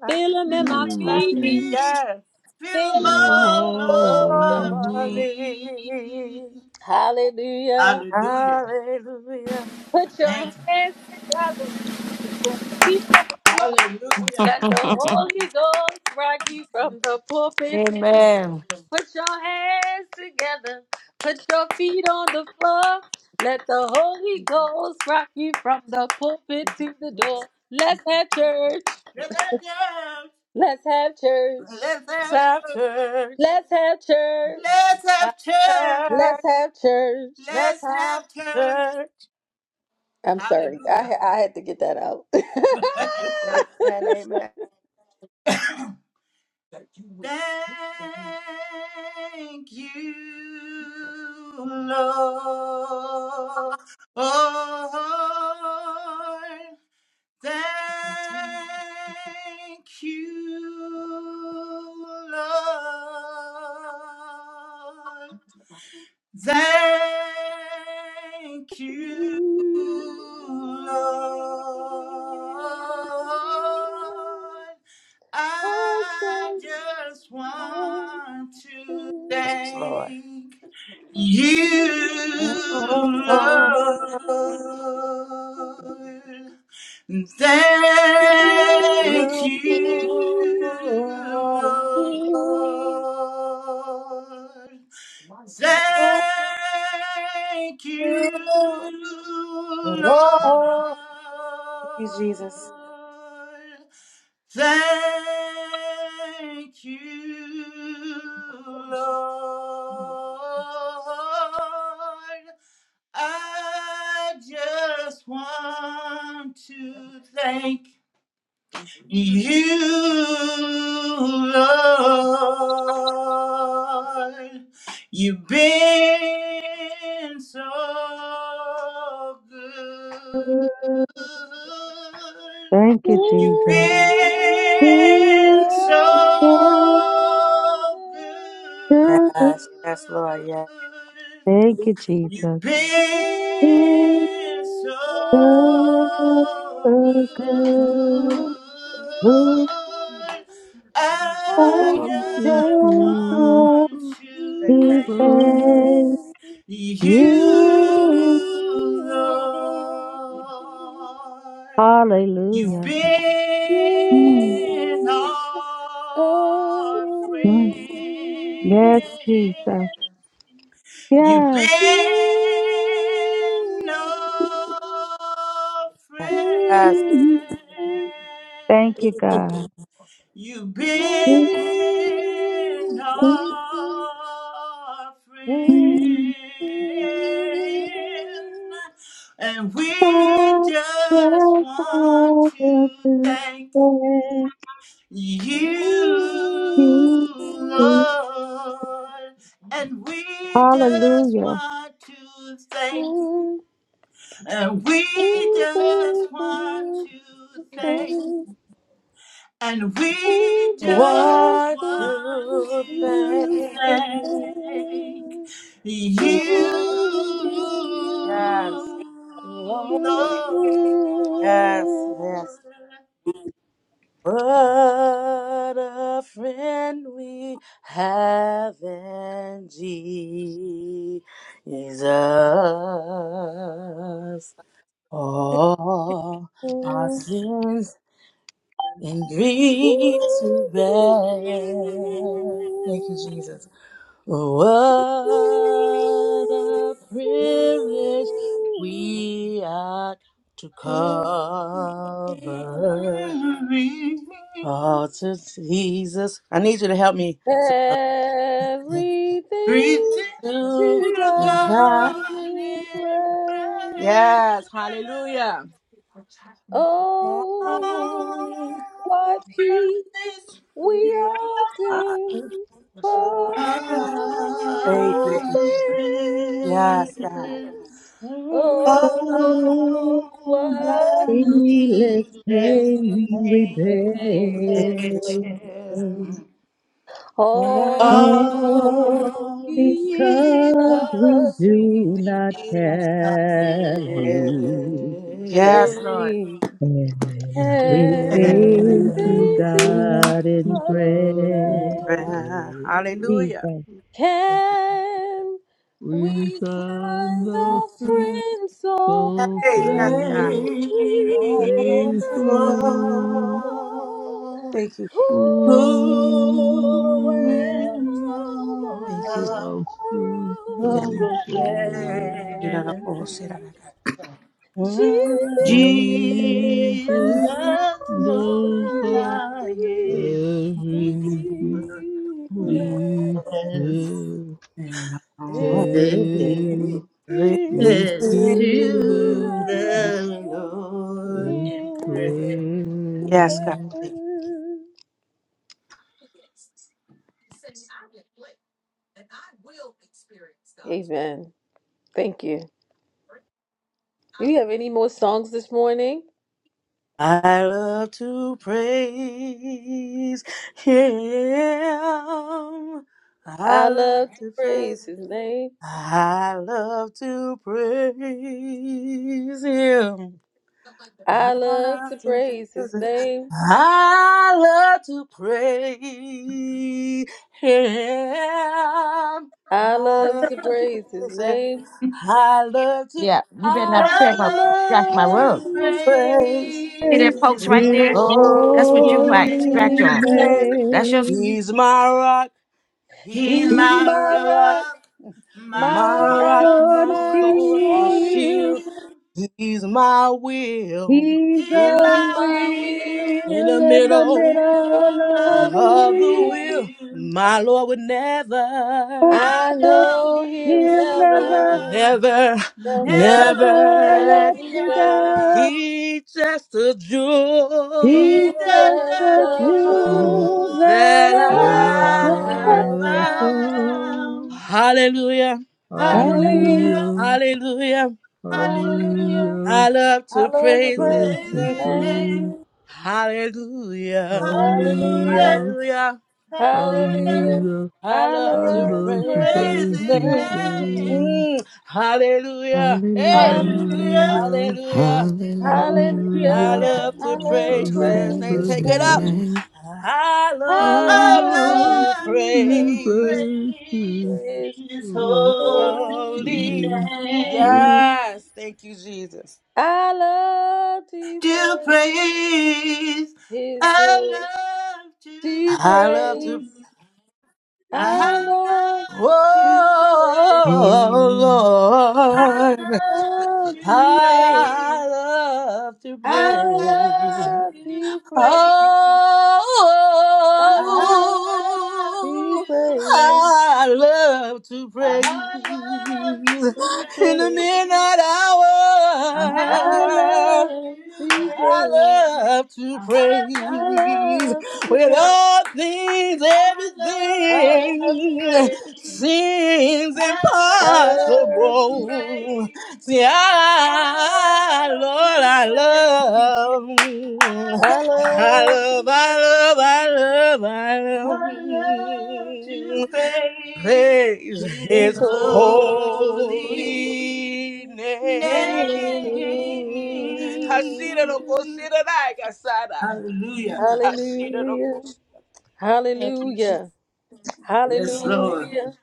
[SPEAKER 4] Like
[SPEAKER 1] feel him in my
[SPEAKER 6] In
[SPEAKER 8] Living
[SPEAKER 4] the
[SPEAKER 6] my
[SPEAKER 8] my
[SPEAKER 1] feet,
[SPEAKER 6] feet.
[SPEAKER 8] feet.
[SPEAKER 4] death
[SPEAKER 8] Feel
[SPEAKER 1] feel
[SPEAKER 8] him
[SPEAKER 1] him
[SPEAKER 6] In my
[SPEAKER 8] all
[SPEAKER 4] all
[SPEAKER 1] all over
[SPEAKER 8] over
[SPEAKER 1] me.
[SPEAKER 4] over
[SPEAKER 6] heart.
[SPEAKER 8] me.
[SPEAKER 4] me.
[SPEAKER 1] Hallelujah.
[SPEAKER 8] Hallelujah.
[SPEAKER 4] Hallelujah.
[SPEAKER 1] Put your
[SPEAKER 8] Thank you.
[SPEAKER 1] hands feet on the floor.
[SPEAKER 8] Hallelujah.
[SPEAKER 1] Let the Holy Ghost rock you from the pulpit to the
[SPEAKER 3] Amen.
[SPEAKER 1] Put your hands together. Put your feet on the floor. Let the Holy Ghost rock you from the pulpit to the door. Let's have church.
[SPEAKER 8] Let that down.
[SPEAKER 1] Let's have church.
[SPEAKER 8] Let us
[SPEAKER 4] Let's
[SPEAKER 8] that
[SPEAKER 4] have church.
[SPEAKER 1] Let's have church.
[SPEAKER 8] Let's
[SPEAKER 4] Have
[SPEAKER 8] have church.
[SPEAKER 1] Let's
[SPEAKER 4] church.
[SPEAKER 1] have church.
[SPEAKER 4] Let's
[SPEAKER 8] Let's
[SPEAKER 4] have
[SPEAKER 8] have church.
[SPEAKER 4] church.
[SPEAKER 1] I'm sorry. I
[SPEAKER 8] Hallelujah.
[SPEAKER 1] I had to get that out.
[SPEAKER 4] Amen. Amen.
[SPEAKER 8] Thank you, Lord. Thank you, Lord. Thank
[SPEAKER 1] I
[SPEAKER 8] you, Lord. I
[SPEAKER 1] just
[SPEAKER 8] just
[SPEAKER 1] want
[SPEAKER 8] want to
[SPEAKER 1] want
[SPEAKER 4] Yes, Lord.
[SPEAKER 8] thank you,
[SPEAKER 4] Oh,
[SPEAKER 8] Lord. Thank
[SPEAKER 4] You
[SPEAKER 8] you,
[SPEAKER 4] are true,
[SPEAKER 8] Lord. Thank you, Lord.
[SPEAKER 4] Lord. Thank you, Jesus.
[SPEAKER 8] Thank you, Lord. I just want to thank you, Lord, you've been so good.
[SPEAKER 1] to
[SPEAKER 12] Thank
[SPEAKER 1] to.
[SPEAKER 12] you,
[SPEAKER 8] You've been
[SPEAKER 12] Jesus.
[SPEAKER 8] so good.
[SPEAKER 4] Yes, yes, Lord, yes.
[SPEAKER 12] Thank you,
[SPEAKER 8] You've
[SPEAKER 12] Jesus.
[SPEAKER 8] been so good.
[SPEAKER 4] Yes.
[SPEAKER 1] I
[SPEAKER 8] I
[SPEAKER 6] I'm
[SPEAKER 1] just
[SPEAKER 8] just want to
[SPEAKER 1] want to
[SPEAKER 8] thank
[SPEAKER 6] just
[SPEAKER 1] thank you.
[SPEAKER 8] you,
[SPEAKER 12] You.
[SPEAKER 8] Lord. You've
[SPEAKER 12] Hallelujah. Mm,
[SPEAKER 8] been our
[SPEAKER 12] mm. Yes, Jesus.
[SPEAKER 8] friend. You've been
[SPEAKER 12] Yes.
[SPEAKER 8] no friend.
[SPEAKER 12] Thank you, God.
[SPEAKER 8] You've been no friend. And we
[SPEAKER 12] I'll take
[SPEAKER 8] just want
[SPEAKER 12] over
[SPEAKER 8] to
[SPEAKER 12] to
[SPEAKER 8] thank
[SPEAKER 12] thank
[SPEAKER 8] you,
[SPEAKER 12] you.
[SPEAKER 8] Lord, and we just
[SPEAKER 12] Hallelujah.
[SPEAKER 8] want to thank, and we just want to
[SPEAKER 1] Thank
[SPEAKER 8] thank,
[SPEAKER 1] you.
[SPEAKER 8] and we
[SPEAKER 1] We
[SPEAKER 8] just
[SPEAKER 1] just
[SPEAKER 4] What
[SPEAKER 1] want
[SPEAKER 8] want
[SPEAKER 4] to
[SPEAKER 8] to
[SPEAKER 4] thank
[SPEAKER 1] you back.
[SPEAKER 4] you.
[SPEAKER 8] thank you,
[SPEAKER 4] Yes. Lord. Yes. Yes. What a friend we have in Jesus. All our sins and grief to bear. Thank you, Jesus. What a privilege we are to cover
[SPEAKER 8] Lord.
[SPEAKER 4] all to Jesus. I need you to help me. So, uh,
[SPEAKER 8] Reaching
[SPEAKER 1] Everything
[SPEAKER 4] to
[SPEAKER 1] to
[SPEAKER 8] to God
[SPEAKER 4] God.
[SPEAKER 1] God in
[SPEAKER 8] in
[SPEAKER 1] prayer.
[SPEAKER 4] Yes,
[SPEAKER 8] prayer.
[SPEAKER 4] hallelujah.
[SPEAKER 1] Oh,
[SPEAKER 4] Oh,
[SPEAKER 1] what
[SPEAKER 8] All
[SPEAKER 1] peace
[SPEAKER 8] this
[SPEAKER 1] we often
[SPEAKER 4] hallelujah.
[SPEAKER 1] forfeit.
[SPEAKER 4] Thank you. Jesus. Yes, God.
[SPEAKER 8] passing.
[SPEAKER 1] Oh,
[SPEAKER 8] all the
[SPEAKER 1] what
[SPEAKER 12] Let's
[SPEAKER 1] needless pain
[SPEAKER 8] needless
[SPEAKER 12] say
[SPEAKER 1] we
[SPEAKER 12] we
[SPEAKER 8] pain
[SPEAKER 1] bear.
[SPEAKER 4] Thank you. Jesus.
[SPEAKER 12] beg.
[SPEAKER 8] declare.
[SPEAKER 12] Oh,
[SPEAKER 1] Oh,
[SPEAKER 8] All
[SPEAKER 12] because
[SPEAKER 8] because
[SPEAKER 12] we
[SPEAKER 1] because we
[SPEAKER 12] do
[SPEAKER 1] do
[SPEAKER 8] we
[SPEAKER 12] not
[SPEAKER 1] not
[SPEAKER 8] didn't
[SPEAKER 1] care.
[SPEAKER 12] carry
[SPEAKER 8] care.
[SPEAKER 4] Yes, Lord.
[SPEAKER 1] carry.
[SPEAKER 12] everything to
[SPEAKER 6] Everything
[SPEAKER 1] Everything to
[SPEAKER 12] God in
[SPEAKER 6] to
[SPEAKER 1] God is
[SPEAKER 6] God is
[SPEAKER 12] prayer.
[SPEAKER 1] great.
[SPEAKER 6] great.
[SPEAKER 4] Hallelujah.
[SPEAKER 1] Can
[SPEAKER 6] We
[SPEAKER 1] we
[SPEAKER 6] find
[SPEAKER 1] find a
[SPEAKER 6] our friend
[SPEAKER 1] friend so
[SPEAKER 6] so
[SPEAKER 4] Hey, yes,
[SPEAKER 6] faithful.
[SPEAKER 4] God.
[SPEAKER 1] faithful?
[SPEAKER 8] faithful,
[SPEAKER 4] Thank you.
[SPEAKER 1] Who
[SPEAKER 8] whom
[SPEAKER 1] will
[SPEAKER 8] in
[SPEAKER 1] all
[SPEAKER 8] all
[SPEAKER 4] Thank you.
[SPEAKER 1] my
[SPEAKER 8] I
[SPEAKER 6] I'm so,
[SPEAKER 1] sorrows
[SPEAKER 4] Yes.
[SPEAKER 6] so
[SPEAKER 8] will
[SPEAKER 4] Get
[SPEAKER 6] glad.
[SPEAKER 4] out of
[SPEAKER 8] share.
[SPEAKER 4] all, sit out
[SPEAKER 1] share?
[SPEAKER 4] of
[SPEAKER 1] Jesus
[SPEAKER 4] God.
[SPEAKER 8] Jesus
[SPEAKER 6] Jesus,
[SPEAKER 1] knows
[SPEAKER 6] those
[SPEAKER 8] knows
[SPEAKER 6] are
[SPEAKER 8] I
[SPEAKER 1] my
[SPEAKER 8] am
[SPEAKER 1] every
[SPEAKER 8] weak,
[SPEAKER 6] everything.
[SPEAKER 8] but we
[SPEAKER 1] weakness.
[SPEAKER 4] And
[SPEAKER 1] He
[SPEAKER 4] all
[SPEAKER 8] say
[SPEAKER 6] Take
[SPEAKER 1] is
[SPEAKER 6] Give
[SPEAKER 8] and
[SPEAKER 4] everything.
[SPEAKER 6] to
[SPEAKER 8] to
[SPEAKER 6] the
[SPEAKER 8] the
[SPEAKER 1] alone
[SPEAKER 8] Lord in
[SPEAKER 1] in
[SPEAKER 8] prayer.
[SPEAKER 4] Yes, God.
[SPEAKER 6] praise
[SPEAKER 4] Thank you.
[SPEAKER 1] heaven. Amen. Thank you. Do you have any more songs this morning?
[SPEAKER 4] I love to praise Him. I
[SPEAKER 1] I
[SPEAKER 4] love
[SPEAKER 1] love to
[SPEAKER 4] to
[SPEAKER 1] praise
[SPEAKER 4] praise.
[SPEAKER 1] his name.
[SPEAKER 4] I love to praise Him. I
[SPEAKER 1] I love
[SPEAKER 4] love
[SPEAKER 1] to
[SPEAKER 4] to
[SPEAKER 1] praise his
[SPEAKER 4] praise him.
[SPEAKER 1] name.
[SPEAKER 4] I love to praise him.
[SPEAKER 1] I
[SPEAKER 4] I
[SPEAKER 1] love
[SPEAKER 4] love
[SPEAKER 1] to
[SPEAKER 4] to
[SPEAKER 1] praise his
[SPEAKER 4] praise him.
[SPEAKER 1] name.
[SPEAKER 4] I love to,
[SPEAKER 3] Yeah, you better
[SPEAKER 4] I
[SPEAKER 3] not tear
[SPEAKER 8] I
[SPEAKER 3] my,
[SPEAKER 4] love
[SPEAKER 3] crack
[SPEAKER 8] love
[SPEAKER 3] my
[SPEAKER 1] love
[SPEAKER 3] rug.
[SPEAKER 8] to
[SPEAKER 4] to
[SPEAKER 1] to
[SPEAKER 4] praise
[SPEAKER 1] praise
[SPEAKER 3] See
[SPEAKER 8] praise
[SPEAKER 12] praise
[SPEAKER 3] that
[SPEAKER 1] His
[SPEAKER 3] post
[SPEAKER 8] his
[SPEAKER 3] right
[SPEAKER 4] his
[SPEAKER 12] his
[SPEAKER 3] there?
[SPEAKER 8] holy
[SPEAKER 3] That's what you
[SPEAKER 1] holy
[SPEAKER 3] like.
[SPEAKER 4] holy
[SPEAKER 3] Scratch
[SPEAKER 12] holy
[SPEAKER 3] on.
[SPEAKER 8] name.
[SPEAKER 4] name.
[SPEAKER 1] name.
[SPEAKER 3] That's your.
[SPEAKER 12] name.
[SPEAKER 4] He's my rock.
[SPEAKER 8] He's
[SPEAKER 4] He's
[SPEAKER 12] He's
[SPEAKER 1] He's
[SPEAKER 4] my
[SPEAKER 8] my
[SPEAKER 1] my
[SPEAKER 4] rock.
[SPEAKER 1] rock,
[SPEAKER 8] rock, my
[SPEAKER 4] My
[SPEAKER 1] my
[SPEAKER 8] rock,
[SPEAKER 4] rock,
[SPEAKER 1] rock,
[SPEAKER 8] my
[SPEAKER 12] got
[SPEAKER 4] my
[SPEAKER 12] a
[SPEAKER 8] sword
[SPEAKER 1] my
[SPEAKER 8] and
[SPEAKER 4] sword, my
[SPEAKER 1] sword. and
[SPEAKER 12] shield.
[SPEAKER 4] shield.
[SPEAKER 1] shield.
[SPEAKER 8] shield.
[SPEAKER 4] He's my will
[SPEAKER 12] He's
[SPEAKER 8] He's
[SPEAKER 12] a
[SPEAKER 1] He's
[SPEAKER 8] my
[SPEAKER 1] my
[SPEAKER 12] wheel
[SPEAKER 8] will
[SPEAKER 4] in
[SPEAKER 1] wheel,
[SPEAKER 4] the
[SPEAKER 12] in
[SPEAKER 8] in
[SPEAKER 12] the
[SPEAKER 8] the
[SPEAKER 4] middle.
[SPEAKER 1] will
[SPEAKER 8] middle
[SPEAKER 12] middle of
[SPEAKER 1] of
[SPEAKER 8] of
[SPEAKER 12] the
[SPEAKER 8] the
[SPEAKER 1] the
[SPEAKER 4] of the
[SPEAKER 1] wheel.
[SPEAKER 4] will,
[SPEAKER 8] wheel.
[SPEAKER 4] my Lord would never,
[SPEAKER 8] I
[SPEAKER 1] I
[SPEAKER 12] wheel.
[SPEAKER 8] know
[SPEAKER 1] know
[SPEAKER 8] he
[SPEAKER 1] He'll
[SPEAKER 12] He'll never,
[SPEAKER 1] never,
[SPEAKER 8] never,
[SPEAKER 4] never,
[SPEAKER 1] never
[SPEAKER 8] never let
[SPEAKER 12] never
[SPEAKER 4] never let
[SPEAKER 12] let
[SPEAKER 1] let
[SPEAKER 8] me
[SPEAKER 1] me
[SPEAKER 12] me
[SPEAKER 1] down.
[SPEAKER 12] down.
[SPEAKER 8] down.
[SPEAKER 4] he just the joy
[SPEAKER 8] He
[SPEAKER 1] He's
[SPEAKER 12] He's just
[SPEAKER 1] just
[SPEAKER 12] the
[SPEAKER 8] the Jew
[SPEAKER 1] the
[SPEAKER 6] to
[SPEAKER 12] jewel
[SPEAKER 1] joy
[SPEAKER 12] that
[SPEAKER 4] that
[SPEAKER 8] that
[SPEAKER 6] the
[SPEAKER 1] that
[SPEAKER 12] I
[SPEAKER 4] I
[SPEAKER 8] I
[SPEAKER 1] I
[SPEAKER 12] am.
[SPEAKER 4] have
[SPEAKER 8] have
[SPEAKER 1] have
[SPEAKER 6] Lamb.
[SPEAKER 4] found.
[SPEAKER 1] found.
[SPEAKER 8] found.
[SPEAKER 4] Hallelujah,
[SPEAKER 12] Hallelujah.
[SPEAKER 1] Hallelujah.
[SPEAKER 8] Hallelujah,
[SPEAKER 6] Hallelujah,
[SPEAKER 4] hallelujah.
[SPEAKER 8] hallelujah,
[SPEAKER 1] Hallelujah.
[SPEAKER 4] I
[SPEAKER 6] hallelujah,
[SPEAKER 4] love
[SPEAKER 1] I
[SPEAKER 4] to
[SPEAKER 1] love to
[SPEAKER 4] praise
[SPEAKER 6] praise
[SPEAKER 4] his
[SPEAKER 1] praise his
[SPEAKER 6] the
[SPEAKER 4] name.
[SPEAKER 8] praise his
[SPEAKER 6] Son.
[SPEAKER 8] name.
[SPEAKER 1] name.
[SPEAKER 4] Hallelujah,
[SPEAKER 1] Hallelujah.
[SPEAKER 8] Hallelujah,
[SPEAKER 6] Hallelujah,
[SPEAKER 4] hallelujah,
[SPEAKER 8] hallelujah,
[SPEAKER 1] Hallelujah.
[SPEAKER 6] hallelujah,
[SPEAKER 4] I
[SPEAKER 1] I
[SPEAKER 6] I
[SPEAKER 4] love to
[SPEAKER 1] love to
[SPEAKER 6] love to
[SPEAKER 4] praise
[SPEAKER 1] praise
[SPEAKER 4] his
[SPEAKER 8] praise
[SPEAKER 6] praise
[SPEAKER 1] his
[SPEAKER 8] his
[SPEAKER 6] the
[SPEAKER 4] name.
[SPEAKER 1] name.
[SPEAKER 8] name.
[SPEAKER 6] Son.
[SPEAKER 4] Mm, hallelujah. Hey,
[SPEAKER 10] Hallelujah.
[SPEAKER 1] Hallelujah.
[SPEAKER 8] Hallelujah,
[SPEAKER 6] Hallelujah,
[SPEAKER 4] hallelujah.
[SPEAKER 10] Hallelujah.
[SPEAKER 4] I
[SPEAKER 1] Hallelujah.
[SPEAKER 6] hallelujah,
[SPEAKER 10] I
[SPEAKER 8] hallelujah.
[SPEAKER 4] love
[SPEAKER 1] I
[SPEAKER 4] to
[SPEAKER 10] Hallelujah.
[SPEAKER 6] I
[SPEAKER 1] love to
[SPEAKER 10] To
[SPEAKER 4] praise
[SPEAKER 6] love to
[SPEAKER 4] his
[SPEAKER 1] praise
[SPEAKER 4] name.
[SPEAKER 1] his
[SPEAKER 10] praise
[SPEAKER 6] praise
[SPEAKER 4] Take
[SPEAKER 6] the
[SPEAKER 4] it
[SPEAKER 10] his
[SPEAKER 4] up.
[SPEAKER 6] Son.
[SPEAKER 1] name.
[SPEAKER 10] name.
[SPEAKER 4] I
[SPEAKER 6] I
[SPEAKER 1] I
[SPEAKER 8] I
[SPEAKER 4] love
[SPEAKER 1] love
[SPEAKER 6] love
[SPEAKER 4] to
[SPEAKER 8] love
[SPEAKER 1] to
[SPEAKER 6] to
[SPEAKER 1] praise
[SPEAKER 8] to
[SPEAKER 4] praise
[SPEAKER 6] break
[SPEAKER 8] praise
[SPEAKER 6] this
[SPEAKER 1] his
[SPEAKER 8] his
[SPEAKER 6] so
[SPEAKER 8] holy
[SPEAKER 1] holy
[SPEAKER 4] holy.
[SPEAKER 6] again.
[SPEAKER 1] name.
[SPEAKER 8] name.
[SPEAKER 4] Yes, thank you, Jesus.
[SPEAKER 1] I love to
[SPEAKER 8] to
[SPEAKER 1] praise
[SPEAKER 8] praise.
[SPEAKER 1] his
[SPEAKER 8] I
[SPEAKER 1] holy
[SPEAKER 8] love to
[SPEAKER 1] to
[SPEAKER 4] I love to.
[SPEAKER 1] praise.
[SPEAKER 8] praise. I
[SPEAKER 1] I love
[SPEAKER 8] love to
[SPEAKER 1] to pray,
[SPEAKER 8] praise.
[SPEAKER 10] Oh,
[SPEAKER 8] I
[SPEAKER 4] Oh, Lord.
[SPEAKER 8] love
[SPEAKER 1] love
[SPEAKER 8] to
[SPEAKER 1] to pray.
[SPEAKER 8] praise.
[SPEAKER 4] I love to
[SPEAKER 1] I
[SPEAKER 8] I
[SPEAKER 4] praise.
[SPEAKER 8] love
[SPEAKER 1] love
[SPEAKER 8] to
[SPEAKER 1] to
[SPEAKER 4] Oh,
[SPEAKER 1] pray,
[SPEAKER 8] praise.
[SPEAKER 1] I
[SPEAKER 8] I
[SPEAKER 1] love
[SPEAKER 8] love to
[SPEAKER 1] to pray,
[SPEAKER 8] praise.
[SPEAKER 4] I love to
[SPEAKER 8] I
[SPEAKER 4] praise
[SPEAKER 8] love to
[SPEAKER 1] to
[SPEAKER 4] in the
[SPEAKER 1] pray.
[SPEAKER 8] praise.
[SPEAKER 4] midnight
[SPEAKER 8] I
[SPEAKER 1] I
[SPEAKER 4] hour.
[SPEAKER 8] love to
[SPEAKER 1] love to
[SPEAKER 4] I
[SPEAKER 8] praise.
[SPEAKER 1] pray,
[SPEAKER 4] love to
[SPEAKER 8] I
[SPEAKER 1] I
[SPEAKER 8] love
[SPEAKER 4] praise
[SPEAKER 1] love to
[SPEAKER 4] with
[SPEAKER 1] pray,
[SPEAKER 8] to
[SPEAKER 4] all
[SPEAKER 8] praise.
[SPEAKER 4] things,
[SPEAKER 8] I
[SPEAKER 1] I
[SPEAKER 8] love to
[SPEAKER 1] love to
[SPEAKER 4] everything
[SPEAKER 1] pray.
[SPEAKER 8] praise.
[SPEAKER 4] seems
[SPEAKER 8] I
[SPEAKER 1] I
[SPEAKER 8] love
[SPEAKER 1] love to,
[SPEAKER 8] to
[SPEAKER 4] impossible.
[SPEAKER 8] praise.
[SPEAKER 4] See,
[SPEAKER 8] I
[SPEAKER 4] I,
[SPEAKER 8] love to
[SPEAKER 4] Lord, I
[SPEAKER 8] praise.
[SPEAKER 4] love,
[SPEAKER 8] I
[SPEAKER 1] I
[SPEAKER 4] I
[SPEAKER 8] love
[SPEAKER 1] love to
[SPEAKER 8] to
[SPEAKER 4] love, I love, I
[SPEAKER 8] praise.
[SPEAKER 4] love, I
[SPEAKER 8] I love to
[SPEAKER 4] love.
[SPEAKER 8] praise
[SPEAKER 4] Praise
[SPEAKER 8] His
[SPEAKER 1] It's
[SPEAKER 4] his
[SPEAKER 1] be
[SPEAKER 8] holy
[SPEAKER 4] holy name. Hashira no
[SPEAKER 1] told.
[SPEAKER 8] name.
[SPEAKER 4] kosira na gasada.
[SPEAKER 8] Hallelujah.
[SPEAKER 4] Hashira no
[SPEAKER 1] Hallelujah.
[SPEAKER 4] kos-
[SPEAKER 1] Hallelujah.
[SPEAKER 8] Yes, Lord.
[SPEAKER 1] Hallelujah.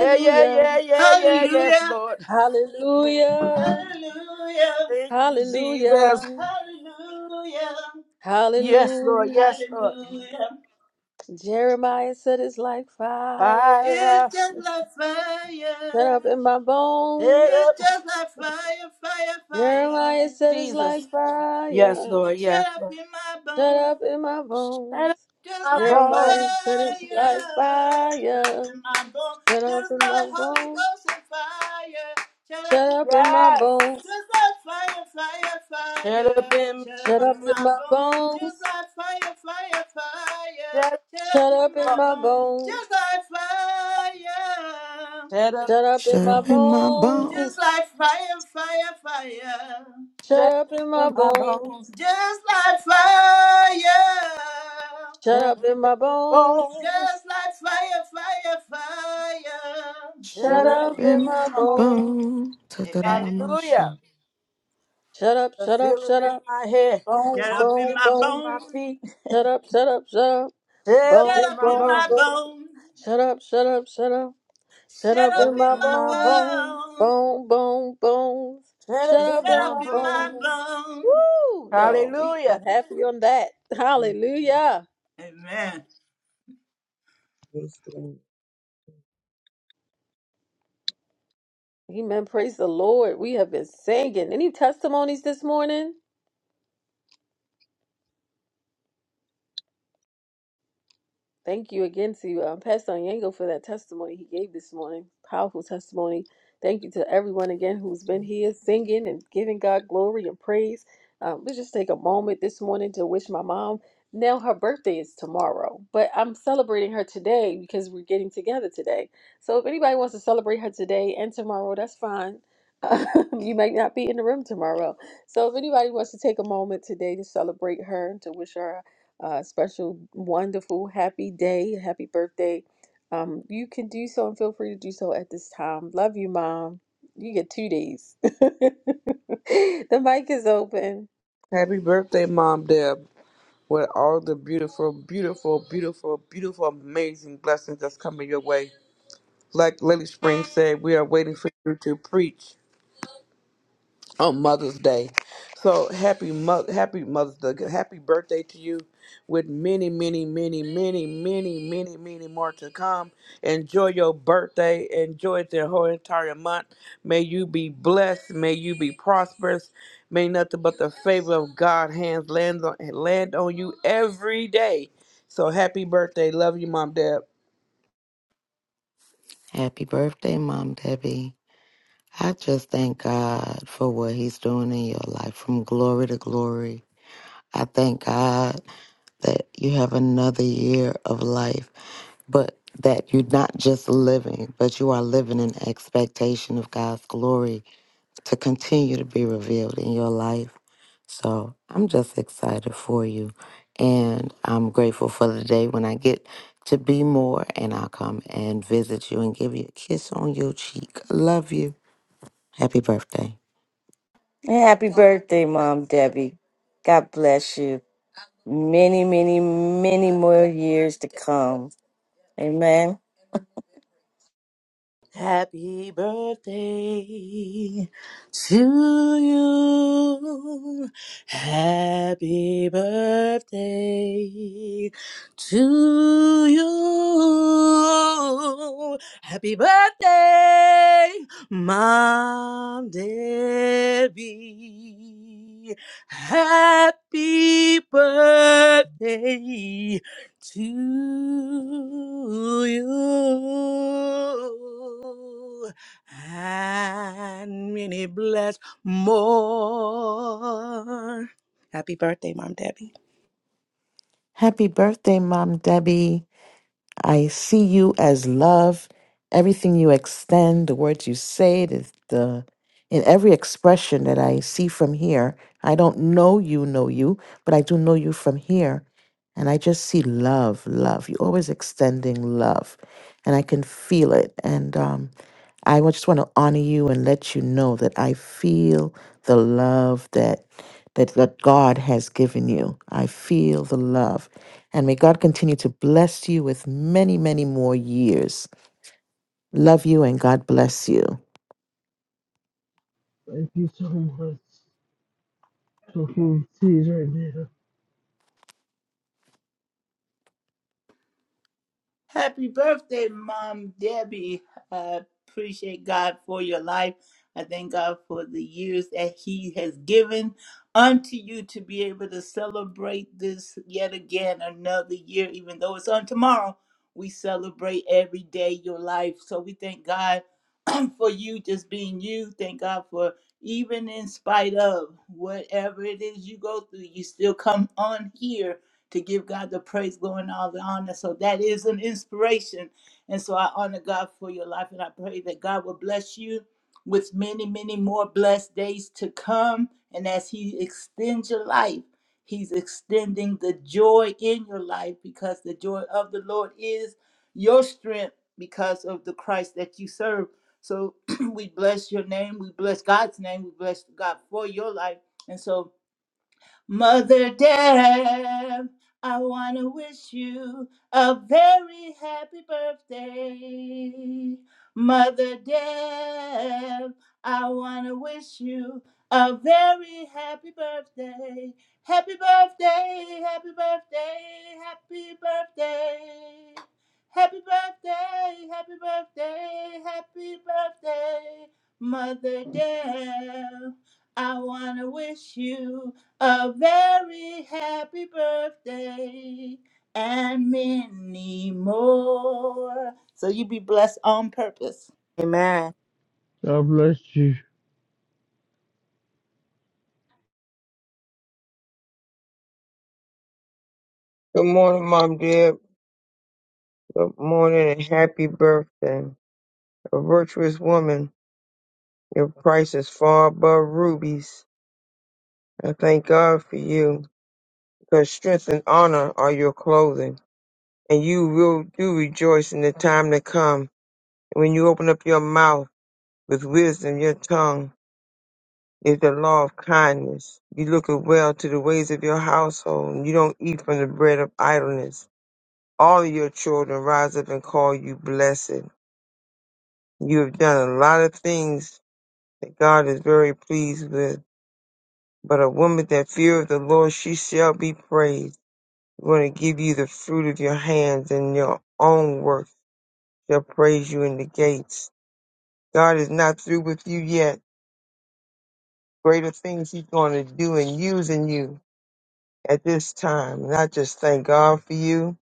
[SPEAKER 4] Yeah, yeah, yeah, yeah, yeah, yes,
[SPEAKER 8] Hallelujah.
[SPEAKER 4] Lord.
[SPEAKER 1] Hallelujah.
[SPEAKER 8] Hallelujah.
[SPEAKER 4] Thank you, Jesus.
[SPEAKER 1] Hallelujah.
[SPEAKER 8] Hallelujah,
[SPEAKER 4] Yes, Lord,
[SPEAKER 1] Hallelujah.
[SPEAKER 4] yes, Lord.
[SPEAKER 8] hallelujah.
[SPEAKER 1] Jeremiah said it's like fire.
[SPEAKER 8] It's
[SPEAKER 4] Fire,
[SPEAKER 8] just like fire.
[SPEAKER 1] Shut up in my
[SPEAKER 4] it
[SPEAKER 1] bones.
[SPEAKER 8] It's
[SPEAKER 4] up,
[SPEAKER 8] just like fire, fire, fire.
[SPEAKER 1] Jeremiah said it's
[SPEAKER 4] Jesus.
[SPEAKER 1] like
[SPEAKER 4] Yes,
[SPEAKER 1] fire.
[SPEAKER 4] Lord, yes,
[SPEAKER 8] Shut up
[SPEAKER 4] Lord.
[SPEAKER 8] in my
[SPEAKER 1] Shut
[SPEAKER 8] bones.
[SPEAKER 1] up in my
[SPEAKER 4] Shut
[SPEAKER 1] bones.
[SPEAKER 4] up
[SPEAKER 8] Just
[SPEAKER 4] my
[SPEAKER 8] like fire,
[SPEAKER 1] Jeremiah
[SPEAKER 4] bones.
[SPEAKER 1] said it's like
[SPEAKER 8] shut up
[SPEAKER 1] fire.
[SPEAKER 8] in my bone.
[SPEAKER 1] Shut up
[SPEAKER 8] Just
[SPEAKER 1] in
[SPEAKER 8] like
[SPEAKER 1] my
[SPEAKER 8] Holy
[SPEAKER 1] bones.
[SPEAKER 8] Ghost and fire, shut up
[SPEAKER 1] Shut
[SPEAKER 8] in
[SPEAKER 1] up in
[SPEAKER 8] my
[SPEAKER 1] my
[SPEAKER 4] Yes.
[SPEAKER 8] bone.
[SPEAKER 1] bones.
[SPEAKER 8] Just like fire, fire,
[SPEAKER 4] Shut
[SPEAKER 8] fire,
[SPEAKER 4] up in,
[SPEAKER 8] shut
[SPEAKER 1] Shut
[SPEAKER 8] up in
[SPEAKER 1] up in
[SPEAKER 8] my
[SPEAKER 1] my
[SPEAKER 8] bone. Just
[SPEAKER 1] bones.
[SPEAKER 8] like fire, fire, fire,
[SPEAKER 4] shut
[SPEAKER 8] shut up
[SPEAKER 1] Shut
[SPEAKER 8] in
[SPEAKER 1] up in
[SPEAKER 8] my
[SPEAKER 4] up,
[SPEAKER 1] my
[SPEAKER 8] bone.
[SPEAKER 1] bones.
[SPEAKER 8] Just like fire,
[SPEAKER 4] shut
[SPEAKER 1] Shut
[SPEAKER 4] up.
[SPEAKER 1] up in
[SPEAKER 10] shut
[SPEAKER 1] my
[SPEAKER 10] up in my
[SPEAKER 1] bones.
[SPEAKER 8] just
[SPEAKER 10] bones.
[SPEAKER 8] like fire, fire, fire,
[SPEAKER 4] Set
[SPEAKER 1] Shut
[SPEAKER 4] up
[SPEAKER 1] up in my
[SPEAKER 4] in my
[SPEAKER 1] bones.
[SPEAKER 4] bones.
[SPEAKER 8] just like fire.
[SPEAKER 1] Shut
[SPEAKER 4] Set up
[SPEAKER 1] up in
[SPEAKER 4] in
[SPEAKER 1] my
[SPEAKER 4] my
[SPEAKER 1] bones.
[SPEAKER 4] bones.
[SPEAKER 8] Just like fire, fire, fire.
[SPEAKER 1] Shut
[SPEAKER 4] Set
[SPEAKER 10] Shut
[SPEAKER 4] up in
[SPEAKER 1] up in
[SPEAKER 10] in
[SPEAKER 1] my
[SPEAKER 10] my
[SPEAKER 4] my bones.
[SPEAKER 1] bones.
[SPEAKER 10] bones.
[SPEAKER 8] Amen.
[SPEAKER 10] Ta-da-da-da-ma-sha.
[SPEAKER 4] Hallelujah.
[SPEAKER 1] Shut up,
[SPEAKER 4] I
[SPEAKER 1] shut up,
[SPEAKER 4] feel it
[SPEAKER 1] shut
[SPEAKER 4] in
[SPEAKER 1] up.
[SPEAKER 4] my head.
[SPEAKER 1] Bone,
[SPEAKER 8] Shut
[SPEAKER 4] I
[SPEAKER 8] up in
[SPEAKER 4] feel
[SPEAKER 1] bone,
[SPEAKER 8] my
[SPEAKER 4] it
[SPEAKER 1] bone.
[SPEAKER 4] in my
[SPEAKER 8] bones.
[SPEAKER 4] feet.
[SPEAKER 1] Shut up, shut up, shut up.
[SPEAKER 4] Set up
[SPEAKER 8] Shut
[SPEAKER 1] Bone,
[SPEAKER 4] in
[SPEAKER 8] up
[SPEAKER 4] my
[SPEAKER 8] in
[SPEAKER 1] bone,
[SPEAKER 8] my
[SPEAKER 4] bones.
[SPEAKER 1] bone.
[SPEAKER 8] bones.
[SPEAKER 1] Shut up, shut up, shut up. Shut
[SPEAKER 8] Shut
[SPEAKER 1] up
[SPEAKER 4] Set
[SPEAKER 8] up
[SPEAKER 1] in
[SPEAKER 4] up
[SPEAKER 1] my
[SPEAKER 4] in
[SPEAKER 8] in
[SPEAKER 4] my
[SPEAKER 1] bones.
[SPEAKER 8] my
[SPEAKER 4] bones.
[SPEAKER 8] bones.
[SPEAKER 1] Bone, bone, bones.
[SPEAKER 4] Set up
[SPEAKER 1] Shut
[SPEAKER 4] in
[SPEAKER 1] up
[SPEAKER 8] Shut
[SPEAKER 1] in
[SPEAKER 4] my
[SPEAKER 8] up
[SPEAKER 1] my
[SPEAKER 8] in my
[SPEAKER 1] bones.
[SPEAKER 4] bones.
[SPEAKER 8] bones.
[SPEAKER 1] Woo! Y'all, we
[SPEAKER 4] Hallelujah.
[SPEAKER 1] happy on that. Hallelujah.
[SPEAKER 8] Amen.
[SPEAKER 1] Amen. Praise the Lord. We have been singing. Any testimonies this morning? Thank you again to um, Pastor Yango for that testimony he gave this morning. Powerful testimony. Thank you to everyone again who's been here singing and giving God glory and praise. Um, let's just take a moment this morning to wish my mom. Now her birthday is tomorrow, but I'm celebrating her today because we're getting together today. So if anybody wants to celebrate her today and tomorrow, that's fine. you might not be in the room tomorrow. So if anybody wants to take a moment today to celebrate her and to wish her uh, special, wonderful, happy day, happy birthday, um, you can do so and feel free to do so at this time. Love you, Mom. You get two days. the mic is open.
[SPEAKER 2] Happy birthday, Mom Deb, with all the beautiful, beautiful, beautiful, beautiful, amazing blessings that's coming your way. Like Lily Spring said, we are waiting for you to preach. on Mother's Day. So happy mother, happy Mother's Day, happy birthday to you, with many, many, many, many, many, many, many more to come. Enjoy your birthday. Enjoy the whole entire month. May you be blessed. May you be prosperous. May nothing but the favor of God hands land on land on you every day. So happy birthday. Love you, Mom, Dad.
[SPEAKER 10] Happy birthday, Mom Debbie. I just thank God for what He's doing in your life from glory to glory. I thank God that you have another year of life, but that you're not just living, but you are living in expectation of God's glory to continue to be revealed in your life. So I'm just excited for you. And I'm grateful for the day when I get to be more and I'll come and visit you and give you a kiss on your cheek. I love you. Happy birthday.
[SPEAKER 3] And happy birthday, Mom Debbie. God bless you. Many, many, many more years to come. Amen.
[SPEAKER 4] Happy birthday to you. Happy birthday to you. Happy birthday, Mom Debbie. Happy birthday to you and many bless more. Happy birthday, Mom Debbie.
[SPEAKER 7] Happy birthday, Mom Debbie. I see you as love. Everything you extend, the words you say, the, the in every expression that I see from here. I don't know you, know you, but I do know you from here. And I just see love, love. You're always extending love. And I can feel it. And um, I wa- just want to honor you and let you know that I feel the love that that, that God has given you. I feel the love. And may God continue to bless you with many, many more years. Love you and God bless you.
[SPEAKER 6] Thank you so much. Talking tears right now.
[SPEAKER 8] Happy birthday, Mom Debbie. I appreciate God for your life. I thank God for the years that He has given unto you to be able to celebrate this yet again another year, even though it's on tomorrow. We celebrate every day your life. So we thank God for you just being you. Thank God for even in spite of whatever it is you go through, you still come on here to give God the praise, glory, and all the honor. So that is an inspiration. And so I honor God for your life and I pray that God will bless you with many, many more blessed days to come. And as He extends your life, He's extending the joy in your life because the joy of the Lord is your strength because of the Christ that you serve. So we bless your name. We bless God's name. We bless God for your life. And so Mother Deb, I want to wish you a very happy birthday. Mother Deb, I want to wish you a very happy birthday. Happy birthday, happy birthday, happy birthday. Happy birthday, happy birthday, happy birthday, Mother Deb. I want to wish you a very happy birthday and many more. So you be blessed on purpose.
[SPEAKER 4] Amen.
[SPEAKER 6] God bless you.
[SPEAKER 9] Good morning, Mom, Dad. Good morning and happy birthday. A virtuous woman, your price is far above rubies. I thank God for you, because strength and honor are your clothing, and you will do rejoice in the time to come. And when you open up your mouth with wisdom, your tongue. is the law of kindness. You look well to the ways of your household, and you don't eat from the bread of idleness. All of your children rise up and call you blessed. You have done a lot of things that God is very pleased with. But a woman that feareth the Lord, she shall be praised. I'm going to give you the fruit of your hands, and your own work shall praise you in the gates. God is not through with you yet. Greater things He's going to do in using you at this time. And I just thank God for you.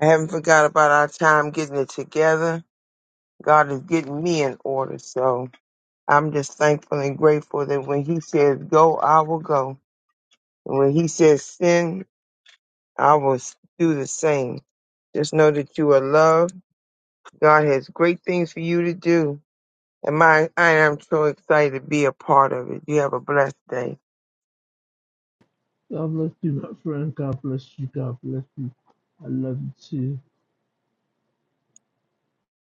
[SPEAKER 9] I haven't forgot about our time getting it together. God is getting me in order. So I'm just thankful and grateful that when He says go, I will go. And when He says sin, I will s- do the same. Just know that you are loved. God has great things for you to do. And my, I am so excited to be a part of it. You have a blessed day.
[SPEAKER 6] God bless you, my friend. God bless you. God bless you. I love you too.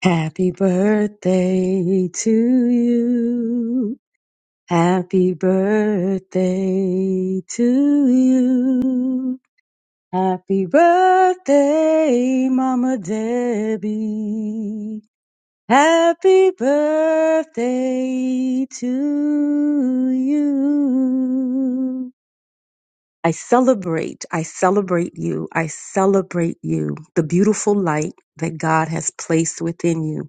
[SPEAKER 12] Happy birthday to you. Happy birthday to you. Happy birthday, Mama Debbie. Happy birthday to you. I celebrate, I celebrate you, I celebrate you, the beautiful light that God has placed within you.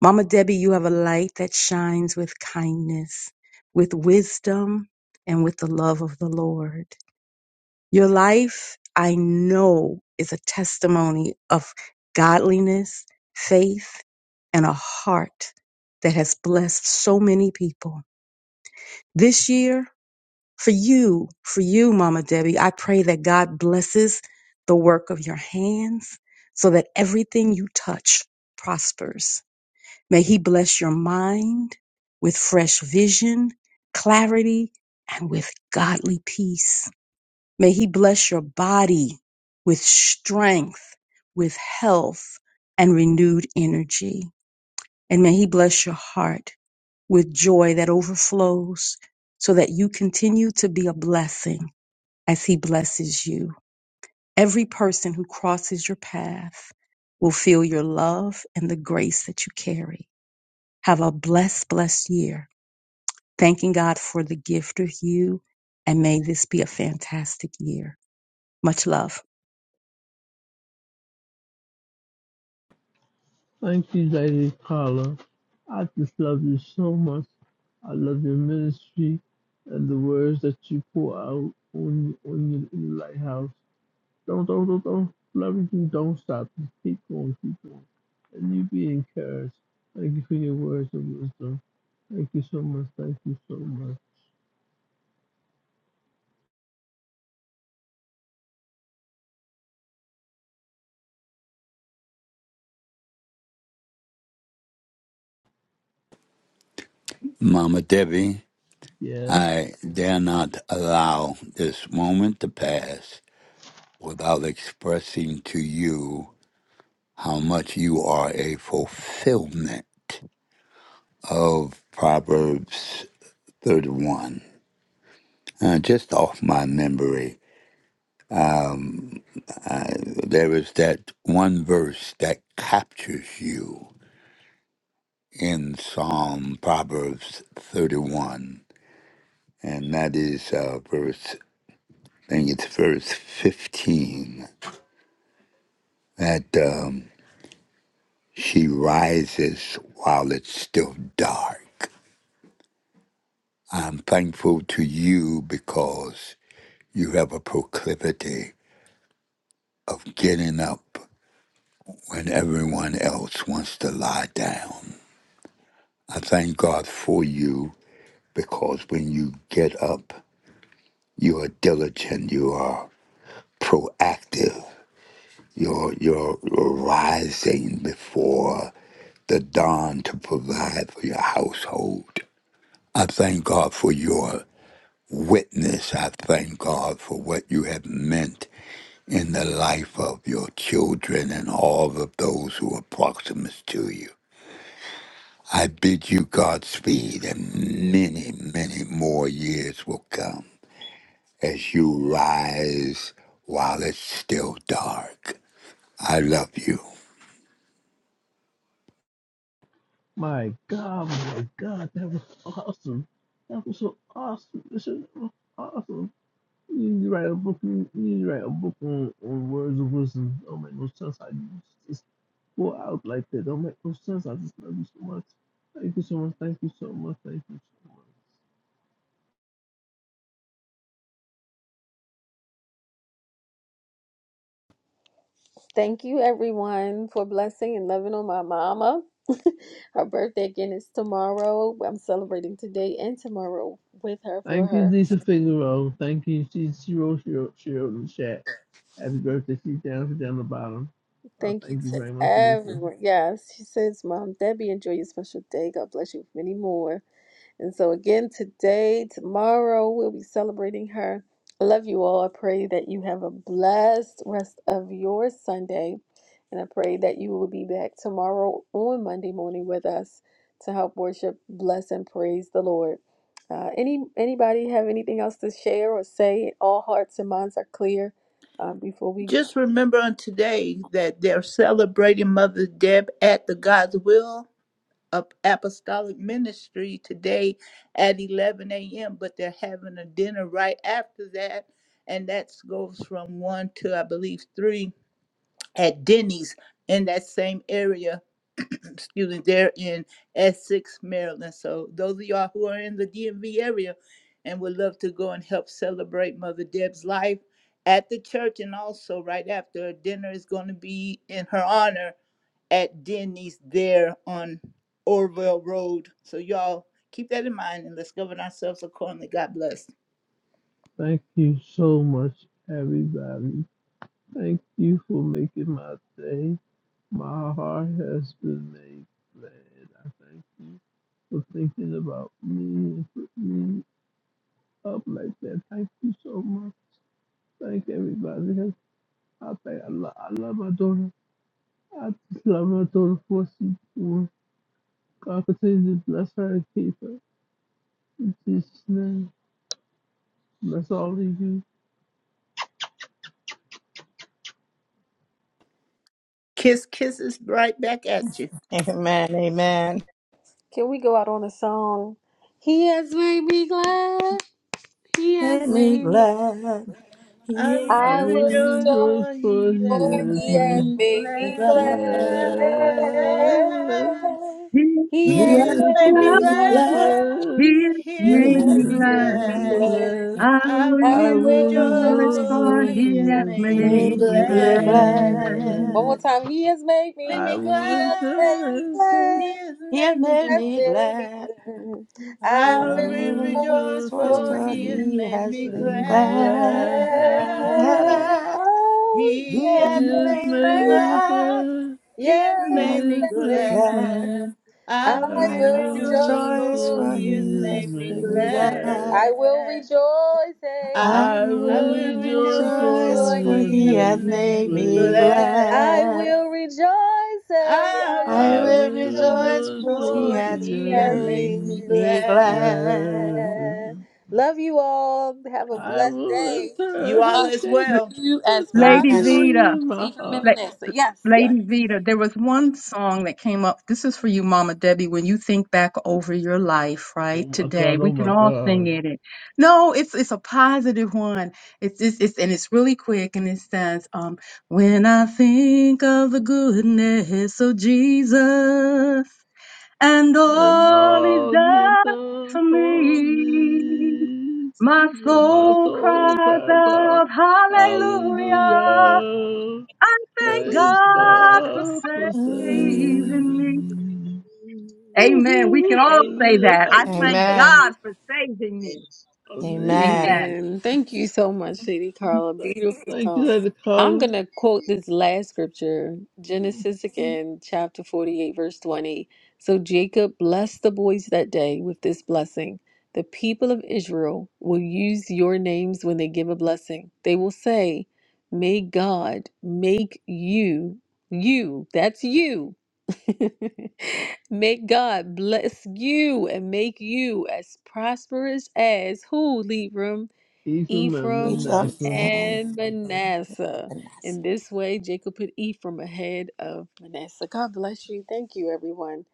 [SPEAKER 12] Mama Debbie, you have a light that shines with kindness, with wisdom, and with the love of the Lord. Your life, I know, is a testimony of godliness, faith, and a heart that has blessed so many people. This year, for you, for you, Mama Debbie, I pray that God blesses the work of your hands so that everything you touch prospers May He bless your mind with fresh vision, clarity, and with godly peace. May He bless your body with strength, with health, and renewed energy. And may He bless your heart with joy that overflows so that you continue to be a blessing as He blesses you. Every person who crosses your path will feel your love and the grace that you carry. Have a blessed, blessed year Thanking God for the gift of you, and may this be a fantastic year. Much love.
[SPEAKER 6] Thank you, Lady Carla. I just love you so much. I love your ministry and the words that you pour out on on your, in the lighthouse. Don't don't don't don't. Love you. Don't stop. Just keep going. Keep going. and you be encouraged. Thank you for your words of wisdom. Thank you so much. Thank you so much.
[SPEAKER 13] Mama Debbie,
[SPEAKER 6] Yes.
[SPEAKER 13] I dare not allow this moment to pass without expressing to you how much you are a fulfillment of Proverbs 31. Uh, just off my memory, uh, there is that one verse that captures you in Psalm Proverbs 31, and that is uh, verse, I think it's verse 15 that um, she rises while it's still dark. I'm thankful to you because you have a proclivity of getting up when everyone else wants to lie down. I thank God for you because when you get up, you are diligent, you are proactive, you're, you're rising before the dawn to provide for your household. I thank God for your witness. I thank God for what you have meant in the life of your children and all of those who are proximate to you. I bid you Godspeed, and many, many more years will come as you rise while it's still dark. I love you.
[SPEAKER 6] My God, my God, that was awesome. That was so awesome. This is awesome. You need to write a book. You need to write a book on, on words of wisdom. Don't make no sense. I just go out like that. Don't make no sense. I just love you so much. Thank you so much. Thank you so much. Thank you so much.
[SPEAKER 1] Thank you, everyone, for blessing and loving on my mama. her birthday again is tomorrow. I'm celebrating today and tomorrow with her for
[SPEAKER 6] Thank you,
[SPEAKER 1] her.
[SPEAKER 6] Lisa Figueroa. Thank you, she she wrote she wrote, she wrote in the chat. Happy birthday, she's down she's down the bottom. Uh,
[SPEAKER 1] Thank you
[SPEAKER 6] thank you
[SPEAKER 1] to
[SPEAKER 6] very much, Lisa.
[SPEAKER 1] everyone. Yes, she says, Mom, Debbie, enjoy your special day. God bless you with many more. And so, again, today, tomorrow, we'll be celebrating her. I love you all. I pray that you have a blessed rest of your Sunday. And I pray that you will be back tomorrow on Monday morning with us to help worship, bless, and praise the Lord. Uh, any anybody have anything else to share or say? All hearts and minds are clear. Uh, before we
[SPEAKER 8] Just remember on today that they're celebrating Mother Deb at the God's Will of Apostolic Ministry today at 11 a.m., but they're having a dinner right after that. And that goes from 1 to, I believe, 3 at Denny's in that same area. excuse me, they're in Essex, Maryland. So those of y'all who are in the DMV area and would love to go and help celebrate Mother Deb's life at the church and also right after a dinner is going to be in her honor at Denny's there on Orville Road. So y'all keep that in mind and let's govern ourselves accordingly. God bless.
[SPEAKER 6] Thank you so much, everybody. Thank you for making my day. My heart has been made glad. I thank you for thinking about me and putting me up like that. Thank you so much. Thank everybody. I thank I love, I love my daughter. I just love my daughter for what she's doing. God continue to bless her and keep her. In Jesus' name, bless all of you.
[SPEAKER 8] Kiss kisses right back at you.
[SPEAKER 4] Amen. Amen.
[SPEAKER 1] can we go out on a song. He has made me glad. He
[SPEAKER 4] Let
[SPEAKER 1] has
[SPEAKER 4] me
[SPEAKER 1] made me.
[SPEAKER 4] glad.
[SPEAKER 8] I
[SPEAKER 4] Yeah.
[SPEAKER 6] I
[SPEAKER 1] I
[SPEAKER 8] will
[SPEAKER 1] will
[SPEAKER 6] will
[SPEAKER 8] rejoice
[SPEAKER 1] rejoice.
[SPEAKER 6] rejoice
[SPEAKER 8] for
[SPEAKER 6] for
[SPEAKER 8] he has
[SPEAKER 1] For
[SPEAKER 6] yes,
[SPEAKER 1] he
[SPEAKER 8] made
[SPEAKER 1] has
[SPEAKER 6] man.
[SPEAKER 8] me
[SPEAKER 1] made me
[SPEAKER 8] glad.
[SPEAKER 6] Yes,
[SPEAKER 4] Glad.
[SPEAKER 1] glad.
[SPEAKER 12] His
[SPEAKER 1] He
[SPEAKER 8] He
[SPEAKER 1] has
[SPEAKER 8] has
[SPEAKER 6] yes,
[SPEAKER 1] made
[SPEAKER 8] made me
[SPEAKER 12] love,
[SPEAKER 6] made
[SPEAKER 1] me
[SPEAKER 8] glad.
[SPEAKER 6] me
[SPEAKER 1] glad.
[SPEAKER 6] glad.
[SPEAKER 12] His
[SPEAKER 8] He has
[SPEAKER 4] You
[SPEAKER 1] He
[SPEAKER 12] made
[SPEAKER 8] made
[SPEAKER 1] has
[SPEAKER 6] Yes,
[SPEAKER 12] me
[SPEAKER 4] have
[SPEAKER 8] me
[SPEAKER 6] made
[SPEAKER 1] made me
[SPEAKER 6] me
[SPEAKER 12] glad.
[SPEAKER 8] glad.
[SPEAKER 6] glad.
[SPEAKER 12] I
[SPEAKER 1] glad.
[SPEAKER 12] will
[SPEAKER 8] I
[SPEAKER 1] I
[SPEAKER 6] I
[SPEAKER 8] will
[SPEAKER 1] will
[SPEAKER 6] will
[SPEAKER 8] rejoice
[SPEAKER 12] rejoice,
[SPEAKER 6] rejoice
[SPEAKER 1] rejoice
[SPEAKER 8] for
[SPEAKER 1] for
[SPEAKER 12] for
[SPEAKER 6] for
[SPEAKER 12] He
[SPEAKER 1] he
[SPEAKER 8] he has
[SPEAKER 12] has
[SPEAKER 6] yes,
[SPEAKER 1] has
[SPEAKER 8] made
[SPEAKER 1] made
[SPEAKER 8] me
[SPEAKER 12] made
[SPEAKER 6] made
[SPEAKER 4] made
[SPEAKER 12] me
[SPEAKER 6] me
[SPEAKER 1] me
[SPEAKER 4] me
[SPEAKER 12] glad.
[SPEAKER 1] glad.
[SPEAKER 8] glad.
[SPEAKER 1] One more
[SPEAKER 6] glad.
[SPEAKER 4] glad.
[SPEAKER 1] time. He has made
[SPEAKER 8] Made
[SPEAKER 1] me.
[SPEAKER 6] I
[SPEAKER 8] me
[SPEAKER 6] will
[SPEAKER 1] He has made
[SPEAKER 6] enter
[SPEAKER 8] glad.
[SPEAKER 1] me
[SPEAKER 6] his gates.
[SPEAKER 8] He
[SPEAKER 1] glad.
[SPEAKER 8] has
[SPEAKER 4] You have made me glad. You have
[SPEAKER 8] made
[SPEAKER 1] He
[SPEAKER 8] me
[SPEAKER 4] made
[SPEAKER 1] has
[SPEAKER 8] glad.
[SPEAKER 4] me
[SPEAKER 1] made me
[SPEAKER 4] glad.
[SPEAKER 1] glad. I
[SPEAKER 8] I
[SPEAKER 6] I will
[SPEAKER 1] will
[SPEAKER 8] will
[SPEAKER 4] Oh,
[SPEAKER 8] rejoice
[SPEAKER 1] rejoice
[SPEAKER 6] rejoice
[SPEAKER 4] For
[SPEAKER 1] for
[SPEAKER 6] for
[SPEAKER 8] for
[SPEAKER 4] so
[SPEAKER 8] he
[SPEAKER 1] he
[SPEAKER 8] has
[SPEAKER 6] yes,
[SPEAKER 1] has
[SPEAKER 4] he
[SPEAKER 1] made
[SPEAKER 8] made
[SPEAKER 4] has
[SPEAKER 8] me
[SPEAKER 6] made
[SPEAKER 4] made me
[SPEAKER 6] me
[SPEAKER 1] me glad.
[SPEAKER 4] glad.
[SPEAKER 6] glad.
[SPEAKER 4] glad.
[SPEAKER 8] glad.
[SPEAKER 1] Oh, he
[SPEAKER 4] He
[SPEAKER 8] He has
[SPEAKER 1] has
[SPEAKER 4] has
[SPEAKER 8] made
[SPEAKER 6] This
[SPEAKER 1] made
[SPEAKER 8] me
[SPEAKER 4] made
[SPEAKER 6] made
[SPEAKER 4] me
[SPEAKER 1] me glad.
[SPEAKER 6] me
[SPEAKER 8] glad.
[SPEAKER 4] glad.
[SPEAKER 6] glad.
[SPEAKER 8] He has
[SPEAKER 4] He
[SPEAKER 8] made
[SPEAKER 1] Yes,
[SPEAKER 4] has
[SPEAKER 1] he
[SPEAKER 8] me
[SPEAKER 6] This
[SPEAKER 1] has
[SPEAKER 6] made
[SPEAKER 4] made me
[SPEAKER 1] made
[SPEAKER 6] me
[SPEAKER 1] me
[SPEAKER 4] glad.
[SPEAKER 8] glad.
[SPEAKER 6] glad.
[SPEAKER 1] glad.
[SPEAKER 8] I
[SPEAKER 6] I
[SPEAKER 1] I
[SPEAKER 4] I
[SPEAKER 8] will
[SPEAKER 1] will
[SPEAKER 6] will
[SPEAKER 4] will
[SPEAKER 8] rejoice
[SPEAKER 1] rejoice.
[SPEAKER 6] rejoice
[SPEAKER 4] rejoice,
[SPEAKER 6] for
[SPEAKER 8] for
[SPEAKER 4] for
[SPEAKER 1] for
[SPEAKER 8] he has
[SPEAKER 6] he
[SPEAKER 4] he
[SPEAKER 6] has
[SPEAKER 4] has
[SPEAKER 8] made me
[SPEAKER 4] made
[SPEAKER 6] made
[SPEAKER 4] me
[SPEAKER 6] me
[SPEAKER 1] him.
[SPEAKER 4] glad.
[SPEAKER 1] I
[SPEAKER 6] glad.
[SPEAKER 1] will
[SPEAKER 8] glad.
[SPEAKER 1] rejoice. Hey, I
[SPEAKER 8] I,
[SPEAKER 4] I
[SPEAKER 6] I
[SPEAKER 8] I
[SPEAKER 1] will
[SPEAKER 4] will
[SPEAKER 6] will
[SPEAKER 8] will
[SPEAKER 1] rejoice
[SPEAKER 6] rejoice
[SPEAKER 8] rejoice
[SPEAKER 6] for
[SPEAKER 4] rejoice,
[SPEAKER 1] for He
[SPEAKER 8] for
[SPEAKER 6] he
[SPEAKER 1] has.
[SPEAKER 4] for
[SPEAKER 1] made. me
[SPEAKER 6] has
[SPEAKER 8] he
[SPEAKER 4] he
[SPEAKER 8] has
[SPEAKER 4] has
[SPEAKER 6] made
[SPEAKER 1] glad.
[SPEAKER 6] me
[SPEAKER 8] made
[SPEAKER 4] made
[SPEAKER 8] me
[SPEAKER 4] me
[SPEAKER 6] glad.
[SPEAKER 1] I
[SPEAKER 4] glad.
[SPEAKER 8] glad.
[SPEAKER 1] will rejoice, eh,
[SPEAKER 8] I
[SPEAKER 1] I
[SPEAKER 4] I
[SPEAKER 6] I
[SPEAKER 8] will
[SPEAKER 4] will
[SPEAKER 1] will
[SPEAKER 6] will
[SPEAKER 8] rejoice
[SPEAKER 4] rejoice,
[SPEAKER 1] rejoice,
[SPEAKER 6] rejoice
[SPEAKER 4] because
[SPEAKER 1] for
[SPEAKER 4] he
[SPEAKER 6] for
[SPEAKER 8] for
[SPEAKER 4] has
[SPEAKER 6] he
[SPEAKER 1] he
[SPEAKER 8] he
[SPEAKER 6] has
[SPEAKER 8] has
[SPEAKER 1] has
[SPEAKER 6] made
[SPEAKER 4] made
[SPEAKER 8] made me
[SPEAKER 6] me
[SPEAKER 1] made
[SPEAKER 4] me
[SPEAKER 1] me
[SPEAKER 4] glad.
[SPEAKER 1] glad.
[SPEAKER 8] glad.
[SPEAKER 6] glad.
[SPEAKER 1] Love you all. Have a
[SPEAKER 6] I
[SPEAKER 1] blessed
[SPEAKER 6] will
[SPEAKER 1] day.
[SPEAKER 8] You
[SPEAKER 6] enter
[SPEAKER 8] all
[SPEAKER 1] God
[SPEAKER 6] his
[SPEAKER 8] as
[SPEAKER 6] gate
[SPEAKER 1] make
[SPEAKER 8] well.
[SPEAKER 1] you
[SPEAKER 6] with
[SPEAKER 1] as
[SPEAKER 12] Lady
[SPEAKER 4] Amen.
[SPEAKER 1] prosperous
[SPEAKER 6] thanksgiving
[SPEAKER 12] Zeta.
[SPEAKER 6] in
[SPEAKER 1] as
[SPEAKER 6] my
[SPEAKER 1] even
[SPEAKER 12] La-
[SPEAKER 6] heart.
[SPEAKER 1] Manasseh. Yes, yes.
[SPEAKER 12] Lady Vita, there was one song that came up. This is for you, Mama Debbie. When you think back over your life,
[SPEAKER 6] Oh
[SPEAKER 12] right
[SPEAKER 6] my
[SPEAKER 12] today,
[SPEAKER 6] God,
[SPEAKER 12] we
[SPEAKER 6] oh
[SPEAKER 12] can
[SPEAKER 6] my
[SPEAKER 12] all sing
[SPEAKER 6] God.
[SPEAKER 12] it. And- No, it's it's a positive one. It's it's, it's and it's really quick, and it says, um, "When I think of the goodness of Jesus and
[SPEAKER 6] and
[SPEAKER 12] all He's
[SPEAKER 6] all the
[SPEAKER 12] done
[SPEAKER 6] done
[SPEAKER 12] for
[SPEAKER 6] for
[SPEAKER 12] me,
[SPEAKER 6] me.
[SPEAKER 12] my
[SPEAKER 6] Till my
[SPEAKER 12] soul
[SPEAKER 6] soul
[SPEAKER 12] cries
[SPEAKER 6] cries out,
[SPEAKER 12] out, Hallelujah."
[SPEAKER 6] Hallelujah!
[SPEAKER 12] I thank
[SPEAKER 6] Praise
[SPEAKER 12] God for
[SPEAKER 6] God for
[SPEAKER 4] Mm.
[SPEAKER 12] saving
[SPEAKER 6] saving
[SPEAKER 12] me.
[SPEAKER 6] me. woo
[SPEAKER 12] Amen. We can
[SPEAKER 6] hoo
[SPEAKER 12] all say
[SPEAKER 6] Hallelujah!
[SPEAKER 12] that. I
[SPEAKER 6] Hallelujah!
[SPEAKER 12] thank
[SPEAKER 4] Amen.
[SPEAKER 12] God
[SPEAKER 6] Hallelujah!
[SPEAKER 12] for saving me.
[SPEAKER 6] Hallelujah!
[SPEAKER 4] Amen.
[SPEAKER 12] Amen.
[SPEAKER 1] Amen. Thank you so much, Lady Carla. Beautiful
[SPEAKER 6] Thank you,
[SPEAKER 1] song.
[SPEAKER 6] Lady
[SPEAKER 1] I'm
[SPEAKER 6] Carla.
[SPEAKER 1] going to quote this last scripture, Genesis again, chapter 48, verse 20. So Jacob blessed the boys that day with this blessing. The people of Israel will use your names when they give a blessing. They will say, May God make you, you, that's you. May God bless you and make you as prosperous as who, Libram,
[SPEAKER 6] Even my
[SPEAKER 4] Keep
[SPEAKER 1] Ephraim,
[SPEAKER 4] them
[SPEAKER 6] Manasseh.
[SPEAKER 4] in
[SPEAKER 1] and Manasseh.
[SPEAKER 4] finesse.
[SPEAKER 1] In this way, Jacob put Ephraim ahead of Manasseh. God bless you. Thank you, everyone.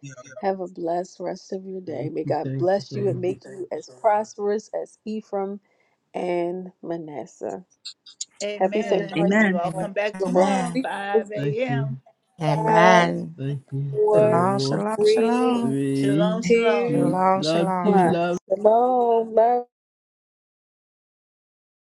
[SPEAKER 1] Have a blessed rest of your day.
[SPEAKER 6] Thank
[SPEAKER 1] May
[SPEAKER 6] you,
[SPEAKER 1] God
[SPEAKER 6] thank you
[SPEAKER 1] bless
[SPEAKER 6] so
[SPEAKER 1] you and
[SPEAKER 6] much.
[SPEAKER 1] make you as prosperous as Ephraim and Manasseh. Happy
[SPEAKER 8] Amen.
[SPEAKER 1] Sanctuary Sunday.
[SPEAKER 12] Amen.
[SPEAKER 8] You all
[SPEAKER 4] Amen.
[SPEAKER 8] come back
[SPEAKER 1] The room will
[SPEAKER 8] tomorrow,
[SPEAKER 4] Amen.
[SPEAKER 1] be
[SPEAKER 8] 5
[SPEAKER 1] closed
[SPEAKER 6] Thank you,
[SPEAKER 8] a.m.
[SPEAKER 1] in five,
[SPEAKER 4] Amen.
[SPEAKER 6] thank you.
[SPEAKER 1] four,
[SPEAKER 4] Shalom,
[SPEAKER 6] Four,
[SPEAKER 4] shalom,
[SPEAKER 1] three,
[SPEAKER 4] shalom.
[SPEAKER 8] Shalom,
[SPEAKER 6] three,
[SPEAKER 8] shalom.
[SPEAKER 1] two.
[SPEAKER 6] two.
[SPEAKER 4] Shalom,
[SPEAKER 6] Love you,
[SPEAKER 4] shalom.
[SPEAKER 6] love.
[SPEAKER 1] Come love.